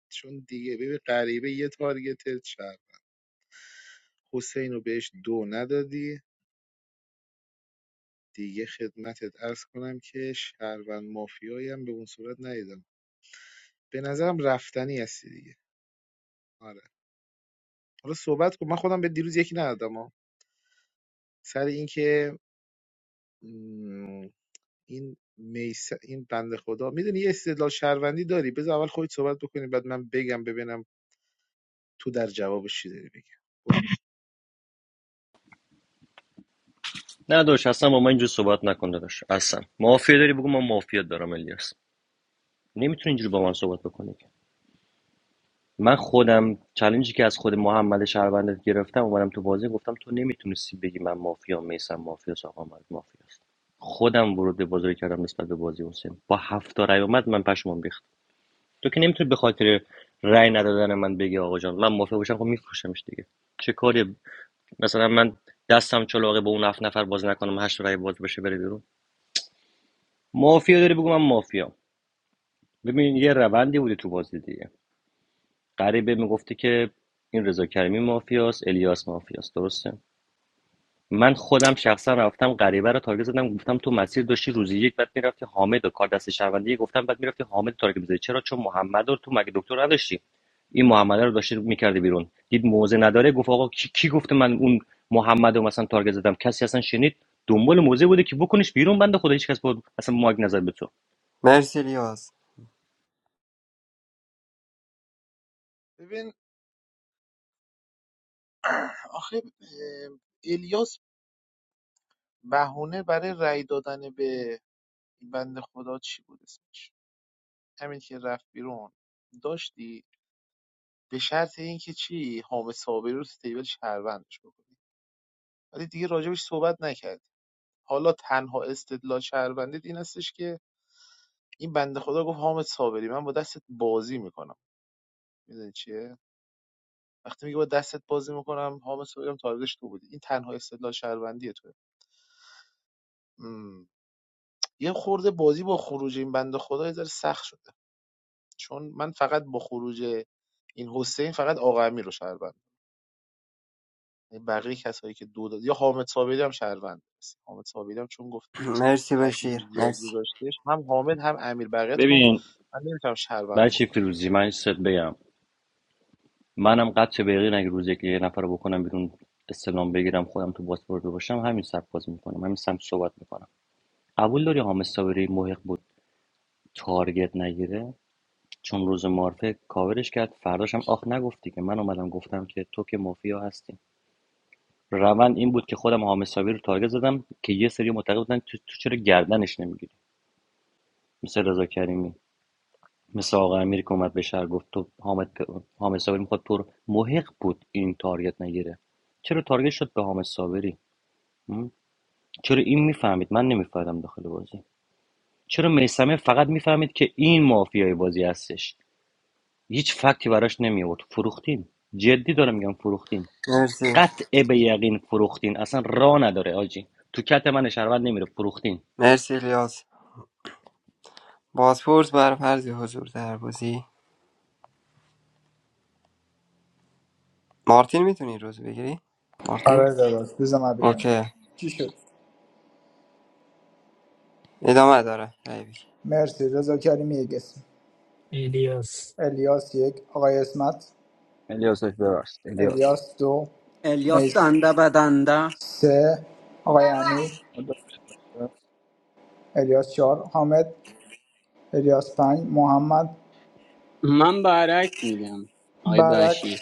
Speaker 16: چون دیگه ببین غریبه یه تارگت حسین رو بهش دو ندادی دیگه خدمتت عرض کنم که شهروند مافیایی هم به اون صورت ندیدم به نظرم رفتی دیگه آره حالا صحبت کن من خودم به دیروز یکی ندادم ها سر اینکه م، این میس این بنده خدا میدونی یه استدلال شهروندی داری بذار اول خودت صحبت بکنی بعد من بگم ببینم تو در جوابش چی داری بگی
Speaker 4: نه داداش اصلا با من اینجور صحبت نکن داداش اصلا مافیا داری بگو من مافیا دارم الیاس نمیتونی اینجوری با من صحبت بکنی من خودم چالنجی که از خود محمد شهروندت گرفتم اومدم تو بازی گفتم تو نمیتونستی بگی من مافیا میسم مافیا آقا من مافیاست خودم ورود به بازی کردم نسبت به بازی حسین با هفت تا رأی اومد من پشمام ریخت تو که نمیتونی به خاطر رأی ندادن من بگی آقا جان من مافیا باشم خب میفروشمش دیگه چه کاری مثلا من دستم چلاقه به اون هفت نفر باز نکنم هشت رأی باز بشه بره بیرون مافیا داری بگو من مافیا ببین یه روندی بوده تو بازی دیگه غریبه میگفته که این رضا کریمی مافیاست الیاس مافیاست درسته من خودم شخصا رفتم غریبه رو تارگت زدم گفتم تو مسیر داشتی روزی یک بعد میرفتی حامد و کار دست شهروندی گفتم بعد میرفتی حامد تارگت میزدی چرا چون محمد رو تو مگه دکتر نداشتی این محمد رو داشتی میکردی بیرون دید موزه نداره گفت آقا کی, کی گفته من اون محمد رو مثلا تارگت زدم کسی اصلا شنید دنبال موزه بوده که بکنش بیرون بنده خدا هیچ کس بود اصلا ماگ نظر به تو
Speaker 9: مرسی الیاس
Speaker 16: ببین آخه اه، الیاس بهونه برای رأی دادن به این بنده خدا چی بود اسمش همین که رفت بیرون داشتی به شرط اینکه چی حامد صابری رو تو تیبل شهروندش بکنید ولی دیگه راجبش صحبت نکرد. حالا تنها استدلال شهروندید این هستش که این بنده خدا گفت حامد صابری من با دستت بازی میکنم میدونی چیه وقتی میگه با دستت بازی میکنم حامد صابری هم تارگتش تو بودی این تنها استدلال شهروندی توه مم. یه خورده بازی با خروج این بنده خدا یه ذره سخت شده چون من فقط با خروج این حسین فقط آقا امیر رو شهروند یعنی بقیه کسایی که دو داد یا حامد صابری هم شهروند هست. حامد صابری هم چون گفت
Speaker 9: مرسی
Speaker 16: تاکید
Speaker 9: بشیر
Speaker 16: ریاضی
Speaker 9: مرسی
Speaker 16: داشتش هم حامد هم امیر بقیتون رو
Speaker 4: ببین
Speaker 16: من نمیتونم
Speaker 4: برای
Speaker 16: شربم
Speaker 4: چی
Speaker 16: بکنم
Speaker 4: فیروزی من یه چیز بگم منم قدچه به یقینم اگه روز یکی یه نفر رو بکنم بیرون استلام بگیرم خودم تو پاسپورت باشم همین سبک بازی میکنم همین سمت صحبت میکنم قبول داری حامد صابری محق بود تارگت نگیره چون روز معرفه کاورش کرد فرداش هم آخ نگفتی که من اومدم گفتم که تو که مافیا هستی روند این بود که خودم حامد صابری رو تارگت زدم که یه سری معتقد بودن تو, تو چرا گردنش نمیگیری مثل رضا کریمی مثل آقا امیر که اومد به شهر گفت تو حامد حامد صابری میخواد تو رو محق بود این تارگت نگیره چرا تارگت شد به حامد صابری م؟ چرا این میفهمید من نمیفهمیدم داخل بازی چرا میسمه فقط میفهمید که این مافیای بازی هستش هیچ فکتی براش نمی آورد فروختین جدی دارم میگم فروختین
Speaker 9: مرسی
Speaker 4: قطع به یقین فروختین اصلا راه نداره آجی تو کت من شهروند نمیره فروختین
Speaker 9: مرسی الیاس بازپورس بر فرض حضور در بازی مارتین میتونی روز بگیری مارتین
Speaker 11: آره داداش بذار من بگم
Speaker 9: اوکی
Speaker 11: چی شد
Speaker 9: ادامه داره رای بگیر
Speaker 11: مرسی رضا کریمی یک اسم
Speaker 19: الیاس
Speaker 11: الیاس یک آقای اسمت
Speaker 2: الیاس داشت ببخشید الیاس
Speaker 11: الیاس دو
Speaker 15: الیاس
Speaker 11: میس
Speaker 15: دنده به دنده
Speaker 11: سه آقای امیر
Speaker 18: خدا شکر.
Speaker 11: الیاس چهار حامد الیاس پنج محمد
Speaker 17: من برعکس میدم آی
Speaker 11: برک
Speaker 17: بشیر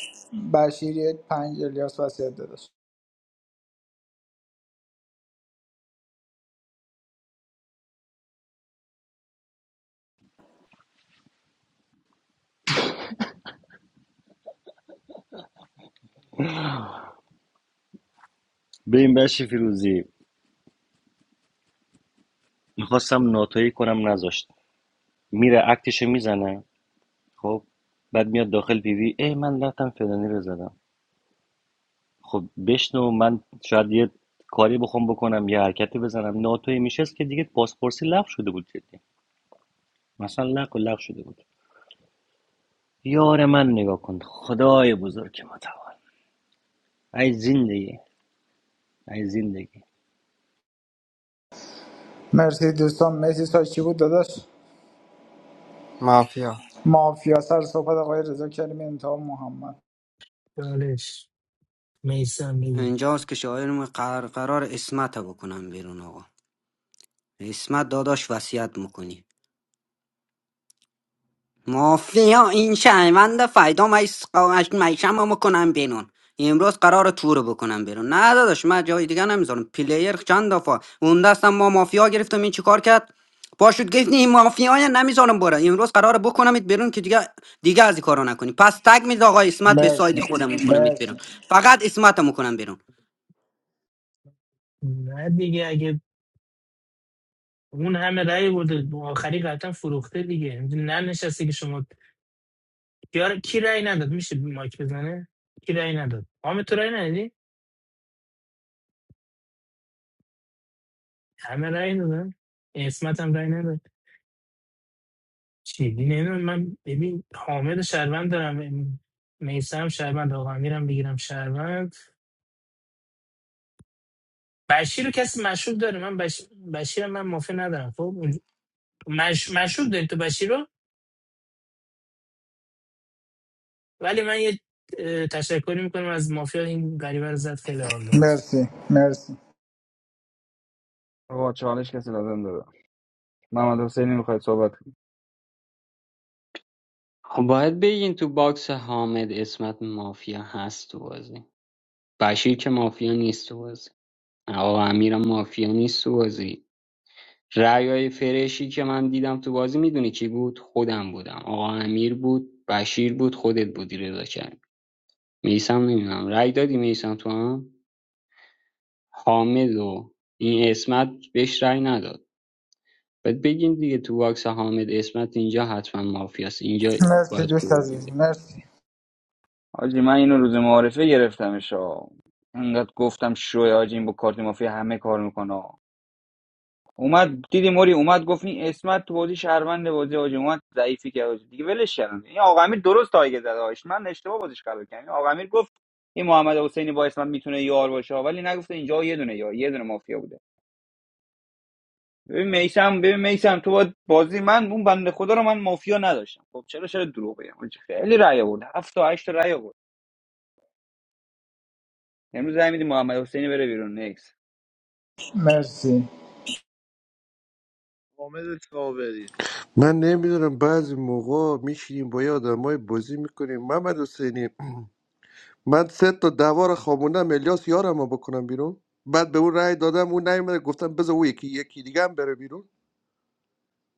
Speaker 11: بشیر یک پنج الیاس وسیعت داداش
Speaker 4: به این بشی فیروزی میخواستم ناتایی کنم نذاشت میره اکتش میزنه خب بعد میاد داخل پی وی ای من رفتم فلانی رو زدم خب بشنو من شاید یه کاری بخوام بکنم یه حرکتی بزنم ناتوی میشست که دیگه پاسپورسی لغو شده بود جدی مثلا لغو و لغو شده بود یار من نگاه کن خدای بزرگ متعال ای زندگی ای زندگی
Speaker 11: مرسی دوستان مرسی سایت چی بود داداش
Speaker 9: مافیا
Speaker 11: مافیا سر صحبت آقای رضا کریمی انتها محمد
Speaker 19: دالش میسم میگه
Speaker 15: اینجاست که شاعر می قرار, قرار اسمت بکنم بیرون آقا اسمت داداش وصیت میکنی مافیا این شهروند فیدا میشم میکنم بیرون امروز قرار تور بکنم بیرون نه داداش من جای دیگه نمیذارم پلیر چند دفعه اون دستم ما مافیا گرفتم این چیکار کرد پاشوت گفت این مافیا نمیذارم بره امروز قرار بکنمت بیرون که دیگه دیگه از این کارا نکنی پس تگ میز آقا اسمت به ساید
Speaker 11: مرسی
Speaker 15: خودم میکنم
Speaker 11: مرسی
Speaker 15: بیرون فقط اسمتم میکنم
Speaker 19: نه دیگه اگه اون همه رأی برده آخری قطعا فروخته دیگه نه نشسته که شما کیار کی رأی نداد میشه مایک بزنه کی رأی نداد حامد تو رأی ندادی همه رأی دادن اسمت هم رأی نداد چی نمیدونم من ببین حامد شهروند دارم میسم شهروند آقا امیرم بگیرم شهروند بشیر رو کسی مشروب داره من بش... بشیر من مافی ندارم خب اون- مش... مشروب داری تو بشیر رو ولی من یه اه، تشکری میکنم از مافیا این غریبه رو زد خیلی حال داد
Speaker 11: مرسی مرسی
Speaker 2: آقا چالش کسی لازم داره محمد حسینی میخواید صحبت کنید
Speaker 17: خب باید بگین تو باکس حامد اسمت مافیا هست تو بازی بشیر که مافیا نیست تو بازی آقا امیرم مافیا نیست تو بازی رأی های فرشی که من دیدم تو بازی میدونی کی بود خودم بودم آقا امیر بود بشیر بود خودت بودی رضا کرد میسم نمیدونم رأی دادی میسم تو هم حامد و این اسمت بهش رأی نداد بعد بگین دیگه تو باکس حامد اسمت اینجا حتما مافیاست اینجا
Speaker 11: مرسی
Speaker 17: باید
Speaker 11: دوست
Speaker 17: خروجی
Speaker 11: عزیز
Speaker 17: بده
Speaker 11: مرسی
Speaker 2: حاجی من اینو روز معارفه گرفتمش آه. انقدر گفتم شوه حاجی این با کارت مافیا همه کار میکنه اومد دیدی موری اومد گفت این اسمت تو بازی شهروند بازی آجی اومد ضعیفی کرد حاجی. دیگه ولش کردم این آقا امیر درست تایگه زد آش من اشتباه بازیش قبول کردم این آقا امیر گفت این محمد حسینی با اسمت میتونه یار باشه ولی نگفته اینجا یه دونه یار یه دونه مافیا بوده ببین میسم ببین میسم تو باید بازی من اون بنده خدا رو من مافیا نداشتم خب چرا چرا دروغ بگم حاجی؟ خیلی رأی آورد هفت تا 8 تا رأی آورد امروز زمین میدی محمد حسینی بره بیرون نکس
Speaker 11: مرسی
Speaker 16: حامد تاوری
Speaker 10: من نمیدونم بعضی موقع میشینیم با یه آدمای بازی میکنیم محمد حسینی من سه تا دعوا رو خوابوندم الیاس یارم رو بکنم بیرون بعد به اون رأی دادم اون نیومد گفتم بذار اون یکی یکی دیگه هم بره بیرون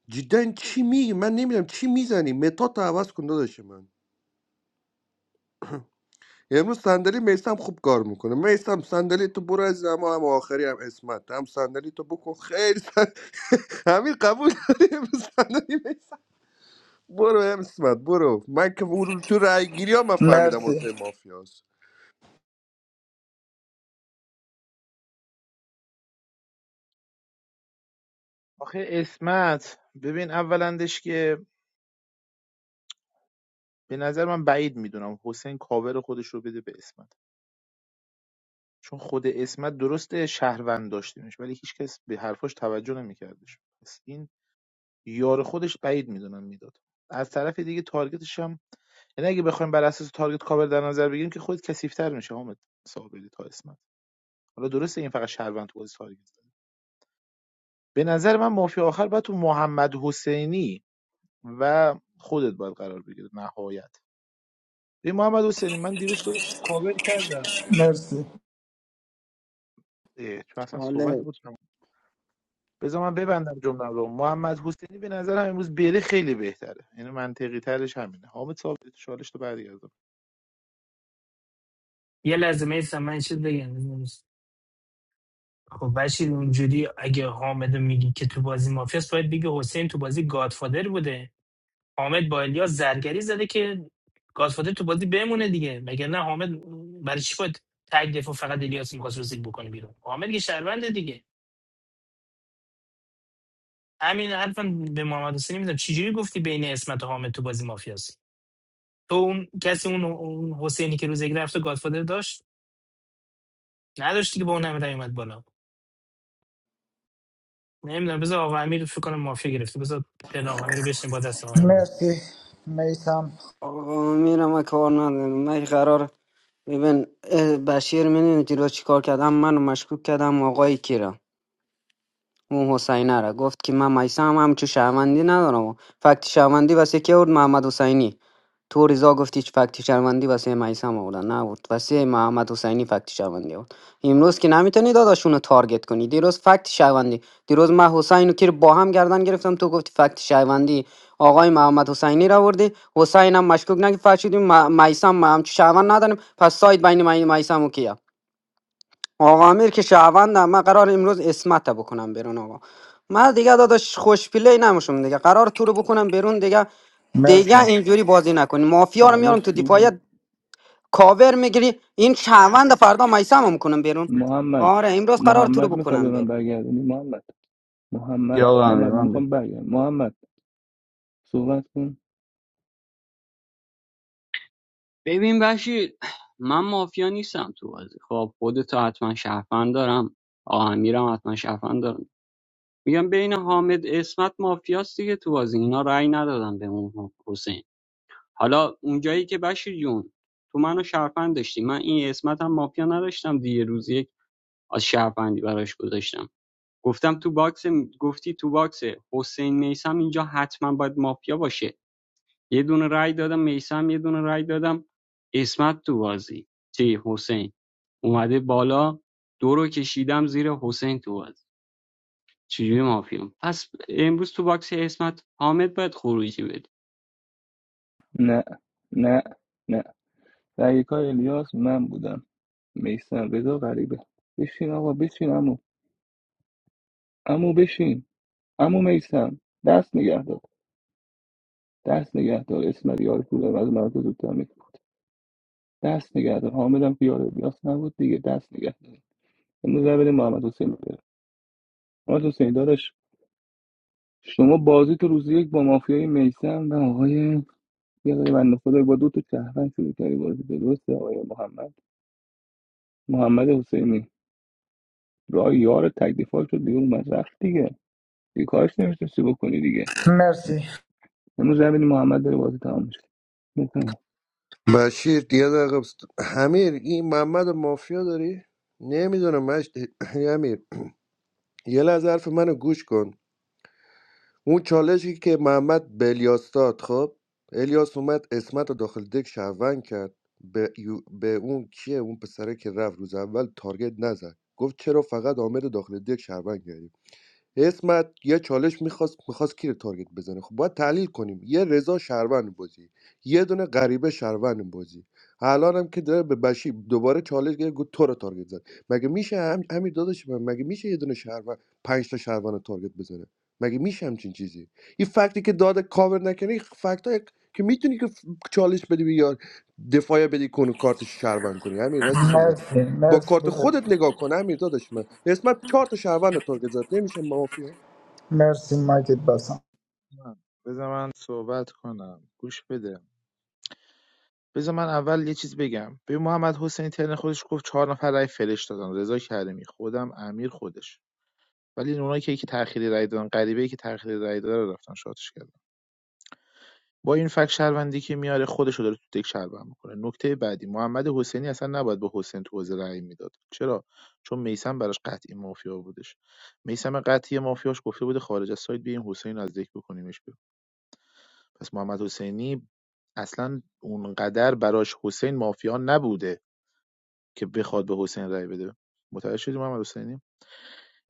Speaker 10: جدا چی میگی من نمیدونم چی میزنی متات عوض کن داداش من امروز صندلی میسم خوب کار میکنه میسم صندلی تو برو از اما هم آخری هم اسمت هم صندلی تو بکن خیلی سن... همین قبول داری امروز صندلی میسم برو هم اسمت برو من که اون تو رای گیری ها من فهمیدم
Speaker 11: مرسی
Speaker 10: واسه مافیاست
Speaker 16: آخه اسمت ببین اولندش که به نظر من بعید میدونم حسین کاور خودش رو بده به اسمت چون خود اسمت درسته شهروند داشتیمش ولی هیچکس به حرفاش توجه نمیکردش پس این یار خودش بعید میدونم میداد از طرف دیگه تارگتش هم یعنی اگه بخوایم بر اساس تارگت کاور در نظر بگیریم که خود کثیف‌تر میشه حامد صابری تا اسمت حالا درسته این فقط شهروند تو بازی تارگت به نظر من مافیا آخر باید تو محمد حسینی و خودت باید قرار بگیره نهایت به محمد حسینی من دیروز تو رو کاور کردم
Speaker 11: مرسی
Speaker 16: اه، چون اصلا صحبت
Speaker 15: بیرون
Speaker 16: بود تمام. بذار من ببندم جمله رو محمد حسینی به نظرم امروز بره خیلی بهتره یعنی منطقی ترش همینه حامد صاحب چالش تو برگردم
Speaker 19: یه لحظه میسم من یه چیز بگم خب بشیر اونجوری اگه حامد رو میگی که تو بازی مافیاست باید بگی حسین تو بازی گادفادر بوده حامد با الیاس زرگری زده که گادفادر تو بازی بمونه دیگه مگر نه حامد برای چی باید تگ دفاع فقط الیاس میخواست رو زیر بکنه بیرون حامد که شهرونده دیگه همین حرفم به محمد حسینی میدم چجوری گفتی بین اسمت و حامد تو بازی مافیاست تو اون کسی اون, اون حسینی که روز یک رفته گادفادر داشت نداشتی که با اون همه رای اومد بالا نمیدونم بذار آقا امیر فکر کنم مافیا گرفته بذار دل آقا امیر رو بشین با دست آقا امیر.
Speaker 11: مرسی میسم
Speaker 15: آقا میرم و کار ندارم من قرار ببین اه، بشیر میدونی دیرو چی کار کردم منو مشکوک کردم آقای کیرم اون حسینه را گفت که من میسم هم همچو شهروندی ندارم و فکت شهروندی واسه کی آورد محمد حسینی تو رضا گفتی چه فکت شهروندی واسه میسم آوردن نه آورد واسه محمد حسینی فکت شهروندی آورد امروز که نمیتونی داداشونو تارگت کنی دیروز فکت شهروندی دیروز من حسین و کیر با هم گردن گرفتم تو گفتی فکت شهروندی آقای محمد حسینی را آوردی حسین هم مشکوک نگی فرشیدیم میسم هم همچو شهروند نداریم پس ساید بین میسم و کیه آقا امیر که شهروندم من قرار امروز اسمت بکنم بیرون آقا من دیگه داداش خوش پلی نموشم دیگه قرار تو رو بکنم بیرون دیگه دیگه
Speaker 11: مرسی
Speaker 15: اینجوری بازی نکنی مافیا رو میارم
Speaker 18: چالش
Speaker 15: تو
Speaker 18: میگم
Speaker 15: دفاعیت کاور میگیری این شهروند فردا میسم هم کنم بیرون
Speaker 18: محمد
Speaker 15: آره امروز قرار تو رو
Speaker 18: محمد میخوای به
Speaker 15: بکنم
Speaker 18: من
Speaker 15: بیرون
Speaker 18: برگردونی محمد محمد
Speaker 2: یا آقا امیر
Speaker 18: محمد
Speaker 2: من بگم
Speaker 18: میخوام برگردم محمد صحبت کن
Speaker 17: ببین بشیر من مافیا نیستم تو بازی خب خودتو حتما شهروند دارم آقا امیرم حتما شهروند دارم میگم بین حامد اسمت مافیاست دیگه تو بازی اینا رأی ندادن به اون حسین حالا اونجایی که بشیر جون تو منو شهروند داشتی من این اسمت هم مافیا نداشتم دیگه روز یک از شهروندی براش گذاشتم گفتم تو باکس گفتی تو باکس حسین میسم اینجا حتما باید مافیا باشه یه دونه رای دادم میسم یه دونه رای دادم اسمت تو بازی چی حسین اومده بالا دو رو کشیدم زیر حسین تو بازی چجوری مافیا پس امروز تو باکس اسمت حامد باید خروجی بده
Speaker 18: نه نه نه رأی کار الیاس من بودم میستم رضا غریبه بشین آقا بشین عمو. عمو بشین عمو میسم دست نگه دار دست نگه دار اسم یار کولم از من تو زودتر میکنم دست نگه دار حامدم که یار بیاس نبود دیگه دست نگه دار امروز رو بریم محمد حسین رو بیارم محمد حسین داداش شما بازی تو روز یک با مافیای میسم و آقای یه آقای بنده خدا با دو تا شهروند شروع کردی بازی درسته آقای محمد محمد حسینی راه یار تکلیفات شد دیگه اومد رفت دیگه دیگه کارش نمیتونستی بکنی دیگه
Speaker 11: مرسی
Speaker 18: امروز رو بریم محمد داره بازی تمام میشه
Speaker 10: بشیر دیگه دقیقه بست... همیر این محمد مافیا داری؟ نمیدونم مش امیر یه لحظه حرف منو گوش کن اون چالشی که محمد به الیاس داد خب الیاس اومد اسمت رو داخل دک شهروند کرد به, یو- به اون کیه اون پسره که رفت روز اول تارگت نزد گفت چرا فقط حامد رو داخل دک شهروند کردی اسمت یه چالش میخواست میخواست کی رو تارگت بزنه خب باید تحلیل کنیم یه رضا شهروند بازی یه دونه غریبه شهروند بازی الان هم که داره به بشی دوباره چالش گرفت گفت تو رو تارگت زد مگه میشه هم همین داداش من مگه میشه یه دونه شهروند پنج تا شهروند رو تارگت بزنه مگه میشه همچین چیزی این فکتی که داده کاور نکنی فکت که میتونی که ف- چالش بدی به یار دفاع بدی کنه کارت شهروند کنی همین رسیسه
Speaker 11: مرسی
Speaker 10: با
Speaker 11: مرسی
Speaker 10: کارت
Speaker 11: بزرگ
Speaker 10: خودت نگاه کنم امیر داداش من اسمت چهار تا شهروند تارگت زد نمیشه مافیا
Speaker 11: مرسی مایکت بسم
Speaker 16: من- بذار من صحبت کنم گوش بده بذار من اول یه چیز بگم به محمد حسینی ترن خودش گفت چهار نفر رای فرش دادن رضا کریمی خودم امیر خودش ولی اونایی که که تأخیری رای دادن غریبه‌ای که تأخیری رای داده رو رفتن شاتش کردن با این فکت شهروندی که میاره خودش رو داره تو دک شهروند میکنه نکته بعدی محمد حسینی اصلا نباید به حسین تو حوزه رای میداد چرا چون میسم براش قطعی مافیا بودش میسم قطعی مافیاش گفته بوده خارج از سایت بیاین حسین از دک بکنیمش بیرون پس محمد حسینی اصلا اونقدر براش حسین مافیا نبوده که بخواد به حسین رای بده متوجه شدی محمد حسینی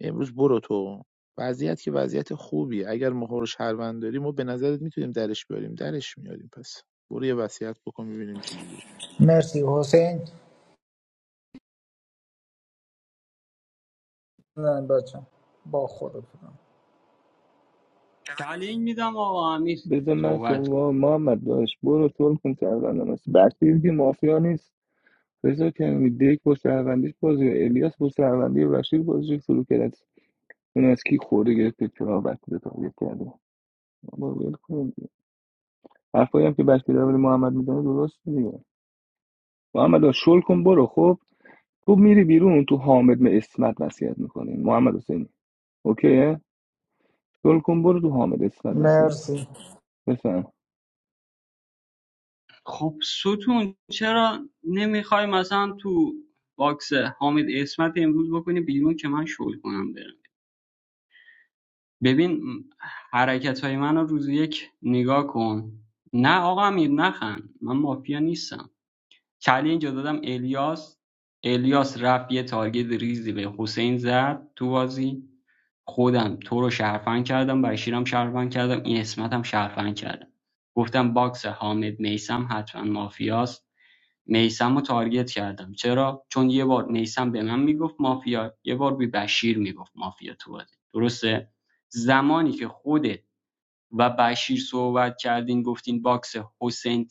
Speaker 16: امروز برو تو وضعیت که وضعیت خوبیه اگر مهر و شهروند داری ما به نظرت میتونیم درش بیاریم درش میاریم پس برو یه وصیت بکن ببینیم چه جوری
Speaker 11: مرسی حسین نه بچه با خود
Speaker 17: چالش میدم آقا امیر
Speaker 18: بذار من
Speaker 17: صحبت کن
Speaker 18: صبح محمد داشت برو تول کن شهروندم است بشیر که مافیا نیست رضا کریمی دیک با شهروندیش بازی الیاس با شهروندی بشیر بازی شروع کرد اون از کی خورده گرفته چرا بشیر رو تارگت کرده بابا ول کن دیگه. حرفایی هم که بشیر رو محمد میزنه درست دیگه محمد داشت شل کن برو خب تو میری بیرون تو حامد به اسمت وصیت میکنی محمد حسینی اوکیه شل کن برو تو حامد اسمت وصیت
Speaker 11: مرسی
Speaker 18: بفهم
Speaker 17: خب ستون چرا نمیخوای مثلا تو باکس حامد اسمت امروز بکنی بیرون که من شل کنم برم ببین حرکت های منو روز یک نگاه کن نه آقا امیر نخند من مافیا نیستم کلی اینجا دادم الیاس الیاس رفت یه تارگت ریزی به حسین زد تو بازی خودم تو رو شرفن کردم بشیرم شرفن کردم این اسمتم شرفن کردم گفتم باکس حامد میسم حتما مافیاست میثمو تارگت کردم چرا چون یه بار میثم به من میگفت مافیا یه بار به بشیر میگفت مافیا تو بازی درسته زمانی که خودت و بشیر صحبت کردین گفتین باکس حسین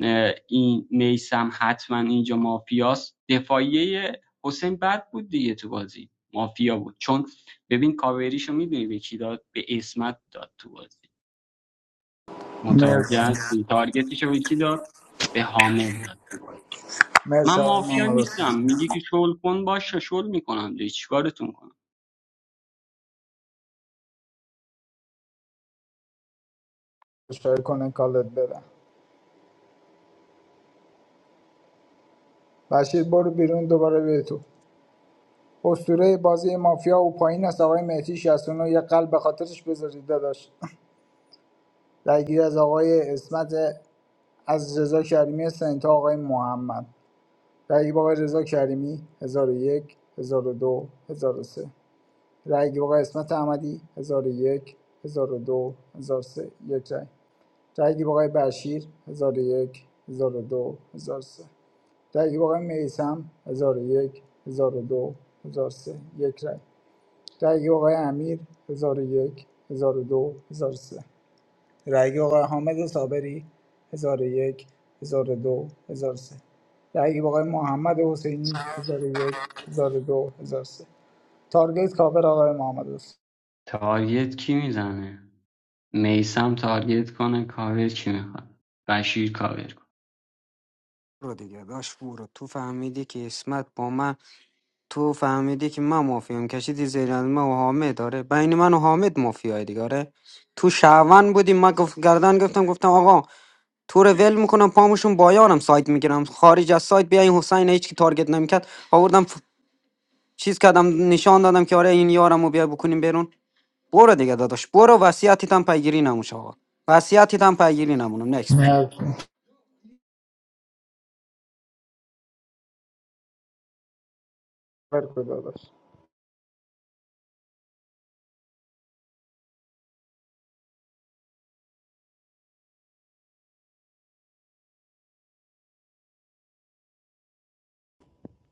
Speaker 17: اه، این میسم حتما اینجا مافیاست دفاعیه حسین بد بود دیگه تو بازی مافیا بود چون ببین کاوریشو میدونی به کی داد به اسمت داد تو بازی متوجه
Speaker 11: مرسی
Speaker 17: هستی تارگتشو به کی داد به حامد داد تو بازی من
Speaker 11: مرسی آقای
Speaker 17: مافیا
Speaker 11: محمد حسین.
Speaker 17: نیستم میگی که شل کن باشه شل میکنم دیگه چیکارتون کنم
Speaker 11: فشار کنه کالت بدن بشیر برو بیرون دوباره به تو اسطوره بازی مافیا و پایین است آقای مهدی 69 یه قلب به خاطرش بذارید داداش درگیر از آقای اسمت از رضا کریمی سنت تا آقای محمد رأی با آقای رضا کریمی 1001 1002 1003 رأی با آقای اسمت احمدی 1001 1002 1003 یک رأی رأی با آقای بشیر 1001 1002 1003 رأی آقای میسم 1001 1002 1003 یک رای رأی آقای امیر 1001 1002 1003 رأی آقای حامد صابری 1001 1002 1003 رأی آقای محمد حسینی 1001 1002 1003 تارگت کاور آقای محمد حسینی
Speaker 17: تارگت کی میزنه میسم تارگت کنه کاور کی میخواد بشیر کاور کن
Speaker 15: برو دیگه داش برو تو فهمیدی که اسمت با من تو فهمیدی که من مافیام کشیدی زیر از من و حامد داره بین من و حامد مافیای دیگه آره تو شهروند بودی من گفت گردن گفتم گفتم آقا تو رو ول میکنم پاموشون بایانم سایت میگیرم خارج از سایت بیا این حسین هیچ کی تارگت نمیکرد آوردم ف- چیز کردم نشان دادم که آره این یارمو بیا بکنیم بیرون برو دیگه داداش برو وصیتت هم پیگیری نموش آقا وصیتت هم پیگیری نمونم نکس باش
Speaker 11: نه کاور کجا داشت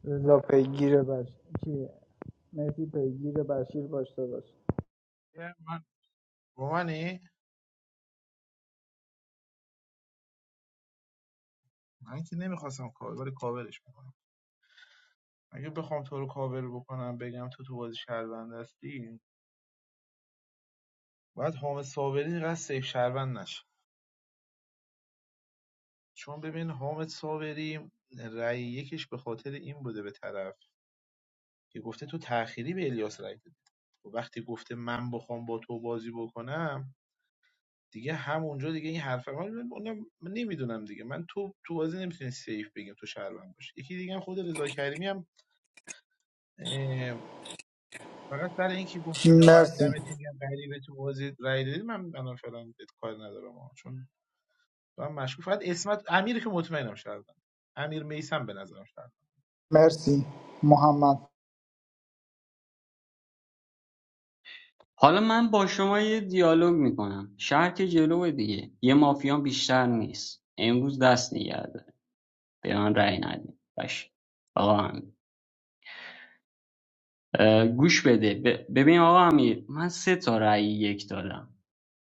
Speaker 11: رضا پیگیر بش کی مهدی پیگیر بشیر باش داشت
Speaker 16: من من که نمیخواستم کاور ولی کاورش میکنم اگه بخوام تو رو کاور بکنم بگم تو تو بازی شهروند هستی باید حامد صابری اینقدر سیف شهروند نشه چون ببین حامد صابری رأی یکش به خاطر این بوده به طرف که گفته تو تأخیری به الیاس رأی دادی و وقتی گفته من بخوام با تو بازی بکنم دیگه همونجا دیگه این حرف من اونم نمیدونم دیگه من تو تو بازی نمیتونی سیف بگیم تو شهروند باشه یکی دیگه هم خود رضا کریمی هم فقط برای اینکه گفتی که آقا
Speaker 11: مرسی
Speaker 16: دمتون گرم غریبه تو بازی رای دادی من الان فعلا بهت کار ندارم آقا. چون من مشکوک فقط اسمت امیر که مطمئنم شهروند امیر میسم به نظرم شهروند
Speaker 11: مرسی محمد
Speaker 17: حالا من با شما یه دیالوگ میکنم شهر که جلوه دیگه یه مافیا بیشتر نیست امروز دست نگرده به من رأی ندید باشه آقا امیر. اه، گوش بده ب- ببین آقا امیر من سه تا رأی یک دادم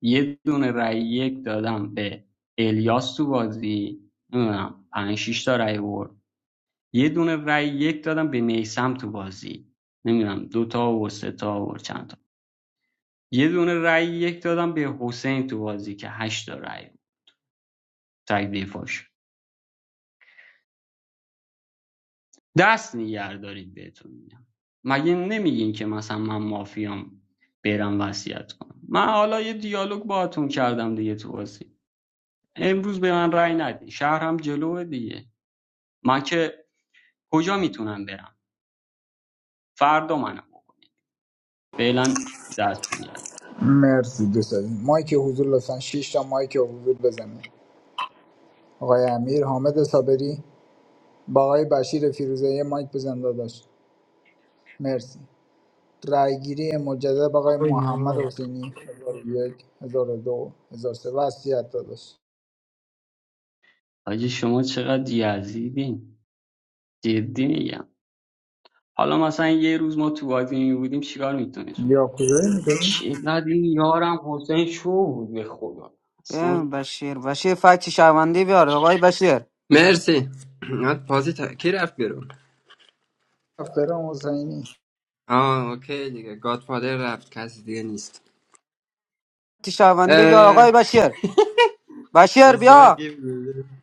Speaker 17: یه دونه رای یک دادم به الیاس تو بازی نمیدونم پنج شیش تا رأی برد یه دونه رای یک دادم به میسم تو بازی نمیدونم دو تا و سه تا و چند تا یه دونه رای یک دادم به حسین تو بازی که هشت تا رأی بود. دست نگه دارید بهتون میگم مگه نمیگین که مثلا من مافیام برم وصیت کنم من حالا یه دیالوگ باهاتون کردم دیگه تو بازی امروز به من رای ندی شهرم جلوه دیگه من که کجا میتونم برم فردا منو بکن فعلا دست میگرد
Speaker 11: مرسی دوستان مایک حضور لطفا 6 تا مایک حضور بزنید آقای امیر حامد صابری با آقای بشیر فیروزه یه مایک بزن داداش مرسی رای گیری مجدد با آقای
Speaker 19: وای
Speaker 11: محمد
Speaker 19: بابا.
Speaker 11: حسینی 1001 1002 سه وصیت داداش
Speaker 17: حاجی شما چقدر یزیدین جدی میگم حالا مثلا یه روز ما تو بازی می بودیم چیکار میتونست
Speaker 11: یا کوزایی میکنی؟
Speaker 17: چقدر این یارم حسین شو بود به خدا
Speaker 15: بیا
Speaker 17: اصلا
Speaker 15: بشیر بشیر فکت شهروندی بیار آقای بشیر
Speaker 9: مرسی یاد بازی تا... کی رفت بیرون
Speaker 11: فرام حسینی
Speaker 9: آه اوکی دیگه گادفادر رفت کسی دیگه نیست
Speaker 15: فکت شهروندی بیار
Speaker 9: اه،
Speaker 15: آقای بشیر بشیر
Speaker 9: یزمت
Speaker 15: بیا
Speaker 9: گیف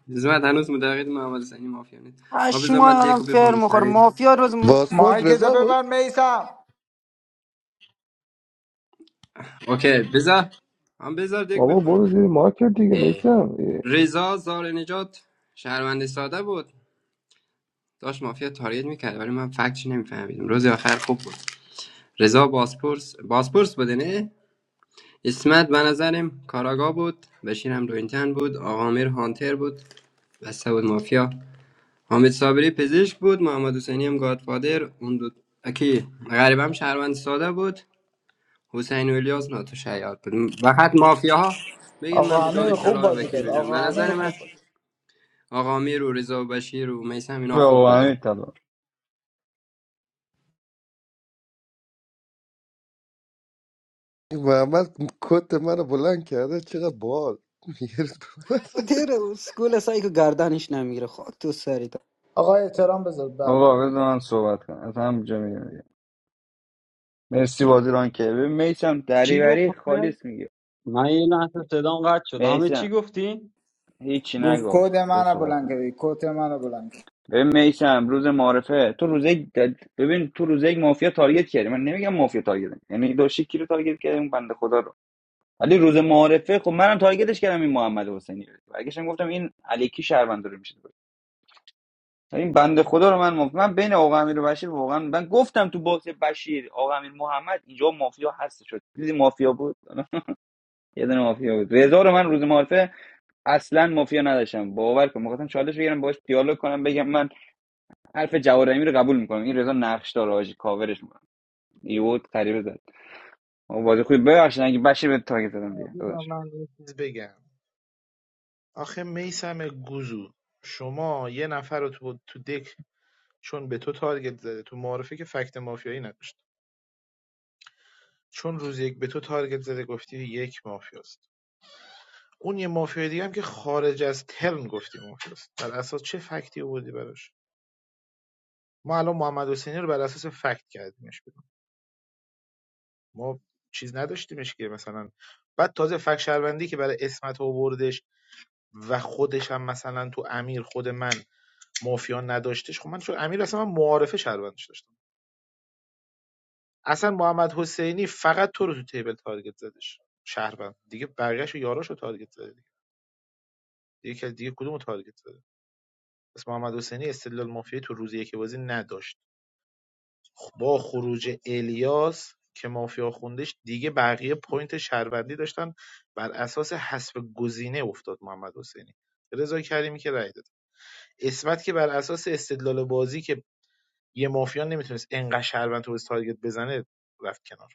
Speaker 9: یزمت هنوز مدقید محمد حسینی مافیا نیست ما بذار من
Speaker 15: اشما
Speaker 9: دیگه
Speaker 15: آدم فر
Speaker 9: بخونم
Speaker 15: مخور
Speaker 9: سری
Speaker 15: مافیا روز م-
Speaker 10: پاسپورت
Speaker 11: مایک ده
Speaker 10: رضا بود
Speaker 11: ببر میسم
Speaker 9: اوکی بذار هم بذار دیگه
Speaker 18: بابا برو
Speaker 9: بخونم
Speaker 18: زیر مارکت دیگه
Speaker 9: اه.
Speaker 18: میسم
Speaker 9: رضا زار نجات شهروند ساده بود داشت مافیا تاریت میکرد ولی من فکتش نمیفهمیدم روز آخر خوب بود رضا باسپورس باسپورس بوده نه اسمت به نظرم کاراگا بود بشیر هم روینتن بود آقا میر هانتر بود بسته بود مافیا حامد صابری پزشک بود محمد حسینی هم گادفادر اون دو اکی غریب هم شهروند ساده بود حسین و الیاس ناتو شیاد بود فقط مافیاها بگین من
Speaker 11: آقا امیر
Speaker 9: مدال
Speaker 11: خوب
Speaker 9: طلا رو به
Speaker 11: بازی
Speaker 9: کی
Speaker 11: کرد
Speaker 9: بدم به
Speaker 11: آقا امیر
Speaker 9: نظر
Speaker 11: خوب
Speaker 9: من
Speaker 11: بازی.
Speaker 9: آقا میر و رضا و بشیر و میسم اینا
Speaker 2: به
Speaker 9: خوب
Speaker 2: آقا امیر
Speaker 9: بودن
Speaker 2: طلا
Speaker 10: محمد کت منو بلند کرده چقدر بال
Speaker 15: دیر اسکول سایکو گردنش نمیگیره خاک تو سری
Speaker 11: آقا احترام بذار بند
Speaker 2: آقا
Speaker 11: دیگه
Speaker 2: بذار من صحبت کنم از هم مرسی بازیران که ببین میسم
Speaker 17: چی گفت
Speaker 2: دریوری
Speaker 17: همه
Speaker 2: خالیس میگه
Speaker 17: من یه لحظه صدام قطع شد همه چی
Speaker 2: میسم
Speaker 17: گفتی
Speaker 2: هیچی
Speaker 11: گفت
Speaker 2: نگفت
Speaker 11: کد
Speaker 2: تو
Speaker 11: منو
Speaker 2: صحبت
Speaker 11: بلند
Speaker 2: کن
Speaker 11: کردی کد منو بلند کردی
Speaker 2: ببین میسم روز معرفه تو روز یک دد- ببین تو روز یک مافیا تارگت کردی من نمیگم مافیا تارگت کردی. یعنی داشتی کی رو تارگت کردی اون بنده خدا رو ولی روز معارفه خب منم تارگتش کردم این محمد حسینی رو برگشتم گفتم این علیکی شهروند رو میشه این بنده خدا رو من مف... من بین آقا امیر و بشیر واقعا من گفتم تو باکس بشیر آقا امیر محمد اینجا مافیا هست شد دیدی مافیا بود یه دونه مافیا بود رضا رو من روز معارفه اصلا مافیا نداشتم باور کن میخواستم چالش بگیرم باش دیالوگ کنم بگم من حرف جوارمی رو قبول میکنم این رضا نقش داره حاجی کاورش میکنم یهو غریبه زد آقا بازی خوبی ببخشید اگه بشه به تاگ زدم دیگه
Speaker 16: بذار
Speaker 2: داداش
Speaker 16: من یه چیز بگم آخه میسم گوزو شما یه نفر رو تو, تو دک چون به تو تارگت زده تو معارفه که فکت مافیایی نداشت چون روز یک به تو تارگت زده گفتی یک مافیاست اون یه مافیای دیگه هم که خارج از ترن گفتی مافیاست بر اساس چه فکتی آوردی براش ما الان محمد حسینی رو بر اساس فکت کردیمش بیرون ما چیز نداشتیمش که مثلا بعد تازه فکت شهروندی که برای اسمت آوردش و خودش هم مثلا تو امیر خود من مافیا نداشتش خب من چون امیر اصلا من معارفه شهروندش داشتم اصلا محمد حسینی فقط تو رو تو تیبل تارگت زدش شهروند دیگه بقیه‌شو یاراشو تارگت زده دیگه دیگه, دیگه کدومو تارگت زده پس محمد حسینی استدلال مافیایی تو روز یک بازی نداشت خب، با خروج الیاس که مافیا خوندش دیگه بقیه پوینت شهروندی داشتن بر اساس حسب گزینه افتاد محمد حسینی رضا کریمی که رای داد اسمت که بر اساس استدلال بازی که یه مافیا نمیتونست انقدر شهروند تو بازی تارگت بزنه رفت کنار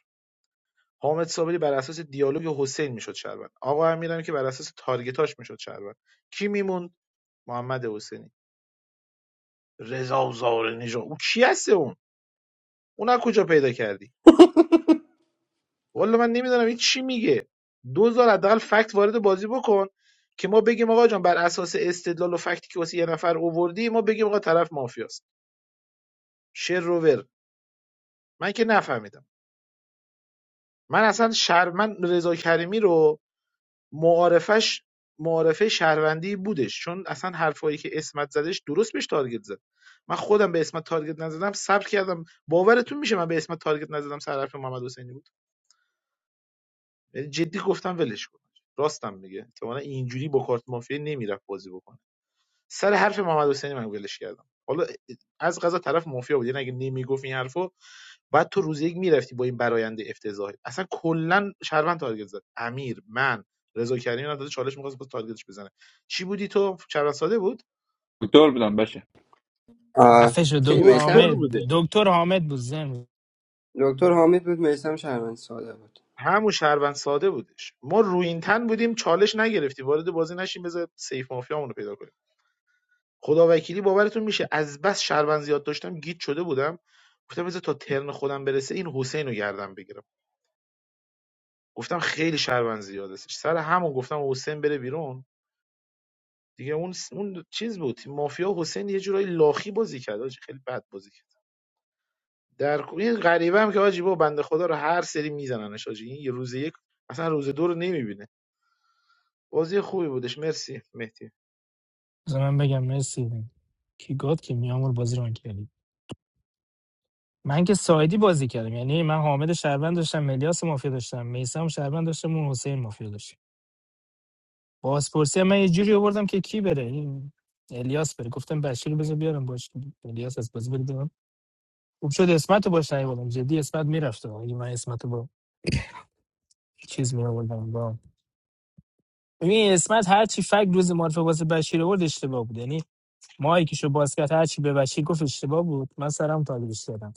Speaker 16: حامد صابری بر اساس دیالوگ حسین میشد شهروند آقا امیرم که بر اساس تارگتاش میشد شهروند کی میموند محمد حسینی رضا زارنژاد او کی هست اون اونا کجا پیدا کردی والا من نمیدونم این چی میگه دو دوزار حداقل فکت وارد بازی بکن که ما بگیم آقا جان بر اساس استدلال و فکتی که واسه یه نفر اووردی ما بگیم آقا طرف مافیاست شروور من که نفهمیدم من اصلا شهر من رضا کریمی رو معارفش معارفه شهروندی بودش چون اصلا حرفایی که اسمت زدش درست بهش تارگت زد من خودم به اسمت تارگت نزدم صبر کردم باورتون میشه من به اسمت تارگت نزدم سر حرف محمد حسینی یعنی جدی گفتم ولش کن راستم میگه احتمالاً اینجوری با کارت مافیا نمیرفت بازی بکنه سر حرف محمد حسینی من ولش کردم حالا از غذا طرف مافیا بود یعنی اگه نمیگفت این حرفو بعد تو روز یک میرفتی با این براینده افتضاحی اصلا کلا شهروند تارگت زد امیر من رضا کریمی هم داده چالش میخواست باز تارگتش بزنه چی بودی تو شهروند ساده بود
Speaker 2: دکتر بودم بشه
Speaker 9: آه.
Speaker 19: خفه شد
Speaker 9: کی
Speaker 19: دکتر
Speaker 16: دکتر
Speaker 9: میسم
Speaker 19: حامد
Speaker 16: بوده
Speaker 19: دکتر حامد بود زن
Speaker 9: دکتر حامد بود میسم شهروند ساده بود
Speaker 16: همون شهروند ساده بودش ما روینتن بودیم چالش نگرفتیم وارد بازی نشیم بذار سیف مافیامونو پیدا کنیم خداوکیلی باورتون میشه از بس شربن زیاد داشتم گیت شده بودم گفتم بذار تا ترن خودم برسه این حسین رو گردم بگیرم گفتم خیلی شربن زیاد است سر همون گفتم حسین بره بیرون دیگه اون اون چیز بود مافیا حسین یه جورایی لاخی بازی کرد حاجی خیلی بد بازی کرد در کل- این غریبه هم که حاجی با بنده خدا رو هر سری میزننش حاجی این یه روز یک اصلا روز دو رو نمیبینه بازی خوبی بودش مرسی مهدی
Speaker 19: من بگم مرسی کی گاد که میامور بازی ران کردی من که سایدی بازی کردم یعنی من حامد شهروند داشتم ملیاس مافیا داشتم میسم شهروند داشتم اون حسین مافیا داشتم بازپرسی هم من یه جوری آوردم که کی بره این الیاس بره گفتم بشیر بذار بیارم باش الیاس از بازی بره بیارم خوب شد اسمت رو باش نیوردم جدی اسمت میرفت اگه من اسمت رو با چیز می آوردم با ببین اسمت هر چی فک روز معرفه واسه بشیر آورد اشتباه بود یعنی مایکشو باز کرد هرچی به بچه گفت اشتباه بود من سرم تاگیرش دادم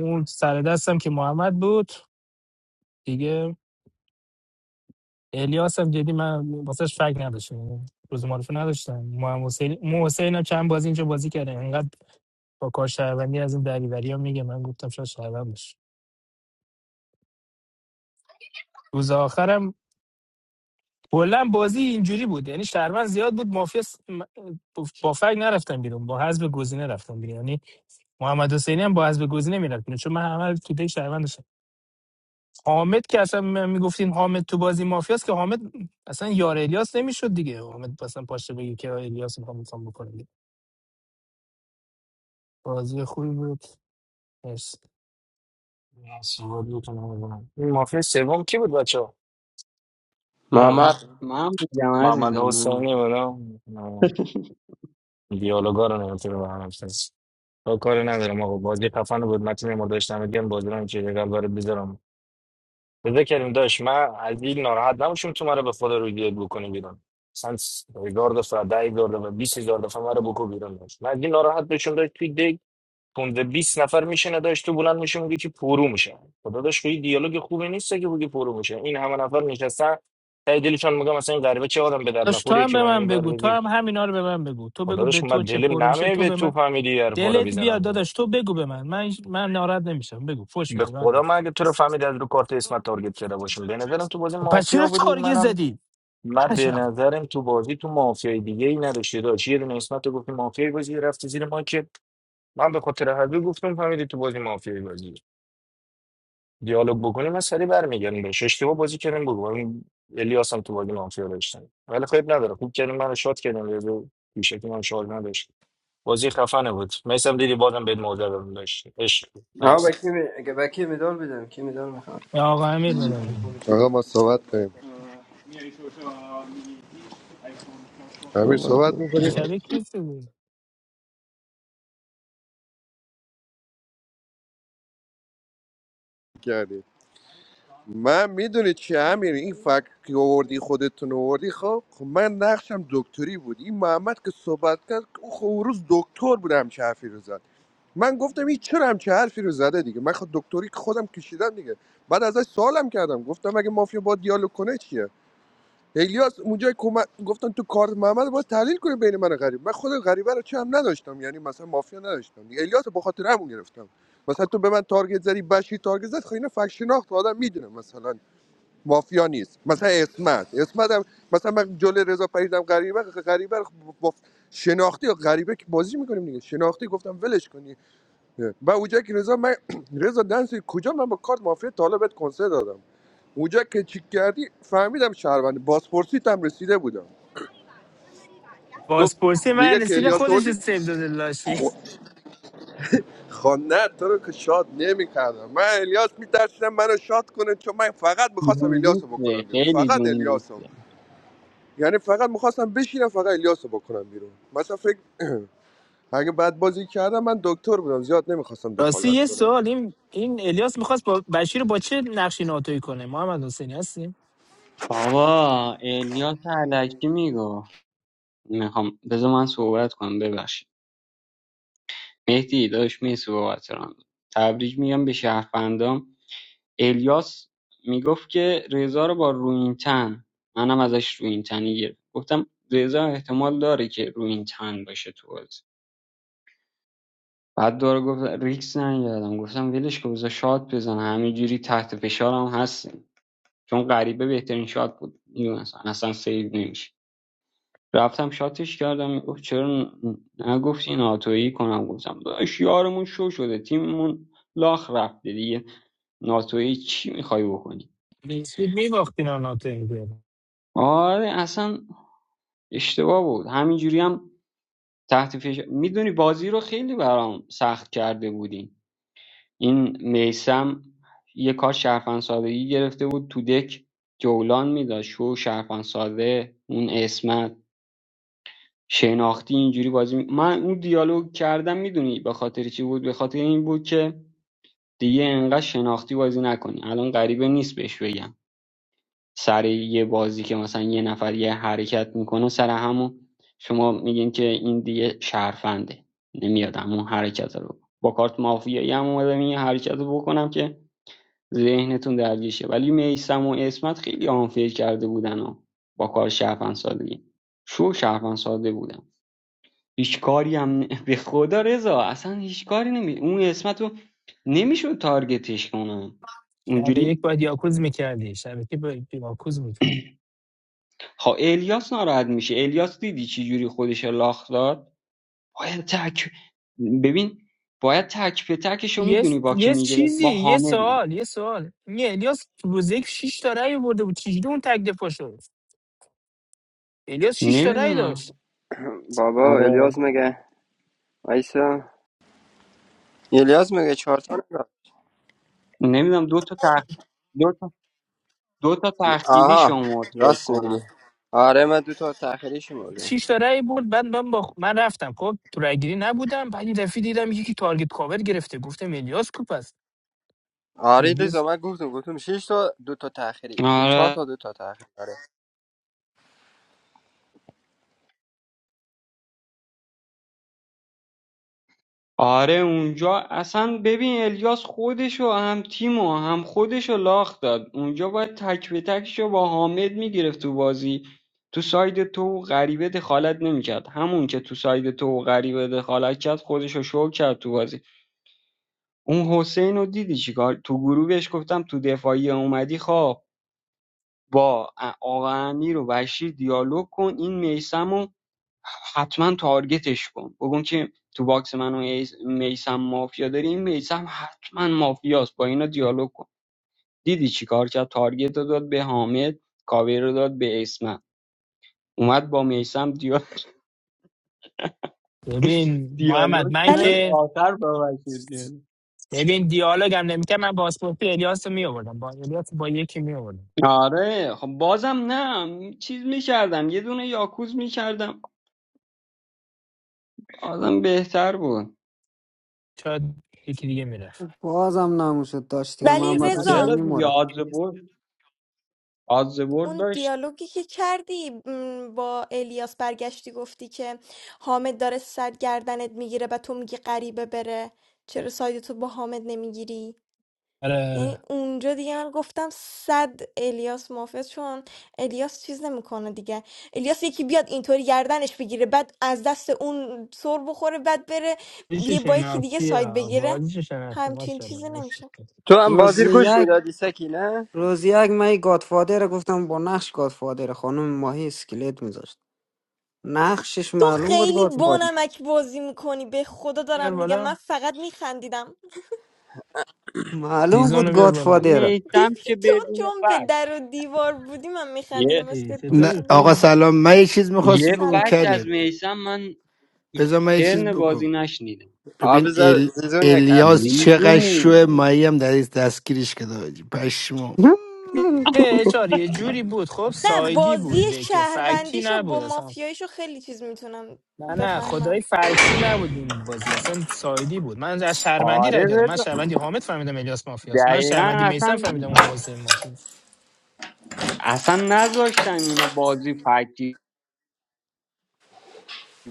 Speaker 19: اون سر دستم که محمد بود دیگه الیاس هم جدی من واسهش فکر نداشتم یعنی روز معرفه نداشتم محمد حسین مو حسین هم چند بازی اینجا بازی کرده انقدر با کار شهروندی از این دریوری هم میگه من گفتم شاید شهروند باشه روز آخرم کلا بازی اینجوری بود یعنی شهروند زیاد بود مافیا س- م- با فکر نرفتم بیرون با حذف گزینه رفتم بیرون یعنی محمد حسینی هم با حذف گزینه میرفت بیرون، چون من همه رو تو دیگ شهروند حامد که اصلا م- میگفتین حامد تو بازی مافیاست که حامد اصلا یار الیاس نمیشد دیگه حامد اصلا پاشته بگی که الیاس میخوام میخوام بکنه بازی خوبی بود مرسی
Speaker 6: نه، صحبت می‌کنم اول. این مافیا سوم کی بود بچه ها؟
Speaker 9: محمد
Speaker 17: من بگم
Speaker 6: محمد
Speaker 17: عزیزم من
Speaker 6: حسینی
Speaker 17: بودم.
Speaker 6: بود ها؟ نه، دیالوگا رو نمیتونه به هم بسنس با کاری ندارم آقا بازی خفن بود متین ما داشتم میگم بازی رو چه جگل برای بذارم بذار کریم داشت من از این ناراحت نمیشم تو مرا به خدا روی دیگه بکنی بیرون سنس هزار دفعه ده هزار دفعه بیس هزار دفعه مرا بکو بیرون داشت من از این ناراحت بشم داشت توی دیگ تونده بیست نفر میشینه داشت تو بلند میشه میگه که پرو میشه خدا داشت خیلی دیالوگ خوبی نیست که بگی پرو میشه این همه نفر نشستن تای دلشان میگم مثلا این غریبه چه آدم به در
Speaker 19: داش تو
Speaker 6: نخوریه
Speaker 19: هم
Speaker 6: که
Speaker 19: به
Speaker 6: من اینو
Speaker 19: من
Speaker 6: بر
Speaker 19: بگو تو
Speaker 6: بده
Speaker 19: هم همینا رو به من بگو تو
Speaker 6: خدا
Speaker 19: بگو به
Speaker 6: داشت من
Speaker 19: تو چه
Speaker 6: دلم
Speaker 19: پر میشه
Speaker 6: نمیه
Speaker 19: تو
Speaker 6: به
Speaker 19: به
Speaker 6: تو
Speaker 19: من
Speaker 6: فهمیدی هر پا رو
Speaker 19: دلت بیاد
Speaker 6: بزنم
Speaker 19: داداش تو بگو به من من من ناراحت نمیشم بگو فوش
Speaker 6: به
Speaker 19: بگو راحت
Speaker 6: خدا
Speaker 19: باش.
Speaker 6: من اگه تو رو فهمید از رو کارت اسمت تارگت شده باشم به نظرم تو بازی
Speaker 19: خب پس
Speaker 6: مافیا
Speaker 19: چرا
Speaker 6: بودی
Speaker 19: تارگت
Speaker 6: منم
Speaker 19: زدی
Speaker 6: من به
Speaker 19: عجب
Speaker 6: نظرم تو بازی تو مافیای دیگه ای نداشتی داشت یه دونه اسمت رو گفتی مافیای بازی رفتی زیر ما که من به خاطر حلبی گفتم فهمیدی تو بازی مافیای بازی دیالوگ بکنیم من سری برمیگردیم بهش اشتباه بازی کردیم بگو این الیاس هم تو بازی مافیا داشتن ولی خیلی نداره خوب کردیم منو شات کردیم یه دو بیشکی من شاد نداشت بازی خفنه بود میسم دیدی بازم بهت موضوع دادم داشت عشق بود.
Speaker 9: ها
Speaker 6: Nice.
Speaker 9: به کی می- به کی مدال بدم کی مدال می‌خوام؟
Speaker 19: یا آقا امیر بدم
Speaker 10: آقا ما صحبت کنیم امیر
Speaker 18: صحبت
Speaker 10: صحبت
Speaker 18: کن،
Speaker 10: میکنیم
Speaker 19: شبیه کیستی بود
Speaker 10: کردی من میدونی چی امیر این فکر که آوردی خودتون آوردی خب خب من نقشم دکتری بود این محمد که صحبت کرد او خب اون روز دکتر بودم چه حرفی رو زد. من گفتم این چرا همچه حرفی رو زده دیگه من خود دکتری که خودم کشیدم دیگه بعد ازش سوالم کردم گفتم اگه مافیا با دیالوگ کنه چیه الیاس اونجا کمک گفتن تو کارت محمد باید تحلیل کنه بین من و غریب من خود غریبه رو چه هم نداشتم یعنی مثلا مافیا نداشتم دیگه الیاس رو به خاطر همون گرفتم مثلا تو به من تارگت زدی بشی تارگت زد خب اینا فک شناخت آدم میدونه مثلا مافیا نیست مثلا اسمت اسمت هم مثلا من جلوی رضا پریدم غریبه غریبه رو خب با شناختی یا غریبه که بازی میکنیم دیگه شناختی گفتم ولش کن و اونجا که رضا من رضا دنسی کجا من با کارت مافیا طالبت کنسه دادم اونجا که چیک کردی فهمیدم شهروند بازپرسیت هم رسیده بودم گفت
Speaker 19: بازپرسی
Speaker 10: دیگه
Speaker 19: من
Speaker 10: که
Speaker 19: رسید
Speaker 10: الیاس
Speaker 19: خودش رو
Speaker 10: آوردی
Speaker 19: سیب داده لاشی
Speaker 10: خو- خب نه تو رو که شاد نمی کردم من الیاس میترسیدم منو شاد کنه چون من فقط میخواستم
Speaker 17: جون
Speaker 10: الیاس رو بکنم
Speaker 17: دوسته
Speaker 10: بیرون
Speaker 17: خیلی
Speaker 10: فقط
Speaker 17: جون
Speaker 10: الیاس رو.
Speaker 17: دوسته
Speaker 10: یعنی فقط میخواستم بشینم فقط الیاس رو بکنم بیرون مثلا فکر اگه بد بازی کردم من دکتر بودم زیاد نمیخواستم
Speaker 19: راستی
Speaker 10: دخالت
Speaker 19: یه
Speaker 10: کنم
Speaker 19: سوال این این الیاس میخواست با بشیر با چه نقشی ناتوی کنه محمد حسینی هستیم
Speaker 17: بابا الیاس علکی میگو میخوام بذار من صحبت کنم ببخشید مهدی داداش مرسی بابت ران تبریک میگم به شهروندام الیاس میگفت که رضا رو با روینتن منم ازش روینتنی گرفت گفتم رضا احتمال داره که روینتن باشه تو بازی بعد داره گفت ریکس نگردم گفتم ولش که بذار شات بزن همینجوری تحت فشارم هستیم چون غریبه بهترین شات بود میدونستم اصلا سیو نمیشه رفتم شاتش کردم گفت چرا نگفتی ناتویی کنم گفتم داداش یارمون شو شده تیممون لاخ رفته دیگه ناتویی چی میخوای بکنی
Speaker 19: میسود میباختین ها ناتوی میکنه
Speaker 17: آره اصلا اشتباه بود همینجوری هم تحت فشار میدونی بازی رو خیلی برام سخت کرده بودیم این میسم یه کار شرفن سادگی گرفته بود تو دک جولان میداد شو شرفن ساده اون اسمت شناختی اینجوری بازی می- من اون دیالوگ کردم میدونی به خاطر چی بود به خاطر این بود که دیگه انقدر شناختی بازی نکنی الان غریبه نیست بهش بگم سر یه بازی که مثلا یه نفر یه حرکت میکنه سر همون شما میگین که این دیگه شرفنده نمیاد همون حرکت رو با کارت مافیایی هم اومدم این حرکت رو بکنم که ذهنتون درگیر شه ولی میسم و اسمت خیلی آنفیل کرده بودن و با کار شرفن سادگی شو شرفن ساده بودن هیچ کاری هم نه- به خدا رضا اصلا هیچ کاری نمی اون اسمت رو نمیشد تارگتش کنم
Speaker 19: شب یک
Speaker 17: اونجوری
Speaker 19: باید یاکوز میکردی شب یک باید یاکوز میکردی
Speaker 17: ها الیاس ناراحت میشه الیاس دیدی چی جوری خودش رو لاخ داد باید تک ببین باید تک به تکش رو
Speaker 19: یه
Speaker 17: میدونی
Speaker 19: س-
Speaker 17: با کی
Speaker 19: یه
Speaker 17: میگرفت
Speaker 19: چیزی
Speaker 17: با
Speaker 19: یه
Speaker 17: حامد
Speaker 19: سوال
Speaker 17: میگه
Speaker 19: یه سوال این الیاس روز یک 6 تا رأی برده بود چجوری اون تک دفاع شد الیاس 6 تا رأی داشت
Speaker 17: نمیدونم
Speaker 9: بابا الیاز
Speaker 17: آره
Speaker 9: مگه ایسا الیاز مگه چهار تا نداد؟
Speaker 17: نمیدونم دو تا تخ... دو تا دو تا تخیلی
Speaker 9: آها
Speaker 17: شما فکر
Speaker 9: راست میگی
Speaker 17: کنم
Speaker 9: آره من دو تا تاخیری شمردم
Speaker 19: 6 تا رأی برد بعد من با من رفتم خب تو رأی گیری نبودم بعد یه دفعه دیدم یکی تارگت کاور گرفته گفتم الیاس کوپ است
Speaker 9: آره
Speaker 19: جدی
Speaker 9: لیزا
Speaker 19: است.
Speaker 9: من گفتم گفتم شش تا دو تا تاخیری گفتم چهار
Speaker 17: آره
Speaker 9: تا دو تا تاخیری آره
Speaker 17: آره اونجا اصلا ببین الیاس خودشو هم تیمو هم خودشو لاخ داد اونجا باید تک به تکشو با حامد میگرفت تو بازی تو ساید تو و غریبه دخالت نمیکرد همون که تو ساید تو و غریبه دخالت کرد خودشو شو کرد تو بازی اون حسین رو دیدی چیکار تو گروه بهش گفتم تو دفاعی اومدی خواب با ا- آقا امیر و بشیر دیالوگ کن این میسمو حتما تارگتش کن بگون که تو باکس من و میسم مافیا داری این حتما مافیاست با اینا دیالوگ کن دیدی چیکار کرد تارگت رو داد به حامد کاوه رو داد به اسمت اومد با میسم
Speaker 19: ببین محمد
Speaker 17: دیالوگ
Speaker 19: من
Speaker 17: کرد
Speaker 5: ولی
Speaker 19: که
Speaker 17: آخر با وکیل کرد
Speaker 19: ببین دیالوگ هم نمیکرد من پاسپورتی الیاس رو میآوردم با الیاس با یکی میآوردم
Speaker 17: آره خب بازم نه چیز میکردم یه دونه یاکوز میکردم آدم بهتر بود
Speaker 19: شاید یکی دیگه میرفت
Speaker 15: بازم نموشد داشت دیگه
Speaker 5: ولی
Speaker 15: محمد
Speaker 19: اسمت
Speaker 5: رضا
Speaker 17: چرا
Speaker 15: حسینی
Speaker 17: دیگه
Speaker 15: مرا
Speaker 17: آدز برد آدز برد
Speaker 5: اون
Speaker 17: داشت
Speaker 5: دیالوگی که کردی م، با الیاس برگشتی گفتی که حامد داره سر گردنت میگیره و تو میگی غریبه بره چرا سایدتو با حامد نمیگیری
Speaker 19: آره
Speaker 5: یعنی
Speaker 19: آره
Speaker 5: اونجا دیگه من گفتم صد الیاس موافق چون الیاس چیز نمیکنه دیگه الیاس یکی بیاد اینطوری گردنش بگیره بعد از دست اون سر بخوره بعد بره
Speaker 19: بازیش
Speaker 5: یه با یکی دیگه
Speaker 19: شناختی
Speaker 5: ساید
Speaker 19: ها
Speaker 5: بگیره
Speaker 19: بازیش شناختی
Speaker 5: همچین
Speaker 19: ماشاءالله
Speaker 5: چیزی نمیشه
Speaker 19: ماشاءالله.
Speaker 9: تو هم
Speaker 15: روز
Speaker 9: بازی رو گوش
Speaker 15: یک
Speaker 9: میدادی سکی نه
Speaker 15: روز یک من یه گادفادر گفتم با نقش گادفادر خانم ماهی اسکلت میذاشت نقشش
Speaker 5: تو
Speaker 15: معلوم بود
Speaker 5: خیلی
Speaker 15: گادفادر
Speaker 5: بانمک بازی میکنی به خدا
Speaker 19: بیار
Speaker 5: دارم میگم من
Speaker 19: بالا
Speaker 5: فقط میخندیدم
Speaker 15: معلوم
Speaker 19: زیزون رو
Speaker 15: بود
Speaker 19: بیار بالا
Speaker 15: گادفادر
Speaker 17: میسم که
Speaker 5: تو
Speaker 17: بدون
Speaker 5: چون به
Speaker 17: فرق
Speaker 5: در و دیوار بودی من
Speaker 17: یه.
Speaker 5: میخندیدم
Speaker 19: ای،
Speaker 5: اسکلت
Speaker 21: نه
Speaker 19: چطوری
Speaker 5: گذاشتم
Speaker 21: آقا
Speaker 19: خوبی
Speaker 21: سلام من یه چیز میخواستم
Speaker 17: یه
Speaker 21: بگم
Speaker 5: سلام
Speaker 17: فکت
Speaker 5: سلام
Speaker 17: از
Speaker 21: کریم
Speaker 17: میسم من تو
Speaker 21: بذار من یه چیز
Speaker 17: ترن
Speaker 21: بگم
Speaker 17: بازی نشنیدم
Speaker 9: آ
Speaker 21: ببین
Speaker 9: بذار
Speaker 21: ال...
Speaker 9: زیزون یک حرف
Speaker 21: الیاس
Speaker 9: بزنه
Speaker 21: چقدر
Speaker 17: لیزو
Speaker 21: شوه مایی هم در این دستگیرش کرده حاجی. پشمام
Speaker 19: یه چار یه جوری بود خب
Speaker 5: نه
Speaker 19: سایدی
Speaker 5: بازی
Speaker 19: بود ده که فکتی
Speaker 5: شهروندیشو
Speaker 19: نبود
Speaker 5: با
Speaker 19: اصلا
Speaker 5: مافیاییشو خیلی چیز میتونم
Speaker 19: نه نه خدای
Speaker 5: بفهمم
Speaker 19: فکتی نبود این بازی اصلا سایدی بود من از شهروندی رای
Speaker 17: آره
Speaker 19: دادم من
Speaker 17: رضا
Speaker 19: شهروندی حامد فهمیدم الیاس مافیاست من
Speaker 17: دقیقا
Speaker 19: شهروندی میسم
Speaker 17: اصلا
Speaker 19: فهمیدم اون حسین مافیاست
Speaker 17: اصلا نذاشتن اینا بازی فکتی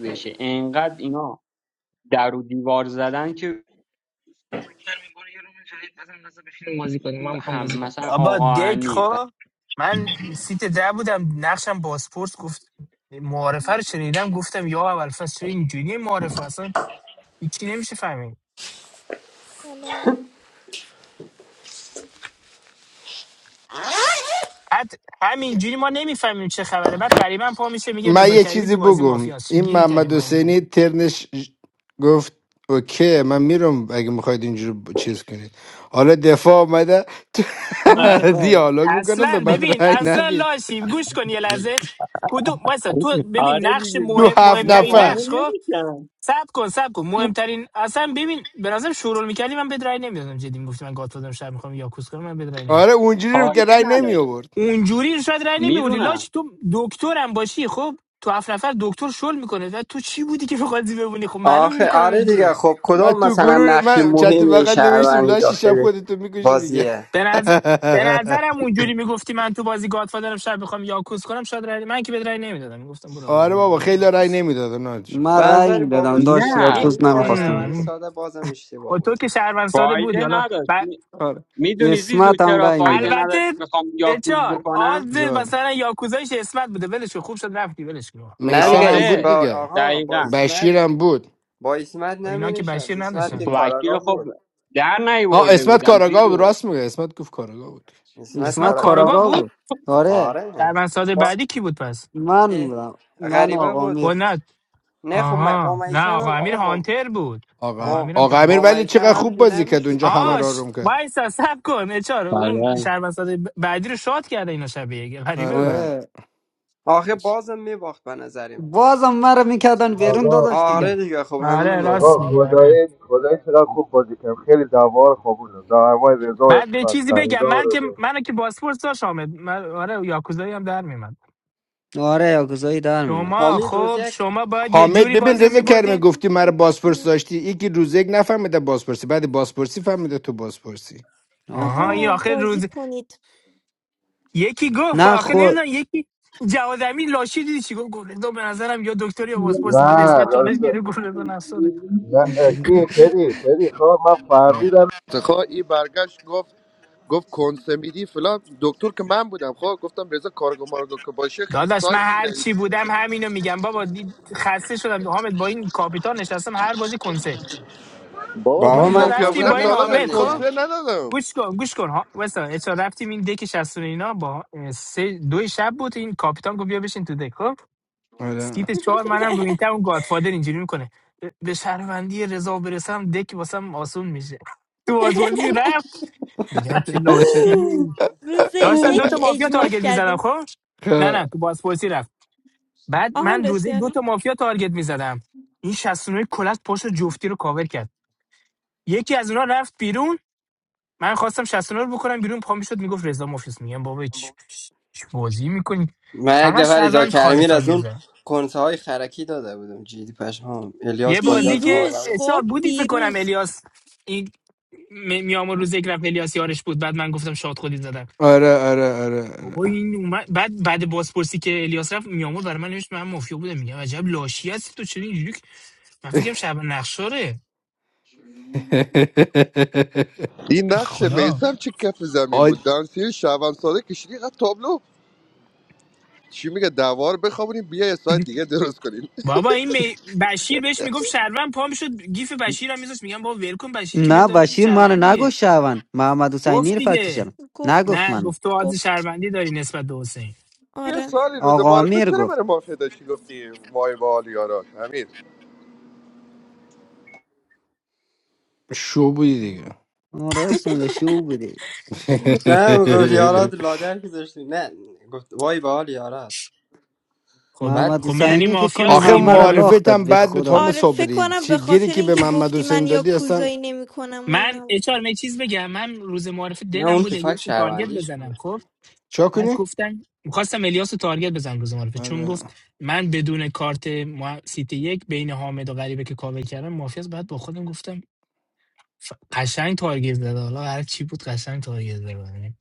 Speaker 17: بشه انقدر اینا در و دیوار زدن که
Speaker 12: برو یه روم جدید بزن بزن بشینیم بازی کنیم من میخوام
Speaker 17: هم
Speaker 12: بازی کنم
Speaker 17: مثلا
Speaker 19: بابا
Speaker 17: آقا
Speaker 19: دک
Speaker 17: امیر
Speaker 19: خو، من سیت ده بودم نقشم بازپرس گفت معارفه رو شنیدم گفتم یا اول فصل چرا اینجوری معارفه اصلا هیچی نمیشه فهمید
Speaker 5: حالا.
Speaker 19: بعد همینجوری ما نمیفهمیم چه خبره بعد غریبا پا میشه میگه
Speaker 21: من
Speaker 19: رضا
Speaker 21: یه
Speaker 19: کریمی
Speaker 21: چیزی
Speaker 19: تو بازی
Speaker 21: بگم
Speaker 19: مافیاست چی
Speaker 21: این
Speaker 19: گیری کردیم
Speaker 21: محمد
Speaker 19: با این دل
Speaker 21: حسینی ترنش گفت اوکی من میرم اگه میخواید اینجور ب- چیز کنید حالا دفاع آمده
Speaker 19: آره.
Speaker 15: آفر
Speaker 21: دیالوگ بکنم به
Speaker 19: اصلا
Speaker 21: من
Speaker 19: ببین
Speaker 21: رأی
Speaker 19: اصلا
Speaker 21: ندید
Speaker 19: لاشی گوش کن یه لحظه کدوم مثلا تو ببین
Speaker 17: آره
Speaker 19: نقش
Speaker 17: دیگه
Speaker 21: تو
Speaker 19: مهم
Speaker 17: دی-
Speaker 21: هفت
Speaker 17: اینا
Speaker 19: مهمترین
Speaker 21: نفر
Speaker 17: قانع
Speaker 19: نقش خب
Speaker 17: نمیشن
Speaker 19: سب کن سب کن مهمترین اصلا ببین به نظرم شورول میکردی من بد رای نمیدادم جدی میگفتم من گاتفادرم شب میخوام یاکوس کنم من بد رای نمیدادم
Speaker 21: آره اونجوری رو که
Speaker 17: فایده
Speaker 21: رأی نمی
Speaker 17: نداشت
Speaker 21: آورد
Speaker 19: اونجوری شاید رای نمیوردی
Speaker 17: میدونم
Speaker 19: لاش تو دکترم باشی خب تو هفت نفر دکتر شل میکنه و تو چی بودی که بخواد بمونی خب معلومه
Speaker 9: آخه
Speaker 19: میکننت
Speaker 9: آره
Speaker 19: بیرون
Speaker 9: دیگه خب
Speaker 21: من
Speaker 9: کدام
Speaker 21: تو
Speaker 9: مثلا
Speaker 21: گروه
Speaker 9: نقش
Speaker 21: من چت
Speaker 9: مهمی
Speaker 21: بغل نوشتم
Speaker 9: شهروندی
Speaker 21: لاشی شب
Speaker 9: داخل
Speaker 21: خودتو میکشی دیگه
Speaker 9: بازیه
Speaker 19: به نظر به نظرم اونجوری میگفتی من تو بازی گاتفادرم شب میخوام یاکوس کنم شاید رای من که بد رای نمیدادم میگفتم برو حالا
Speaker 21: آره
Speaker 19: برو
Speaker 21: بابا خیلی رای
Speaker 19: یاکوس
Speaker 21: نمیداد ناج
Speaker 15: من
Speaker 9: و
Speaker 15: رای
Speaker 9: نظر
Speaker 15: میدادم
Speaker 9: باباشیر
Speaker 15: داشت یا
Speaker 19: این
Speaker 17: نه
Speaker 9: یاکوزایی
Speaker 15: توز
Speaker 9: میکرد
Speaker 17: فا-
Speaker 15: نمیخواستم
Speaker 9: شهروندی
Speaker 15: بکن
Speaker 19: ام.
Speaker 9: ساده بازم
Speaker 19: خب
Speaker 9: اشتباه
Speaker 19: تو
Speaker 9: بود
Speaker 19: که شهروند ساده
Speaker 17: فایده
Speaker 19: بودی حالا ب...
Speaker 17: نداشت
Speaker 15: آره
Speaker 17: میدونی زیزو
Speaker 15: اسمت هم
Speaker 17: چرا
Speaker 15: رای
Speaker 17: فایده
Speaker 15: میداد
Speaker 19: البته
Speaker 17: نداشت میخوام یاکوز
Speaker 19: اچار
Speaker 17: بکنم
Speaker 19: آز
Speaker 21: جان
Speaker 19: مثلا یاکوزایش اسمت بوده ولش کن. خوب شد رفتی ولش کن
Speaker 9: نه
Speaker 21: میسم
Speaker 9: دیگه
Speaker 21: هم
Speaker 9: اسم
Speaker 21: بود
Speaker 17: آره
Speaker 9: با
Speaker 21: دیگه
Speaker 9: آها با
Speaker 17: دقیقا
Speaker 9: اسمت
Speaker 21: بشیر هم بود
Speaker 9: با اسمت
Speaker 19: با اینا که
Speaker 9: نمینشست
Speaker 19: بشیر
Speaker 9: اسمت که
Speaker 19: نداشتن
Speaker 17: وکی رو
Speaker 9: کاراگاه
Speaker 17: خب
Speaker 9: بود
Speaker 17: در
Speaker 21: ها
Speaker 17: نیورده
Speaker 21: اسمت
Speaker 17: بودم
Speaker 21: کاراگاه بود
Speaker 17: زیزو
Speaker 21: راست میگه اسمت گفت کاراگاه بود
Speaker 9: اسمت
Speaker 19: اسمت
Speaker 15: اسمت
Speaker 9: کاراگاه با
Speaker 19: کارگاه
Speaker 15: کاراگاه
Speaker 19: بود
Speaker 15: بود آره
Speaker 9: آره
Speaker 19: شهروند ساده
Speaker 9: با
Speaker 19: بعدی کی بود پس
Speaker 15: من
Speaker 9: اه،
Speaker 15: بودم من و
Speaker 9: غریبه
Speaker 15: آقا
Speaker 9: بود
Speaker 15: میر
Speaker 19: خنت
Speaker 9: نه خب من- با
Speaker 19: آها نه
Speaker 9: میسم
Speaker 19: آقا
Speaker 9: هم
Speaker 19: امیر
Speaker 9: آقا با
Speaker 19: هانتر بود آقا
Speaker 21: آقا
Speaker 9: با
Speaker 19: امیرم که
Speaker 21: آقا
Speaker 19: هانتر
Speaker 21: امیر
Speaker 9: با
Speaker 21: ولی چقدر
Speaker 9: میثم هم
Speaker 21: خوب
Speaker 9: که
Speaker 21: بازی کرد
Speaker 9: نمیشد
Speaker 21: اونجا همه رو
Speaker 9: دیگه
Speaker 19: آش
Speaker 21: آروم کرد
Speaker 19: وایس سب کن اچار اون
Speaker 17: آره
Speaker 19: شهروند ساده ب- بعدی رو شاد کرده اینا شب یک غریبه بود
Speaker 21: آره
Speaker 15: آره
Speaker 9: آخه بازم میباخت به نظریم
Speaker 15: بازم مرا میکردن بیرون
Speaker 10: آقا
Speaker 15: داداش دیگه
Speaker 9: آره دیگه خب همینو
Speaker 19: آره
Speaker 9: میگم
Speaker 19: راست
Speaker 10: آقا
Speaker 19: میگه آره
Speaker 10: خدایی خدایی چقدر خوب بازی کردم خیلی دعوا رو خوابوندم دعوای رضا و
Speaker 19: بعد به
Speaker 10: اسمت
Speaker 19: چیزی بگم
Speaker 10: رضا و
Speaker 19: من که
Speaker 10: رضا
Speaker 19: منو که باسپورس داشت آمد من آره یاکوزایی هم در میمد
Speaker 15: آره یا گذایی در
Speaker 19: شما
Speaker 15: میمدش
Speaker 9: حمید روز
Speaker 19: خب
Speaker 9: یک
Speaker 19: شما باید یه
Speaker 21: حامد
Speaker 19: جوری
Speaker 21: ببین
Speaker 19: بازی رو
Speaker 21: رضا کرمه
Speaker 19: میبردین
Speaker 21: گفتی مرا بازپرس داشتی یکی روز یک نفهمیده بازپرسی بعد بازپرسی فهمیده تو بازپرسی
Speaker 19: آها این
Speaker 15: آفر
Speaker 5: آقا
Speaker 19: آخر
Speaker 5: بازی
Speaker 19: روز
Speaker 5: کنید
Speaker 19: یکی گفت خب
Speaker 15: نه
Speaker 19: آخر
Speaker 15: خو
Speaker 19: نمیدونم یکی جواد امین لاشی دیدی چی گفت گلدون به نظرم یا دکتری یا پاسپورت بعد اسمت چالش
Speaker 10: یاد-
Speaker 19: گیره گلدون افسره
Speaker 10: کی پری پری خواب من
Speaker 21: جان
Speaker 10: فهمیدم خواه این برگشت گفت گفت کنسه میدی فلان دکتر که من بودم خب گفتم رضا کارگو مارگو که باشه خیلی
Speaker 19: داداش من
Speaker 10: سایت میره
Speaker 19: هر چی بودم همینو میگم بابا دی- خسته شدم حامد با این کاپیتان نشستم هر بازی کنسه
Speaker 9: بابا
Speaker 10: من
Speaker 19: میزیزو
Speaker 9: من
Speaker 10: مافیا
Speaker 19: رفتیم
Speaker 9: کنسرت
Speaker 10: بودم
Speaker 19: با
Speaker 10: تا
Speaker 19: این
Speaker 10: حالا بهت
Speaker 9: ندادم
Speaker 19: حامد
Speaker 9: دیگه
Speaker 10: کنسه
Speaker 19: خب
Speaker 10: ندادم
Speaker 19: گوش کن گوش کن ها وسا اچا رفتیم این دک 60 و نه اینا با اه، سه دو شب بود این کاپیتان گفت بیا بشین تو دک خب
Speaker 21: آره
Speaker 19: سیت چهار منم رو این اون گادفادر اینجوری میکنه به به شهروندی رضا برسم دک واسم آسون میشه تو بازپرسی رفت میگم چه لاشی
Speaker 5: روز
Speaker 19: داشتن دوتا
Speaker 5: یک
Speaker 19: مافیا
Speaker 5: اجماش
Speaker 19: تارگت میزدم
Speaker 5: کردیم
Speaker 19: خب نه
Speaker 21: خب.
Speaker 19: نه تو بازپرسی رفت بعد
Speaker 5: آها
Speaker 19: من
Speaker 5: راستی
Speaker 19: روزه
Speaker 5: آره.
Speaker 19: دوتا مافیا تارگت میزدم این 69 کلت پشت جفتی رو کاور کرد یکی از اونا رفت بیرون من خواستم 69 رو بکنم بیرون پا میشد میگفت رضا مافیاس میگم بابا چی چی بازی میکنی
Speaker 9: من یک
Speaker 19: فقط
Speaker 9: دفعه رضا
Speaker 19: شهروند خالص
Speaker 9: کرمی از
Speaker 19: تارگت
Speaker 9: اون
Speaker 19: زد.
Speaker 9: کنسه های خرکی داده بودم جدی پشمام
Speaker 19: یه
Speaker 9: الیاس با
Speaker 19: بازی که
Speaker 5: دیروز
Speaker 9: الیاس
Speaker 19: اشار
Speaker 5: خب
Speaker 19: بودی فکر کنم
Speaker 5: دیروز
Speaker 19: الیاس این م- میام روز یک رفت الیاس یارش بود بعد من گفتم شاد خودی زدم
Speaker 21: آره آره آره آره
Speaker 19: بابا این اومد بعد بعد بازپرسی که الیاس رفت میامور برای من نوشت من مافیا بودم میگم عجب لاشی هستی تو چرا اینجوری که- من فکرم شب نقشاره
Speaker 10: این
Speaker 19: به
Speaker 10: نقش
Speaker 19: خدا
Speaker 10: میسم چه کف زمین بود
Speaker 21: آی
Speaker 10: دانسی شعبان ساده کشیدی قد تابلو چی میگه دوار بخوابونیم بیا یه سایت دیگه درست کنیم
Speaker 19: بابا این می... بشیر بهش میگفت شهروند پا میشد گیف بشیر هم میذاشت میگم بابا ول کن بشیر که به
Speaker 15: نه
Speaker 19: داره می
Speaker 15: بشیر منو
Speaker 19: شهروند
Speaker 15: نگفت
Speaker 19: دیگه
Speaker 15: شهروند محمد حسینی
Speaker 19: گفت
Speaker 15: رو
Speaker 19: دیگه
Speaker 15: فکتشم نگفت
Speaker 19: نه
Speaker 5: گفتش
Speaker 15: منو
Speaker 19: گفت تو عادی
Speaker 5: گفت
Speaker 19: شهروندی داری نسبت به حسین
Speaker 10: یه
Speaker 5: آره
Speaker 10: سالی روز
Speaker 15: آقا
Speaker 10: معرفه
Speaker 15: امیر
Speaker 10: چرا من
Speaker 15: گفت
Speaker 10: مافیا داشتی گفتی وای وال یارا امیر
Speaker 21: شو بودی دیگه
Speaker 15: ما راست میگه شو بوده
Speaker 9: نه میگفت یارات لادر که داشتی نه گفت وای به حال یارات
Speaker 19: خب
Speaker 9: بعد
Speaker 15: محمد
Speaker 19: خب یعنی
Speaker 15: حسینی فکر کنم
Speaker 19: مافیاست
Speaker 21: آخه
Speaker 19: دیگه
Speaker 15: همه رو
Speaker 19: میگه
Speaker 15: لاخ
Speaker 21: معارفت
Speaker 15: داد
Speaker 21: هم
Speaker 15: به
Speaker 21: بعد به
Speaker 15: خدا
Speaker 21: تام
Speaker 5: آره فکر
Speaker 21: صبری
Speaker 5: کنم
Speaker 21: چی-
Speaker 5: به
Speaker 21: گیری
Speaker 5: خاطر
Speaker 21: که به
Speaker 5: اینکه
Speaker 21: محمد
Speaker 5: گفتی من
Speaker 21: حسین
Speaker 5: یا
Speaker 21: دادی اصلا
Speaker 5: کوزایی نمی کنم و
Speaker 19: من
Speaker 5: اینا
Speaker 19: اچار می چیز بگم من روز معرف
Speaker 9: نه
Speaker 19: دلم
Speaker 9: اون
Speaker 19: بود
Speaker 9: که فکر
Speaker 19: الیاس رو تارگت
Speaker 9: شهروندیش
Speaker 19: بزنم
Speaker 9: بود
Speaker 19: خب
Speaker 21: چا
Speaker 19: از
Speaker 21: کنی؟
Speaker 19: گفتم میخواستم الیاس رو تارگت بزنم روز معرفه چون
Speaker 21: آره
Speaker 19: گفت من بدون کارت ما سیتی یک بین حامد و غریبه که کاور کردم مافیاس بعد با خودم گفتم ف- قشنگ تارگت زده حالا هر چی بود قشنگ تارگت زده یعنی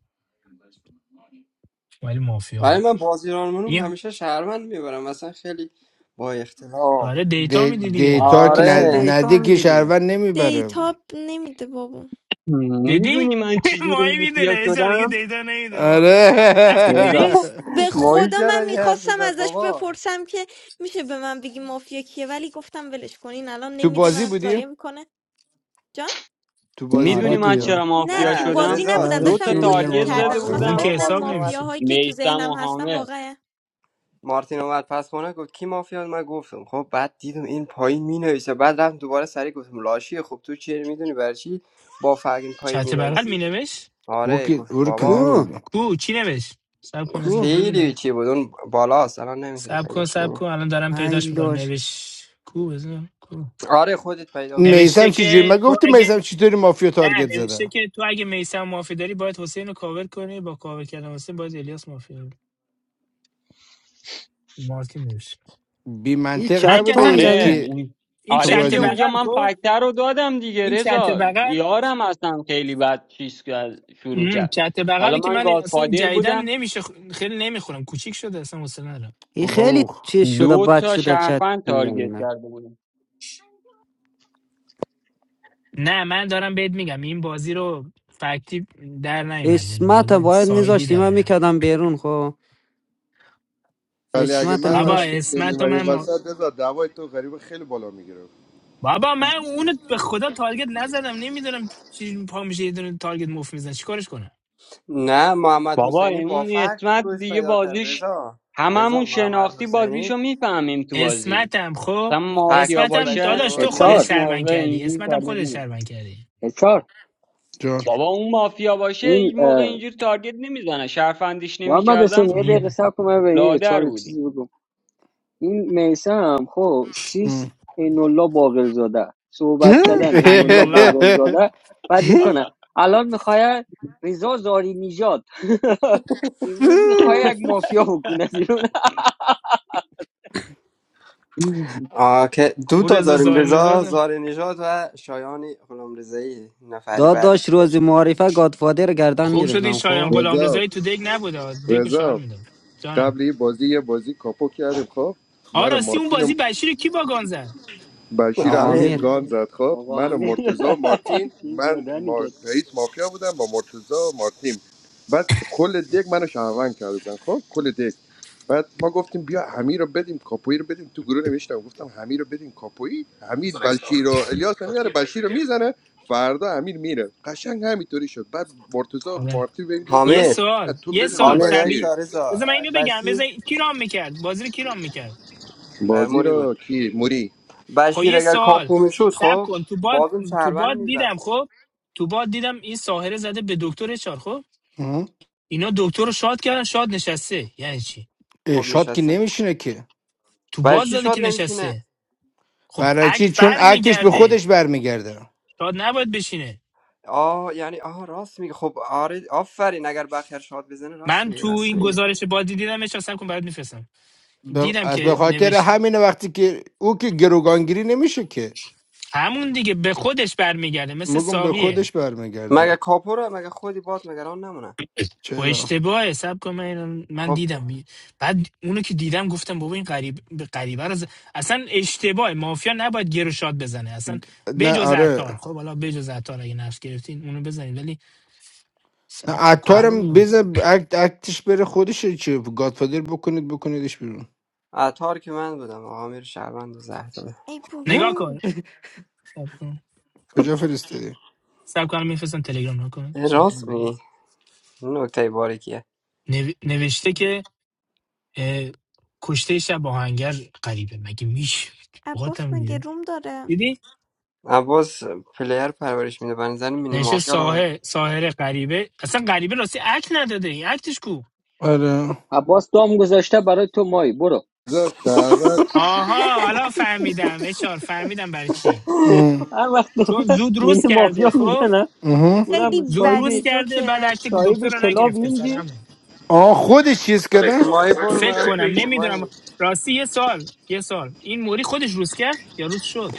Speaker 19: ولی مافیا
Speaker 9: ولی
Speaker 19: بود
Speaker 9: من بازی رو منو
Speaker 19: این
Speaker 9: همیشه شهروند میبرم مثلا خیلی با اختلاف
Speaker 19: آره دیتا
Speaker 21: دی-
Speaker 19: میدی دیگه
Speaker 21: دیتا که
Speaker 15: لاشی
Speaker 21: ن-
Speaker 9: آره
Speaker 21: ندی
Speaker 15: دیتا
Speaker 21: که
Speaker 15: میدی دیگه
Speaker 21: شهرون نمیبره
Speaker 5: دیتا نمیده بابا
Speaker 19: دیدی
Speaker 17: میدونی من چجوری
Speaker 19: ماهی میدونه
Speaker 17: مافیا
Speaker 19: اچار دیگه
Speaker 17: شدم
Speaker 19: دیتا نمیده آه.
Speaker 21: آره
Speaker 19: رفتی
Speaker 17: رضا
Speaker 19: پیویش
Speaker 5: به
Speaker 9: ماهی
Speaker 5: خدا من
Speaker 9: چرا یه حرف
Speaker 5: میخواستم
Speaker 9: زد
Speaker 5: ازش
Speaker 9: بابا
Speaker 5: بپرسم که میشه به من بگی مافیا کیه ولی گفتم ولش کنین الان
Speaker 21: تو
Speaker 5: نمیده
Speaker 21: بازی
Speaker 5: من ضایع
Speaker 21: بودی؟
Speaker 5: میکنه جان
Speaker 21: تو بازی
Speaker 17: میدونی
Speaker 15: آره
Speaker 21: بودی
Speaker 15: توی
Speaker 17: من
Speaker 15: بالا
Speaker 21: یا
Speaker 17: چرا
Speaker 5: نه
Speaker 17: مافیا
Speaker 5: تو
Speaker 9: نه
Speaker 5: بازی
Speaker 17: شدم
Speaker 9: رضا ز-
Speaker 5: نبودم
Speaker 15: زهره
Speaker 17: دو تا
Speaker 5: داشتم
Speaker 9: کی
Speaker 15: جون
Speaker 5: گوش
Speaker 15: بیا
Speaker 9: اه،
Speaker 17: تارگت
Speaker 15: بالا
Speaker 17: زده
Speaker 5: میکردم
Speaker 19: خب
Speaker 9: مارتین
Speaker 5: میخواستم
Speaker 19: اون
Speaker 9: خب
Speaker 21: آه.
Speaker 19: که
Speaker 17: بودم
Speaker 5: ببینم
Speaker 19: حساب
Speaker 9: مارتین اومد
Speaker 19: نمیشه
Speaker 5: مافیاهایی که تو
Speaker 17: میسم و
Speaker 5: ذهنم هستن
Speaker 17: حامد
Speaker 5: واقعا
Speaker 9: مارتین اومد پس خونه گفت کی مافیا من گفتم خب بعد دیدم این پایین می نویسه بعد رفتم دوباره سری گفتم لاشی خب تو چه میدونی برای چی با فرق این پایین می
Speaker 19: چت بغل
Speaker 9: نویسی
Speaker 19: مینوشت
Speaker 21: او
Speaker 9: آره
Speaker 21: که
Speaker 9: گفتم
Speaker 21: او رو که
Speaker 9: بابا
Speaker 15: کو
Speaker 21: نبود
Speaker 19: کو چی نوشت سب کن از
Speaker 15: کو
Speaker 19: من
Speaker 9: خیلی
Speaker 19: ببینم
Speaker 9: چی بود اون بالاست الان نمیتونی
Speaker 19: سب کن
Speaker 9: پیداش
Speaker 19: سب
Speaker 9: کنی
Speaker 19: کن الان دارم
Speaker 15: ای
Speaker 19: پیداش میکنم
Speaker 15: لاش
Speaker 19: نوشت کو بزن کو
Speaker 9: آره خودت پیدا کنی
Speaker 19: نوشته
Speaker 21: میسم چجوری؟
Speaker 19: که
Speaker 21: من
Speaker 19: تو
Speaker 21: گفتی
Speaker 19: اگه
Speaker 21: میسم چطوری مافیا
Speaker 19: نه
Speaker 21: تارگت
Speaker 19: نوشته
Speaker 21: زده
Speaker 19: که تو اگه میسم معافی داری باید حسین رو کاور کنی با کاور کردن حسین باید الیاس معافی داری مارتین نوشت
Speaker 21: بی
Speaker 15: این
Speaker 21: منطق
Speaker 15: چت
Speaker 19: من که
Speaker 21: نبوده
Speaker 19: اصلا
Speaker 15: تام
Speaker 21: ای
Speaker 19: چ-
Speaker 15: رده
Speaker 17: آره
Speaker 21: که
Speaker 17: اون-
Speaker 19: این
Speaker 21: تو
Speaker 17: آره
Speaker 19: چت
Speaker 17: دیگه
Speaker 21: بازی
Speaker 17: اونجا
Speaker 19: بغل
Speaker 17: من
Speaker 19: کو
Speaker 17: فکتر رو دادم دیگه
Speaker 19: این چت
Speaker 17: رضا
Speaker 19: بغل
Speaker 17: یارم اصلا خیلی بد چیز کرد- شروع
Speaker 19: مم،
Speaker 17: کرد
Speaker 19: چت
Speaker 17: حالا
Speaker 19: بغلی که
Speaker 17: من
Speaker 19: من اصلا این
Speaker 17: گادفادر
Speaker 19: جدیدن
Speaker 17: بودم
Speaker 19: نمیشه خ- خیلی نمیخورم کوچیک شده اصلا حوصله ندارم
Speaker 15: این
Speaker 21: او بابا
Speaker 15: خیلی
Speaker 21: خ-
Speaker 15: چیز شده
Speaker 17: دو
Speaker 15: بد
Speaker 17: تا
Speaker 15: شده چت
Speaker 17: شهروند تارگت
Speaker 15: نگم نه
Speaker 17: کرده بودیم
Speaker 19: نه من دارم بهت میگم این بازی رو فکتی در نیومد یعنی
Speaker 15: اسمت
Speaker 19: بازی
Speaker 15: باید
Speaker 19: سایدی
Speaker 15: میذاشتی
Speaker 19: در
Speaker 15: من
Speaker 19: اومد
Speaker 15: میکردم بیرون خب
Speaker 10: ولی اگه
Speaker 15: اسمت
Speaker 10: من رو
Speaker 19: بابا
Speaker 10: امیر
Speaker 15: میذاشتی
Speaker 19: اسمت و
Speaker 10: بمیمری
Speaker 19: من ما...
Speaker 10: وسط رضا دعوای تو غریب خیلی بالا میگیره
Speaker 19: بابا من اونو به خدا تارگت نزدم نمیدونم چی پا میشه یه دونه تارگت مفت میزنه چیکارش کنم
Speaker 9: نه محمد
Speaker 17: بابا
Speaker 9: حسینی با
Speaker 17: اون
Speaker 9: فکت
Speaker 17: اسمت
Speaker 9: فروش
Speaker 17: دیگه
Speaker 9: پیدا کرد
Speaker 17: بازیش
Speaker 9: رضا رضا
Speaker 17: هممون
Speaker 9: محمد
Speaker 17: شناختی
Speaker 9: حسینی
Speaker 17: بازیشو میفهمیم تو بازی
Speaker 19: اسمتم خب
Speaker 17: مثلا
Speaker 9: فکتی
Speaker 17: مافیا
Speaker 9: که
Speaker 19: اسمتم
Speaker 9: بشیر
Speaker 17: باشه
Speaker 19: داداش
Speaker 9: آورد
Speaker 19: تو خودت
Speaker 9: نسبت
Speaker 22: اچار
Speaker 17: هیچ
Speaker 19: شربن
Speaker 17: موقع
Speaker 19: کردی
Speaker 17: اینجوری
Speaker 19: اسمتم
Speaker 17: تارگت
Speaker 19: خودش
Speaker 17: نمی
Speaker 19: شربن کردی
Speaker 22: اچار
Speaker 21: جان
Speaker 17: بابا اون مافیا باشه
Speaker 22: این
Speaker 17: هیچ موقع اینجوری تارگت نمیزنه شهروندیش
Speaker 22: محمد حسین
Speaker 17: نمیکردم
Speaker 22: یه دقیقه
Speaker 19: این
Speaker 22: سب کن من به این اچار
Speaker 17: لادر
Speaker 22: یه چیزی بگم این میسم خب سیست
Speaker 21: ام.
Speaker 22: اینولا باقرزاده صحبت کردن
Speaker 19: عین
Speaker 22: اینولا
Speaker 19: الله
Speaker 22: باقرزاده بعد میکنه الان میخواد رضا زاری نژاد امروز میخوای یک مافیا بکنه بیرون
Speaker 17: بودیم
Speaker 9: آه که دو
Speaker 19: او
Speaker 9: تا
Speaker 19: رضا
Speaker 9: داریم
Speaker 19: زاهر
Speaker 9: رضا
Speaker 19: نژاد
Speaker 9: زار نجات و شایان غلام رضایی نفری بعدی
Speaker 15: داداش
Speaker 9: که
Speaker 15: روز
Speaker 9: داشت
Speaker 15: معارفه گادفادر گردن
Speaker 19: خوب شد این
Speaker 15: گرفتم
Speaker 19: شایان
Speaker 15: خب
Speaker 19: غلام
Speaker 10: رضا
Speaker 19: رضایی تو دک نبوده آ. دک و شوهر
Speaker 10: رضا
Speaker 19: میداد
Speaker 10: قبل
Speaker 19: جانم
Speaker 10: یه بازی یه بازی کاپو کردیم خب
Speaker 19: آ
Speaker 10: من و
Speaker 19: راستی اون
Speaker 10: مارتین و
Speaker 19: بازی بشیر رو کی باگان زد
Speaker 10: بشیر
Speaker 15: آقا
Speaker 9: حمید
Speaker 10: همین
Speaker 15: امیر
Speaker 10: گان زد خب
Speaker 22: آقا
Speaker 10: من و
Speaker 22: امین
Speaker 10: مرتزا و مارتین
Speaker 22: چیز
Speaker 10: من
Speaker 22: یادنی
Speaker 10: ما...
Speaker 22: کرد
Speaker 10: رئیس مافیا بودم با مرتزا و مارتین بعد کل دک منو شهروند کرده بودن خب کل دک بعد ما گفتیم بیا حمی رو بدیم کاپویی رو بدیم تو گروه نوشتم گفتم حمی رو بدیم کاپویی حمید بشیر رو. الیاس هم میاره بشیر رو میزنه فردا امیر میره قشنگ همینطوری شد بعد مرتضا
Speaker 19: آره
Speaker 10: مارتی بهم
Speaker 19: یه
Speaker 10: داد،
Speaker 9: حامد
Speaker 19: سوال
Speaker 10: تو
Speaker 19: یه
Speaker 10: بده
Speaker 19: سوال
Speaker 10: به
Speaker 9: حامد های
Speaker 19: شبیه
Speaker 10: بشیر
Speaker 9: سارزا
Speaker 19: بذار من اینو بگم
Speaker 9: بشیر
Speaker 19: بذار کی رام میکرد بازی رو کی رام میکرد
Speaker 9: اه،
Speaker 10: بازی
Speaker 9: موری
Speaker 10: رو
Speaker 9: بود
Speaker 10: کی موری
Speaker 19: خب
Speaker 9: بشیر
Speaker 19: یه
Speaker 9: اگر
Speaker 19: سوال
Speaker 9: کاپو میشد
Speaker 19: سب
Speaker 9: خب
Speaker 19: کن تو باد
Speaker 9: بازم
Speaker 19: تو
Speaker 9: شهروند
Speaker 19: باد دیدم
Speaker 9: میرفت
Speaker 19: خب تو باد دیدم این ساهره زده به دکتر چار خب
Speaker 21: ام.
Speaker 19: اینا دکتر رو شاد کردن شاد نشسته یعنی چی
Speaker 9: خب
Speaker 21: ارشاد که
Speaker 9: نشسته
Speaker 21: نمیشینه که
Speaker 19: تو
Speaker 9: برای
Speaker 19: باد
Speaker 9: چی
Speaker 19: زده
Speaker 9: شاد
Speaker 19: که
Speaker 9: نمیشینه
Speaker 19: نشسته خب
Speaker 21: برای چی
Speaker 19: اکت
Speaker 21: چون
Speaker 19: بر
Speaker 21: اکتش به
Speaker 19: میگرده
Speaker 21: خودش برمیگرده
Speaker 19: شاد نباید بشینه
Speaker 9: آه یعنی آه راست میگه خب آره آفرین اگر بخیر شاد بزنه راست
Speaker 19: من
Speaker 9: میگه
Speaker 19: تو
Speaker 9: راست
Speaker 19: این
Speaker 9: میگه
Speaker 19: گزارش بادی دیدم اشار سب کن برات میفرستم
Speaker 21: به-
Speaker 19: دیدم
Speaker 21: از
Speaker 5: چی؟
Speaker 21: به
Speaker 19: که
Speaker 21: خاطر
Speaker 19: نوشت
Speaker 21: همین وقتی که او که گروگانگیری نمیشه که
Speaker 19: همون دیگه به خودش برمیگرده مثل
Speaker 21: مگم به
Speaker 19: ساقیه
Speaker 21: خودش
Speaker 9: مگه
Speaker 21: برمیگرده
Speaker 9: کاپوره مگه خودی باد مگه آن نمونه
Speaker 19: خب
Speaker 21: چرا
Speaker 19: اشتباهه سب کن من من
Speaker 9: خب
Speaker 19: دیدم بعد اونو که دیدم گفتم بابا این غریب غریبه رو ز- اصلا اشتباه مافیا نباید گرو شات بزنه اصلا
Speaker 21: نه
Speaker 19: بجز عطار
Speaker 21: آره
Speaker 19: خب حالا بجز عطار اگه نقش گرفتین اونو بزنید ولی
Speaker 21: نه
Speaker 19: سب کن
Speaker 9: ع-
Speaker 19: کجا
Speaker 21: عطارم
Speaker 19: بودم
Speaker 21: بزن اکت اکتش بره خودش چی گادفادر بکنید بکنیدش بیرون
Speaker 9: عطار که من بودم آقا میر شهروند و زهر داده
Speaker 5: ای
Speaker 19: نگاه
Speaker 5: بابا
Speaker 19: کن سب کن
Speaker 21: کجا فرستادی
Speaker 19: سب کنم میفرستم تلگرام نکن
Speaker 9: راست میگی نکته باریکیه
Speaker 19: نو... نوشته که اه، کشته شب آهنگر غریبه مگه میشه
Speaker 5: عباس
Speaker 19: باهاتم
Speaker 5: مگه
Speaker 19: دیده
Speaker 5: روم داره
Speaker 19: دیدی
Speaker 9: عباس پلیر پرورش میده بنظر مینی
Speaker 19: نشه
Speaker 9: مافیا رو هم-
Speaker 19: ساهر ساهر غریبه اصلا غریبه راستی عکس نداده این عکسش کو
Speaker 21: آره
Speaker 22: عباس دام گذاشته برای تو مایی برو
Speaker 10: رضا شهروند
Speaker 19: آها حالا فهمیدم اشار فهمیدم برای چی
Speaker 21: ام.
Speaker 22: هر وقت
Speaker 19: چون زود روز
Speaker 22: میره
Speaker 19: کرده
Speaker 22: مافیا
Speaker 19: خب
Speaker 22: میزنه
Speaker 5: خیلی
Speaker 22: اونم
Speaker 19: زود
Speaker 22: صاحبی
Speaker 5: بدی
Speaker 19: روز کرده بعد
Speaker 5: جوکر
Speaker 19: عکت دکتر
Speaker 22: صاحب
Speaker 19: رو
Speaker 22: کلاب
Speaker 19: نگرفته
Speaker 22: این
Speaker 19: سرمون
Speaker 21: آه خودش چیز کردن
Speaker 9: مایی برو
Speaker 19: فکر
Speaker 9: منم
Speaker 19: کنم
Speaker 9: پینکو
Speaker 19: نمیدونم
Speaker 9: مایی
Speaker 19: راستی یه سال یه سال این موری خودش روز کرد یا روز شد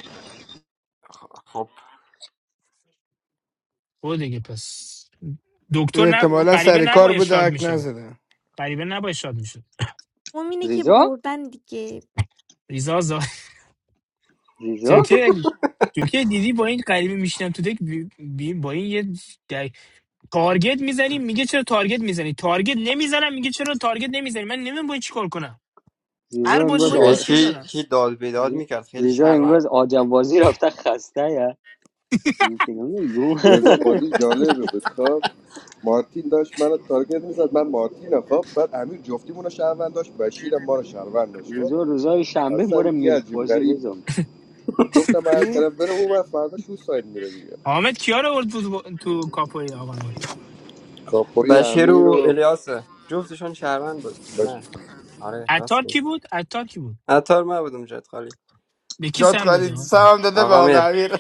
Speaker 9: خب
Speaker 19: خود دیگه پس
Speaker 21: رو
Speaker 19: دکتر نب...
Speaker 21: احتمالا
Speaker 19: غریبه
Speaker 21: سر کار
Speaker 19: نباید
Speaker 21: بوده
Speaker 19: شاد
Speaker 21: اک
Speaker 19: میشد
Speaker 21: نزده
Speaker 19: غریبه نباید شاد میشد
Speaker 5: اون اینه که
Speaker 22: زیزو،
Speaker 5: بردن دیگه
Speaker 19: ریزا زا
Speaker 22: زیزو، زیزو
Speaker 19: جوکر جوکر دیدی با این غریبه میشینم تو دک بی... بی- با این یه تارگت میزنی میگه چرا تارگت میزنی تارگت نمیزنم میگه چرا تارگت نمیزنی من نمیدونم باید چیکار کنم
Speaker 22: زیزا
Speaker 19: هر بازی با
Speaker 22: امروز
Speaker 19: این
Speaker 9: کی
Speaker 22: آ...
Speaker 19: مشکل
Speaker 9: کی
Speaker 19: دارم
Speaker 9: چی داد بیداد
Speaker 22: زی-
Speaker 9: میکرد خیلی
Speaker 22: زیزا
Speaker 9: شهروند
Speaker 22: امروز آجم بازی رفته خسته یا
Speaker 10: رضا بازی جالب بود خب مارتین داشت منو تارگت میزد من مارتین خب بعد امیر جفتیمون رو شهروند داشت بشیر هم ما رو شهروند داشت خب
Speaker 22: زیزو روزای شنبه
Speaker 10: اصلا
Speaker 22: مور
Speaker 10: یه
Speaker 22: میلف
Speaker 10: عجیب
Speaker 22: بازی
Speaker 10: غریب
Speaker 22: رضا
Speaker 10: بود گفتم بعد
Speaker 21: کی؟
Speaker 10: طرف بره اون ور، فردا شو ساید میره دیگه
Speaker 19: حامد کیا رو آورد تو, تو کاپوی آقا
Speaker 10: کاپوی
Speaker 9: بشیر
Speaker 10: امیر
Speaker 9: و
Speaker 10: و
Speaker 9: الیاس جفتشون شهروند بود نه آره
Speaker 19: عطار
Speaker 9: راست میگه
Speaker 19: کی بود عطار کی بود
Speaker 9: عطار من بودم جد خالی
Speaker 19: به کی
Speaker 21: جات
Speaker 19: سم دادی
Speaker 21: خالی
Speaker 19: آقا
Speaker 21: سلام داده به
Speaker 9: آقا
Speaker 21: آقا
Speaker 9: میر
Speaker 21: امیر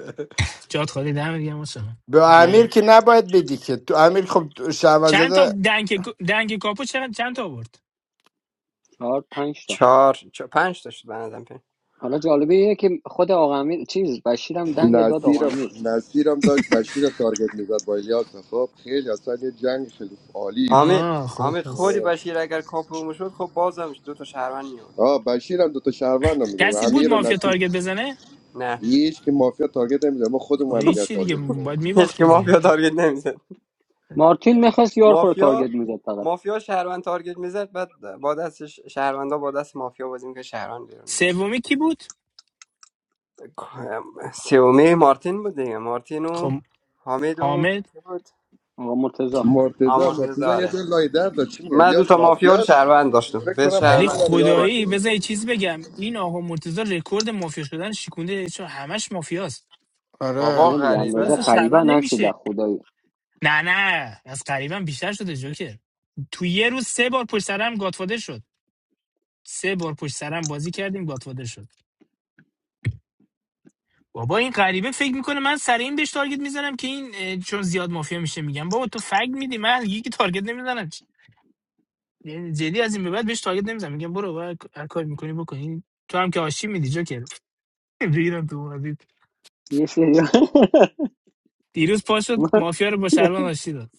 Speaker 19: جات خالی دم دیگه مثلا
Speaker 21: به امیر که نباید بدی که تو امیر خب شعبان
Speaker 19: چند تا
Speaker 21: زده
Speaker 19: دنگ دنگ کاپو چند چند تا آورد
Speaker 22: چهار پنج تا
Speaker 9: چهار چه- پنج تا شد به نظرم پنج
Speaker 22: حالا جالبه اینه که خود آقا امیر چیز بشیرم دنگ داد آقا
Speaker 10: نصیرم
Speaker 22: امیر
Speaker 10: نصیرم داشت بشیر رو تارگت میزد با الیاس خب خیلی اصلا یه جنگ خیلی عالی بود
Speaker 9: حامد
Speaker 19: آه خب
Speaker 9: حامد خودی
Speaker 19: پس
Speaker 10: آه
Speaker 9: بشیر اگر کاپو میشد خب بازم دو تا شهروند میورد
Speaker 10: آه، بشیر هم دوتا شهروند هم میدونه
Speaker 19: کسی بود
Speaker 10: امیر و
Speaker 19: مافیا
Speaker 10: نصیر
Speaker 19: تارگت بزنه
Speaker 9: نه
Speaker 10: هیچ که مافیا تارگت نمیزنه ما
Speaker 19: خب
Speaker 10: خودمون هم
Speaker 19: هیچ
Speaker 10: دیگر
Speaker 19: چی دیگه
Speaker 10: تارگت میزنیم
Speaker 19: باید
Speaker 9: هیچ که
Speaker 19: میباختیم دیگه
Speaker 9: مافیا
Speaker 19: آره.
Speaker 9: تارگت نمیزد
Speaker 22: مارتین میخواست یار خود
Speaker 9: مافیا
Speaker 22: تارگت میزد فقط
Speaker 9: مافیا شهروند تارگت میزد بعد با دست ش- شهروندا با دست مافیا بازی میکرد شهروند بیرون میکرد
Speaker 19: سومی کی بود
Speaker 9: سیومه مارتین بود دیگه مارتین و
Speaker 19: خب
Speaker 9: حامد و
Speaker 19: حامد
Speaker 9: کی بود
Speaker 22: آقا مرتضا
Speaker 10: مرتزا
Speaker 9: آمرزه
Speaker 10: مرتزا یه
Speaker 9: داره
Speaker 10: دل لای در داشت چی میگه
Speaker 9: من دو تا
Speaker 10: الیاس
Speaker 9: مافیا رو
Speaker 10: مافیا
Speaker 9: شهروند داشتم
Speaker 10: فکر
Speaker 9: به
Speaker 10: کنم
Speaker 19: ولی
Speaker 10: حامد
Speaker 9: شهروند
Speaker 10: هم
Speaker 9: به بازی
Speaker 19: خدایی
Speaker 10: یارشه
Speaker 19: بذار یه چیز بگم این آقا مرتضی رکورد مافیا شدن شکونده چون همش مافیاست
Speaker 9: بابا
Speaker 21: آره
Speaker 22: نه دیگه
Speaker 19: بنده خدا
Speaker 22: اندازه
Speaker 19: اصلا
Speaker 9: غریبه
Speaker 22: قریبا
Speaker 19: شهروند
Speaker 22: نشده
Speaker 19: نمیشه
Speaker 22: خدایی
Speaker 19: نه نه از قریبا بیشتر شده جوکر تو یه روز سه بار پشت سرم گاتفاده شد سه بار پشت سرم بازی کردیم گاتفاده شد بابا این غریبه فکر میکنه من سر این بهش تارگت میزنم که این اه، چون زیاد مافیا میشه میگم بابا تو فگ میدی من یکی تارگت نمیزنم یعنی جدی از این به بعد بهش تارگت نمیزنم میگم برو برو، هر کاری میکنی بکنی تو هم که آشی میدی جوکر ریدم تو بازی.
Speaker 22: یه سری
Speaker 19: دیروز پاشد مافیا رو با شهروند آشتی داد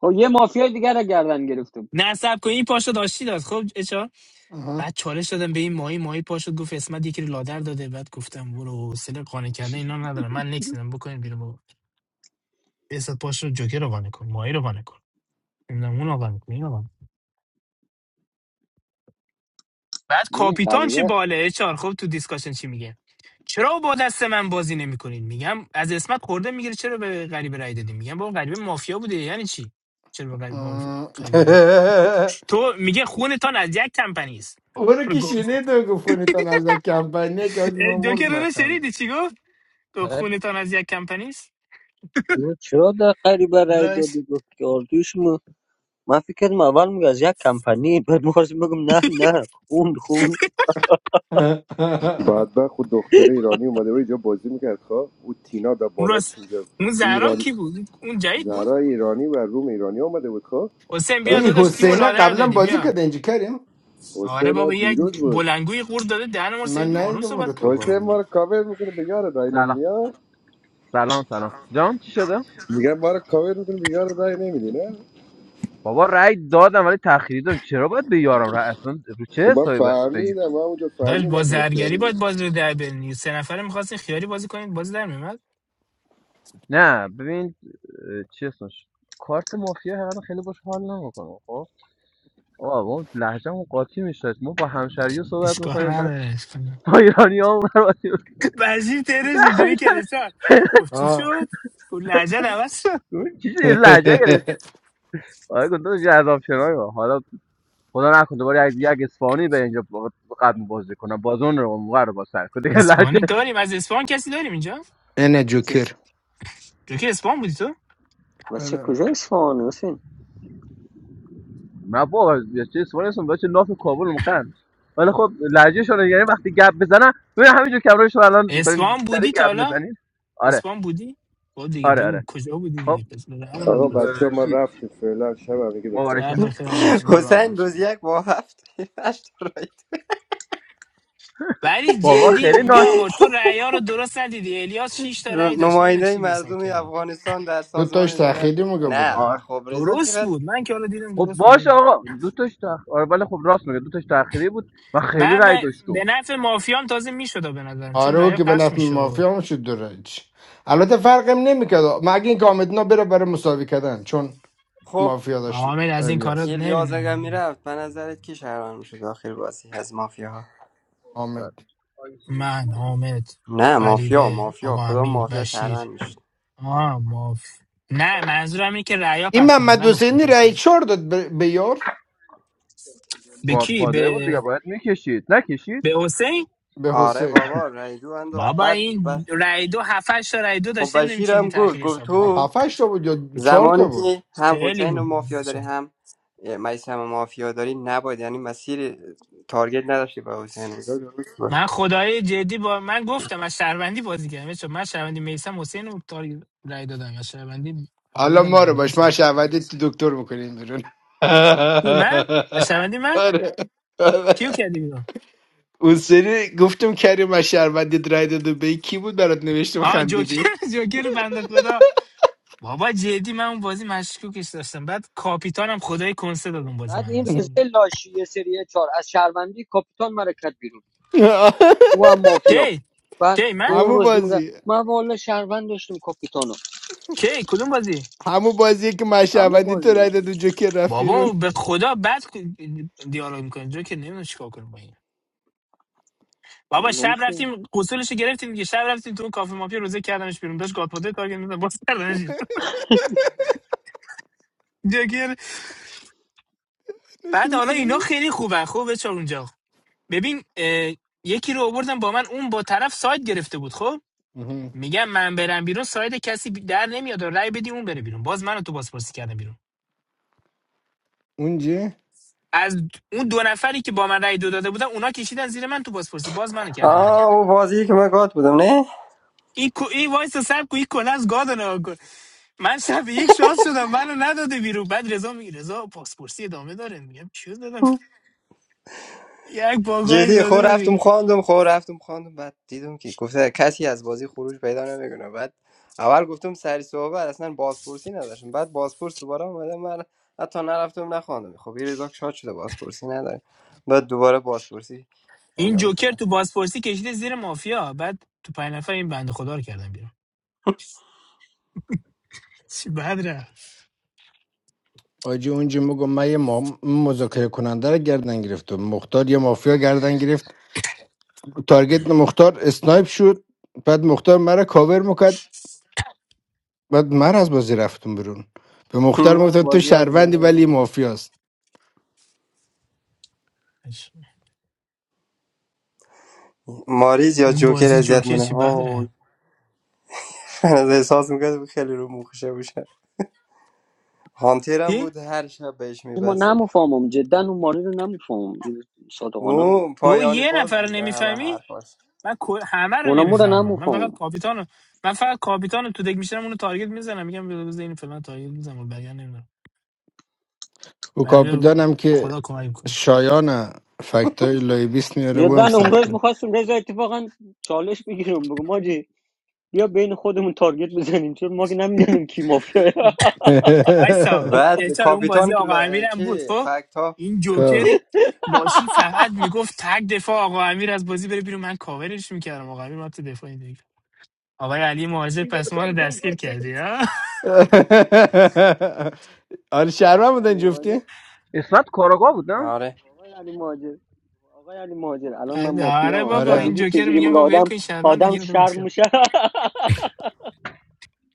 Speaker 22: خب یه مافیای دیگر رو گردن گرفتم
Speaker 19: نه سب کن این پاشد آشتی داد خب اچا
Speaker 21: آها.
Speaker 19: بعد چالش دادم به این ماهی ماهی پاشد گفت اسمت یکی رو لادر داده بعد گفتم برو حوصله قانع کردن اینا ندارم من نکسیدم بکنین بیرون بابا اسمت پاشد جوکر رو قانع کن ماهی رو قانع کن نمیدونم اون رو قانع کن این رو قانع کن. بعد
Speaker 22: این
Speaker 19: کاپیتان چی
Speaker 22: قریبه
Speaker 19: باله اچار خب تو دیسکاشن چی میگه چرا با دست من بازی نمیکنین میگم از اسمت خورده میگیره چرا به غریبه رای دادی میگم با غریبه مافیا بوده یعنی چی چرا به
Speaker 21: آه.
Speaker 19: غریبه تو میگه خونتان از یک کمپنی است
Speaker 21: او رو
Speaker 19: برو
Speaker 21: که
Speaker 19: گم شو.
Speaker 21: شینید و گفتونیتون از یک کمپانیه که آجی
Speaker 19: اه،
Speaker 21: ما مرد
Speaker 19: جوکر رو
Speaker 21: مخم
Speaker 19: شنیدی چی گفت تو خونتان از یک کمپنی است
Speaker 22: نه، چرا در غریبه رای
Speaker 19: لاش
Speaker 22: دادی گفت که آرزوی شما من فکر کردم اول میگه از یک کمپانی بعد میخواستم بگم نه نه خوند خوند
Speaker 10: بعد خود دختره ایرانی اومده و اینجا بازی میکرد خب او تینا به
Speaker 19: اون
Speaker 10: بالا
Speaker 19: راست
Speaker 10: چیزا
Speaker 19: اون
Speaker 10: او
Speaker 19: زهرا
Speaker 10: ایرانی
Speaker 19: کی بود اون جدید بود
Speaker 10: زهرا ایرانی و روم ایرانی آمده بود خب
Speaker 19: حسین بیا
Speaker 10: بعد
Speaker 21: ای
Speaker 19: داداش تیمو
Speaker 21: حسینه
Speaker 19: لادر
Speaker 21: قبلا
Speaker 19: دادی
Speaker 21: بازی
Speaker 19: بیا
Speaker 21: کرده اینجا کریم
Speaker 19: آره
Speaker 10: حسین ها
Speaker 19: بابا
Speaker 10: دیروز
Speaker 19: یک
Speaker 10: بود
Speaker 19: بلنگوی قور داده دهن ما سرویس.
Speaker 21: من
Speaker 19: آروم
Speaker 21: ندیدم اون
Speaker 19: صحبت
Speaker 21: رو
Speaker 19: کن
Speaker 21: تا
Speaker 10: حسین ما
Speaker 21: بالا
Speaker 10: رو کاور میکنه به یار رای
Speaker 7: سلام
Speaker 10: نمیدی ها
Speaker 7: سلام سلام جان چی شده
Speaker 10: میگن ما رو کاور میکنه به یار رای نمیدی نه
Speaker 7: بابا رأی دادم ولی تأخیری دادم چرا باید به یارم رأی اصلا رو
Speaker 10: خب
Speaker 7: چه
Speaker 10: من
Speaker 7: حسابی باید بگیر
Speaker 10: فهمیدم من اونجا
Speaker 19: داداش با
Speaker 10: فهمیدم با کیاری
Speaker 19: زرگری باید
Speaker 10: بود.
Speaker 19: بازی رو در بلنی سه نفره میخواستین خیاری بازی کنید بازی در میومد
Speaker 7: نه ببین اه، چی اسمش کارت مافیا هر خیلی باش حال نمیکنم خب آه ما لهجه‌مون قاطی میشه ما با همشهری صحبت
Speaker 19: اشکال
Speaker 7: میکنیم بعد
Speaker 19: نداره اشکال نداره.
Speaker 7: با ایرانی ها
Speaker 19: بشیر ترش اینجوری کرد سار گفت چی
Speaker 21: آه
Speaker 19: شد گفت لحجت عوض
Speaker 7: چیزی لهجه گرفتی آره گفتم جذاب شنای ما. حالا خدا نکنه دوباره یک یک اصفهانی به اینجا قدم بازی کنم بازون رو موقع رو با سر کنه
Speaker 19: اسپانی داریم از اسپان کسی داریم اینجا
Speaker 21: اینه
Speaker 22: چیز
Speaker 21: جوکر
Speaker 19: جوکی اسپان بودی تو
Speaker 22: واسه کجا اصفهان حسین
Speaker 7: من با چه سوال هستم داشت ناف کابل مقن ولی خب لهجهشون یعنی وقتی گپ بزنن ببین همینجور که همراهش شما الان دارین
Speaker 19: اسپان
Speaker 7: داری
Speaker 19: بودی تا
Speaker 7: گپ
Speaker 19: حالا
Speaker 7: میزنین آره
Speaker 19: اسپان بودی با دیگه
Speaker 7: آره
Speaker 19: بگو
Speaker 7: آره
Speaker 19: کجا بودی
Speaker 7: خب
Speaker 19: دیگه پس برای همون
Speaker 10: آقا
Speaker 7: ام،
Speaker 19: میپرسی
Speaker 10: بچه
Speaker 7: اه،
Speaker 10: ها، ما
Speaker 7: چی
Speaker 10: رفتیم فعلا شب هم میگه بخیر
Speaker 19: شب
Speaker 7: مبارکم
Speaker 19: بخیر آقا، شب بخیر.
Speaker 9: حسین
Speaker 21: برامج
Speaker 9: روز یک با هفت هشت رایت
Speaker 19: ولی
Speaker 7: بابا
Speaker 19: جدی
Speaker 7: خیلی ناز
Speaker 19: میام تو رأیا رو درست ندیدی الیاس 6 تا
Speaker 9: رو-
Speaker 19: رأی داشت نمیدونم
Speaker 9: نماینده
Speaker 19: چی حساب
Speaker 9: مردم
Speaker 19: کردی
Speaker 9: افغانستان در
Speaker 21: دو تاش
Speaker 9: سازمان ملل
Speaker 21: تأخیری موقع
Speaker 9: نه
Speaker 21: بودم
Speaker 7: آره
Speaker 9: خب رضا
Speaker 19: درست
Speaker 9: چقدر
Speaker 19: بود من که حالا دیدم
Speaker 7: خب
Speaker 19: درست بود
Speaker 7: باشه آقا دو تاش تخ... آره ولی خب راست میگه دو تاش تأخیری بود و خیلی
Speaker 19: من,
Speaker 7: رای
Speaker 19: من به
Speaker 7: داشتم
Speaker 19: نفع مافیام تازه میشد به نظرم چون
Speaker 21: آره او
Speaker 19: رأیا
Speaker 21: که به
Speaker 19: پخش
Speaker 21: نفع
Speaker 19: میشد
Speaker 21: مافیا هم شد درج البته فرقم نمیکرد مگه اینکه حامد نا بره برای مساوی کردن چون
Speaker 9: خب
Speaker 21: مافیا داشت
Speaker 19: حامد از این کارا
Speaker 21: الیاس
Speaker 9: الیاز اگر
Speaker 19: نمیدونم
Speaker 9: میرفت به نظرت کی شهروند میشد داخل بازی از مافیا
Speaker 21: حامد
Speaker 19: من حامد
Speaker 9: نه مافیا
Speaker 19: غریبه
Speaker 9: مافیا
Speaker 19: آقا
Speaker 9: کدام
Speaker 19: امیر
Speaker 9: مافیا
Speaker 19: بشیر
Speaker 9: شهروند میشد
Speaker 19: آه ماف نه منظورم اینه که ریا
Speaker 21: این
Speaker 19: پخش میشد
Speaker 21: محمد
Speaker 19: نگفتم
Speaker 21: حسینی
Speaker 19: کسی
Speaker 21: رای
Speaker 19: رو.
Speaker 21: چهار داد به به یار
Speaker 19: به کی
Speaker 7: گادفادر بود دیگه
Speaker 19: به
Speaker 7: باید میکشید نکشید
Speaker 19: به حسین
Speaker 21: به
Speaker 9: آره
Speaker 21: حسین
Speaker 9: بابا رای دو انداخت
Speaker 19: بابا
Speaker 9: بعد
Speaker 19: این
Speaker 9: بعد
Speaker 19: رای دو هفتش تا رای دو
Speaker 9: خب
Speaker 19: داشته نمیدونم
Speaker 9: بشیر
Speaker 19: چیزی
Speaker 9: هم گفت
Speaker 19: تاخیر
Speaker 9: گفت
Speaker 19: حساب
Speaker 21: آه،
Speaker 19: میکنه
Speaker 9: تو
Speaker 21: هفتش تا بود یا چهار تا
Speaker 9: زمانی
Speaker 21: بود
Speaker 9: که هم
Speaker 19: خیلی
Speaker 9: حسین
Speaker 19: بود
Speaker 9: رو مافیا داری هم میسم مافیا داری نباید یعنی مسیر تارگت نداشتی به حسین
Speaker 19: من خدای جدی با من گفتم از شهروندی بازی کردم چون من شهروندی میسم حسین رو تاری رای دادم از شهروندی
Speaker 21: الان
Speaker 19: حامدم
Speaker 21: ما رو باش
Speaker 19: الیاس
Speaker 21: ما
Speaker 19: رای
Speaker 21: شعبدی دکتر میکنیم بیرون
Speaker 19: کی من از شهروندی من
Speaker 21: آره آره.
Speaker 19: کیو کردی بیرون
Speaker 21: اون سری گفتم کریم از شهروندی رای داده به کی بود برات نوشتم
Speaker 19: آه جوکر
Speaker 21: خندیدی
Speaker 19: جوکر بنده خدا بابا جدی من اون بازی مشکوکش داشتم بعد کاپیتانم خدای کنسه داد اون بازی
Speaker 22: بعد
Speaker 19: من
Speaker 22: این
Speaker 19: اصلا
Speaker 22: رزه لاشی سریه چهار از شهروندی کاپیتان مرکت بیرون او هم مافیا
Speaker 19: کی
Speaker 22: بعد
Speaker 19: کی من
Speaker 22: اون
Speaker 21: همون
Speaker 22: روز میگه
Speaker 21: بازی
Speaker 22: من والا شهروند داشتم کاپیتانو
Speaker 19: کی کدوم بازی
Speaker 21: همون بازی که
Speaker 22: اما
Speaker 21: مشهوندی تو
Speaker 22: بازی
Speaker 21: رای
Speaker 22: بود
Speaker 21: داد و جوکر رفت بیرون
Speaker 19: بابا به خدا بعد دیالوگ میکنه جو که نمیدونم چیکار کنم با این بابا
Speaker 22: برو گم
Speaker 19: شب
Speaker 22: شد
Speaker 19: رفتیم قصولش رو گرفتیم دیگه شب رفتیم تو اون کافه مافیا روزه کردنش بیرون داشت گاتپاده تارگت میزد باز کردنش بیرون. جوکر بعد حالا اینا خیلی خوبه خوبه چون اونجا ببین اه، یکی رو آوردم با من اون با طرف سایت گرفته بود خب
Speaker 21: آها.
Speaker 19: میگم من برم بیرون ساید کسی در نمیاد و رأی بدی اون بره بیرون باز منو تو بازپرسی کردم بیرون
Speaker 21: اونجه
Speaker 19: از اون دو نفری که با من رأی دو داده بودن اونا کشیدن زیر من تو بازپرسی باز منو کردم بیرون
Speaker 9: آه او بازی که من گات بودم نه
Speaker 19: این کو این وایس سر کو این کلا از گاد نگاه کن من شب یک شانس شدم منو نداده بیرون بعد رضا میگه رضا بازپرسی ادامه داره میگم چیو دادم یک باگایی
Speaker 9: جدی
Speaker 19: داده
Speaker 9: خور
Speaker 19: بودی
Speaker 9: رفتم خواندم خور رفتم خواندم بعد دیدم که گفته کسی از بازی خروج پیدا نمیکنه بعد اول گفتم سری صحبت اصلا بازپرسی نداشتم بعد بازپرس دوباره اومده من حتی نرفتم نخواندم خب یه رزاک شاد شده بازپرسی نداره بعد دوباره بازپرسی
Speaker 19: این
Speaker 9: انجام
Speaker 19: جوکر
Speaker 9: شده
Speaker 19: تو بازپرسی کشیده زیر مافیا بعد تو پنج نفر این بنده خدا رو کردم بیرون چی بد رفت
Speaker 21: آجی اونجه میگم من یه ما... مذاکره کننده رو گردن گرفت و مختار یه مافیا گردن گرفت تارگت مختار اسنایپ شد بعد مختار مرا کاور میکرد بعد من از بازی رفتم برون. به مختار گفتم تو
Speaker 9: بازی یاد
Speaker 21: شهروندی
Speaker 9: برای
Speaker 21: ولی مافیاست
Speaker 9: ماریز یا
Speaker 19: اون
Speaker 9: جوکر
Speaker 19: بازی
Speaker 9: اذیت
Speaker 19: جوکر
Speaker 9: مونه
Speaker 19: چی بد
Speaker 9: آه
Speaker 19: رفت
Speaker 9: از احساس میکرد خیلی رو مخشه بشه هانتر هم بود هر شب بهش
Speaker 22: ما
Speaker 9: میبست
Speaker 22: نمیفهمم جدا اون ماری رو نمیفهمم صادقانه میگم
Speaker 9: او
Speaker 19: تو
Speaker 9: پایانی
Speaker 19: یه
Speaker 9: باز
Speaker 19: نفر رو
Speaker 9: میزه همه
Speaker 19: نمیفهمی
Speaker 9: حرفاش
Speaker 19: من کل- همه رو
Speaker 22: اونا رو
Speaker 19: نمیفهمم من
Speaker 22: نمیفهمم
Speaker 19: فقط کاپیتان من فقط کاپیتان تو دک میشم اونو تارگت میزنم میگم بذار این فلان تارگت میزنم و بقیه نمیدونم
Speaker 21: و
Speaker 19: بقیه رو
Speaker 21: کاپیتانم که
Speaker 19: خدا کمک کنیم
Speaker 21: شایان فکتای لایبیس میاره و
Speaker 22: جدا
Speaker 21: هم
Speaker 22: امروز
Speaker 21: سخته
Speaker 22: میخواستم رضا اتفاقا چالش بگیرم بگم ماجی بیا بین خودمون تارگت بزنیم چون ما که نمیدونیم کی مافیا
Speaker 19: وایسا
Speaker 9: بعد
Speaker 19: بیچاره اون بازی
Speaker 9: کاپیتان که
Speaker 19: آقا
Speaker 9: لا-
Speaker 19: امیرم بود
Speaker 9: چی
Speaker 19: خب
Speaker 9: فکت ها
Speaker 19: این جوکری لاشی فقط میگفت تگ دفاع آقا امیر از بازی بره بیرون من کاورش میکردم آقا امیر من تو دفاع این دیگه آقای علی مهاجر پس ما رو دستگیر کردی ها
Speaker 21: آره شهروند
Speaker 22: آقای
Speaker 21: بودن
Speaker 22: علی ماجر
Speaker 21: جفتی
Speaker 7: اسمت کاراگاه بود نه
Speaker 9: آره
Speaker 22: آقای علی ماجر آقای علی ماجر الان من
Speaker 19: آره
Speaker 22: مافیام
Speaker 19: بابا
Speaker 22: بعد
Speaker 21: آره
Speaker 19: این
Speaker 22: دیدی
Speaker 19: جوکر
Speaker 22: چجوری
Speaker 19: میگم
Speaker 22: میگه
Speaker 19: با ول
Speaker 22: آدم
Speaker 19: کن شرمنده
Speaker 22: آدم
Speaker 19: گیر به
Speaker 22: شرم
Speaker 19: مافیا.
Speaker 22: میشه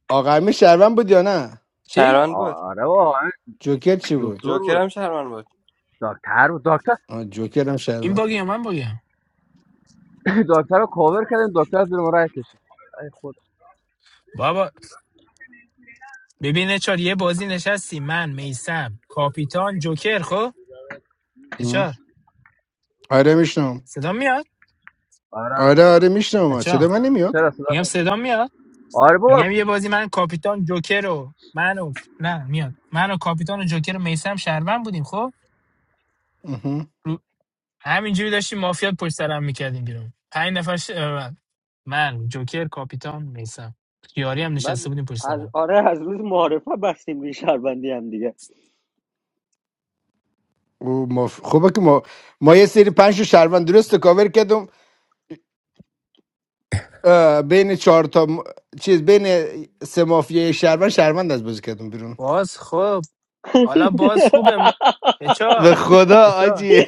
Speaker 21: آقا امیر شهروند بود یا نه
Speaker 19: چی
Speaker 9: شهران بود
Speaker 7: آره بابا همین
Speaker 21: جوکر چی بود
Speaker 7: دکتر
Speaker 9: جوکر
Speaker 7: بود
Speaker 9: هم شهران بود
Speaker 7: دکتر بود دکتر
Speaker 21: آه، جوکر هم
Speaker 19: این
Speaker 21: شهروند
Speaker 19: باگی یا من باگی
Speaker 7: دکتر رو کاور کردیم دکتر زیر ما رای کشید ای خدا.
Speaker 19: بابا ببین اچار یه بازی نشستی من میسم کاپیتان جوکر خب
Speaker 21: اه.
Speaker 19: اچار
Speaker 21: آره میشنم
Speaker 19: صدا میاد
Speaker 7: آره
Speaker 21: آره
Speaker 7: رسول الله.
Speaker 21: آره میشنم
Speaker 19: بچا
Speaker 21: صدا من
Speaker 7: چه
Speaker 21: نمیاد
Speaker 19: میگم
Speaker 7: هست
Speaker 19: صدا میاد
Speaker 7: آره بابا
Speaker 19: میگم یه بازی من کاپیتان جوکر رو منو نه میاد من و کاپیتان و جوکر و میسم شهروند بودیم خب
Speaker 21: اه.
Speaker 19: رو- همینجوری داشتیم مافیا پشت سرم میکردیم بیرون پنج نفر ش- من جوکر کاپیتان میسم یاری هم
Speaker 22: بعد
Speaker 19: نشسته بودیم پشت
Speaker 22: از
Speaker 19: سرم
Speaker 22: آره از روز معارفه بستیم روی شربندی هم دیگه
Speaker 21: او مف... خوبه که ما ما یه سری پنج تا شهروند درست کاور کردم اه، بین چهار تا م- چیز بین سه مافیای شهروند شهروند از بازی کردم بیرون
Speaker 19: باز خب حالا باز خوبه م...
Speaker 21: به
Speaker 19: اچار
Speaker 21: خدا
Speaker 19: اچار
Speaker 21: آجی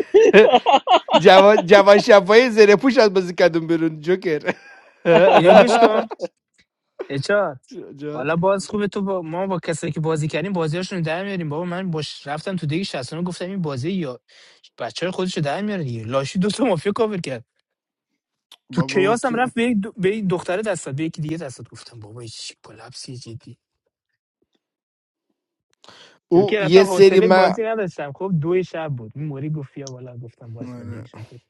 Speaker 21: جوان جوان شفایی زیر پوش از بازی کردم بیرون جوکر
Speaker 19: اینو گوش کن اچار
Speaker 21: جاد
Speaker 19: حالا باز خوبه تو با ما با کسایی که بازی کردیم بازیاشون رو در میاریم بابا من باش رفتم تو دیگه 69 گفتم این بازی یا بچه های خودش رو در میاره دیگه لاشی دو تا مافیا کاور کرد تو
Speaker 21: بابا اون
Speaker 19: کیاس هم
Speaker 21: که
Speaker 19: رفت به یک دو... به یک دختره دست داد به یکی دیگه دست داد گفتم بابا این چی کلاپسی جدی چون
Speaker 21: او
Speaker 19: که
Speaker 21: یه
Speaker 19: اصلا
Speaker 21: سری
Speaker 19: حوصله
Speaker 21: ما
Speaker 19: بازی نداشتم خب دو شب بود این موری گفت یا والا گفتم باشه دیگشون بود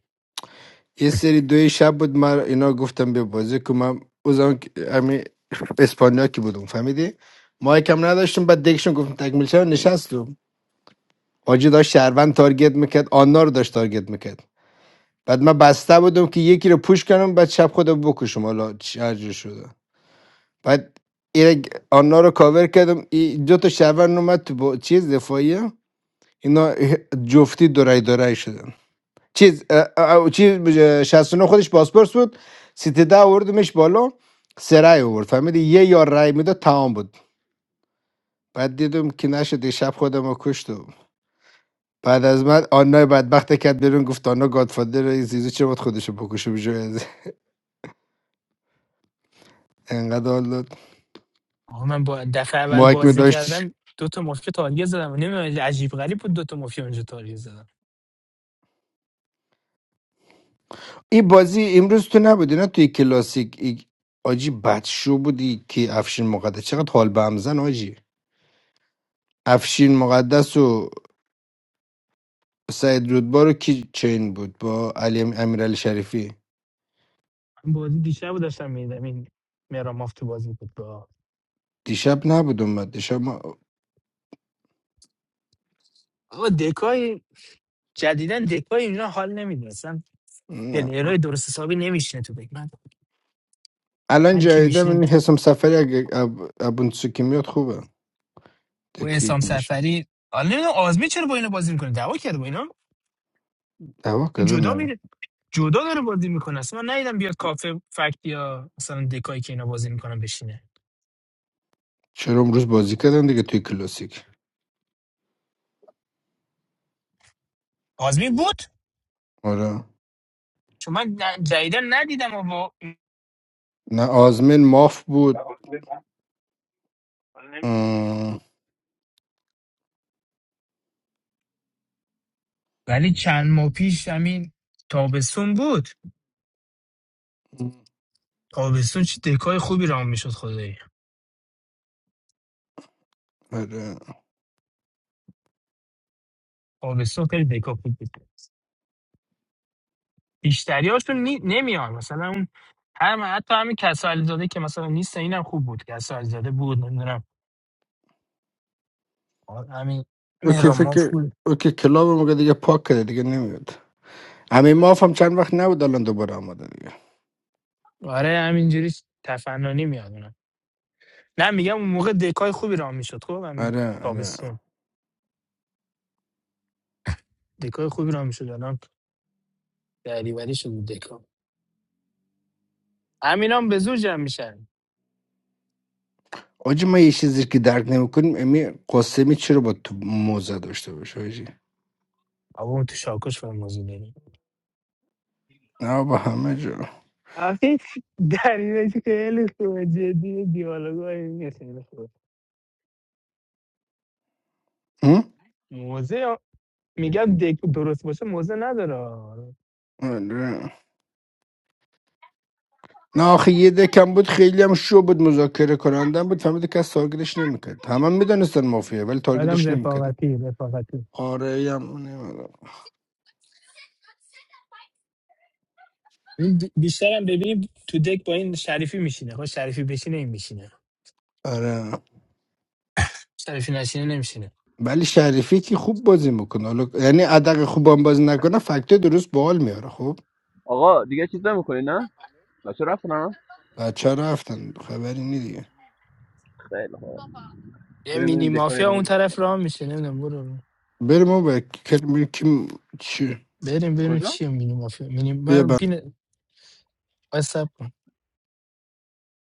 Speaker 21: یه سری دوی شب بود من اینا گفتم به بازی که من او زمان که- همین اسپانیا که بودم فهمیدی ما یکم نداشتیم بعد دکشون گفتم تکمیل شد نشستم حاجی داشت شهروند تارگت میکرد آنا رو داشت تارگت میکرد بعد من بسته بودم که یکی رو پوش کنم بعد شب خودم بکشم حالا چی- هر جور شده بعد این آنها رو کاور کردم این دو تا شهروند اومد تو با چیز دفاعیه اینا جفتی دورای دورای شدن چیز اه، اه، چیز بج- 69 خودش پاسپورت بود سیتی ده آوردمش بالا سه رای آورد فهمیدی یه یار رای میداد تمام بود بعد دیدم که نشد یه شب خودم رو کشت و بعد از من آنای بدبخت کرد بیرون گفت آنا گادفادر زیزو چرا باید خودشو بکشه بجای از انقدر حال داد
Speaker 19: آقا من با دفعه اول
Speaker 21: محکمه
Speaker 19: بازی
Speaker 21: داشتش
Speaker 19: کردم دو تا مافیا تارگت زدم نمیدونم عجیب غریب بود دو تا مافیا اونجا تارگت زدم
Speaker 21: این بازی امروز تو نبودی نه توی کلاسیک ای- آجی بدشو بودی که افشین مقدس چقدر حال به هم زن آجی افشین مقدس و سعید رودبار کی چین بود با علی امیرعلی شریفی
Speaker 19: من بازی دیشب رو داشتم میدیدم این مهران مافتی بازی بود با
Speaker 21: دیشب نبود اومد دیشب ما...
Speaker 19: آقا دکای جدیدن دکای اینا حال نمیدونستم
Speaker 21: نه.
Speaker 19: پلیرای درست حسابی نمیشینه تو بگ من
Speaker 21: الان
Speaker 19: من کی
Speaker 21: جدیدم
Speaker 19: میشینه
Speaker 21: این حسام سفری اگه اب... ابونتسوکی میاد خوبه
Speaker 19: و
Speaker 21: دکی
Speaker 19: حسام
Speaker 21: میشه
Speaker 19: سفری حالا نمیدونم آزمی چرا با اینا بازی میکنه دعوا کرده با اینا
Speaker 21: دعوا
Speaker 19: اون
Speaker 21: کردن
Speaker 19: جدا
Speaker 21: نه
Speaker 19: میره جدا داره بازی میکنه اصلا من ندیدم بیاد کافه فکت یا مثلا دکایی که اینا بازی میکنن بشینه
Speaker 21: چرا امروز بازی کردن دیگه توی کلاسیک
Speaker 19: آزمی بود
Speaker 21: آره
Speaker 19: چون من ن- جدیدا ندیدم و با-
Speaker 21: نه آزمین ماف بود ام،
Speaker 19: ولی چند ماه پیش همین تابستون بود تابستون چه دکای خوبی رام میشد خدایی
Speaker 21: آره
Speaker 19: تابستون خیلی دکا خوب بود بیشتری هاشون نی... نمیان مثلا اون هر من حتی همین کسال زاده که مثلا نیست اینم خوب بود کسال زاده بود نمیدونم همین
Speaker 21: اوکی
Speaker 19: مهران
Speaker 21: فکر
Speaker 19: مافول
Speaker 21: اوکی کلاب مگه دیگه پاک کرده دیگه نمیاد همین ماف هم چند وقت نبود الان دوباره آمده دیگه
Speaker 19: آره همینجوری تفننی میاد اونا. نه میگم اون موقع دکای خوبی رام میشد خب همین
Speaker 21: آره آره
Speaker 19: تابستون دکای خوبی رام میشد الان دریوری شد دکا همینام به زور جمع میشن
Speaker 21: آجی من یه چیزی که درک نمیکنیم امی قاسمی چرا با تو موزه داشته باشه آجی
Speaker 19: بابا اون تو شاکش فهم موضوع داریم
Speaker 21: نه با همه جا
Speaker 19: آخه دلیلش خیلی خوبه جدی دیالوگای این خیلی خوبه
Speaker 21: هم؟
Speaker 19: موزه میگم دک درست باشه موزه نداره
Speaker 21: آره. نه آخه یه دکم بود خیلی هم شو بود مذاکره کننده بود فهمید که کس تارگتش نمیکرد همه میدونستن مافیا ولی
Speaker 19: آدم
Speaker 21: تارگتش نمیکردن
Speaker 19: رفاقتی رفاقتی
Speaker 21: آره هم نمی‌دونم.
Speaker 19: این بی- بیشترم ببینیم تو دک با این شریفی میشینه خب شریفی بشینه این میشینه
Speaker 21: آره
Speaker 19: شریفی نشینه نمیشینه
Speaker 21: ولی شریفی که خوب بازی میکنه حالا یعنی ادق خوب هم بازی نکنه فکته درست بال میاره خب
Speaker 7: آقا دیگه چیز نمیکنی نه بچه رفتن ها
Speaker 21: بچه رفتن خبری نی دیگه
Speaker 7: خیلی خوب
Speaker 19: یه
Speaker 7: بریم
Speaker 19: مینی
Speaker 7: این دکای
Speaker 19: مافیا
Speaker 7: رو
Speaker 19: اون طرف
Speaker 7: میشه.
Speaker 19: راه میشه نمیدونم برو
Speaker 21: بریم اون بر- کی کی- چی؟
Speaker 19: بریم بریم
Speaker 7: کجا
Speaker 19: چیه مینی مافیا مینی من پین واسپ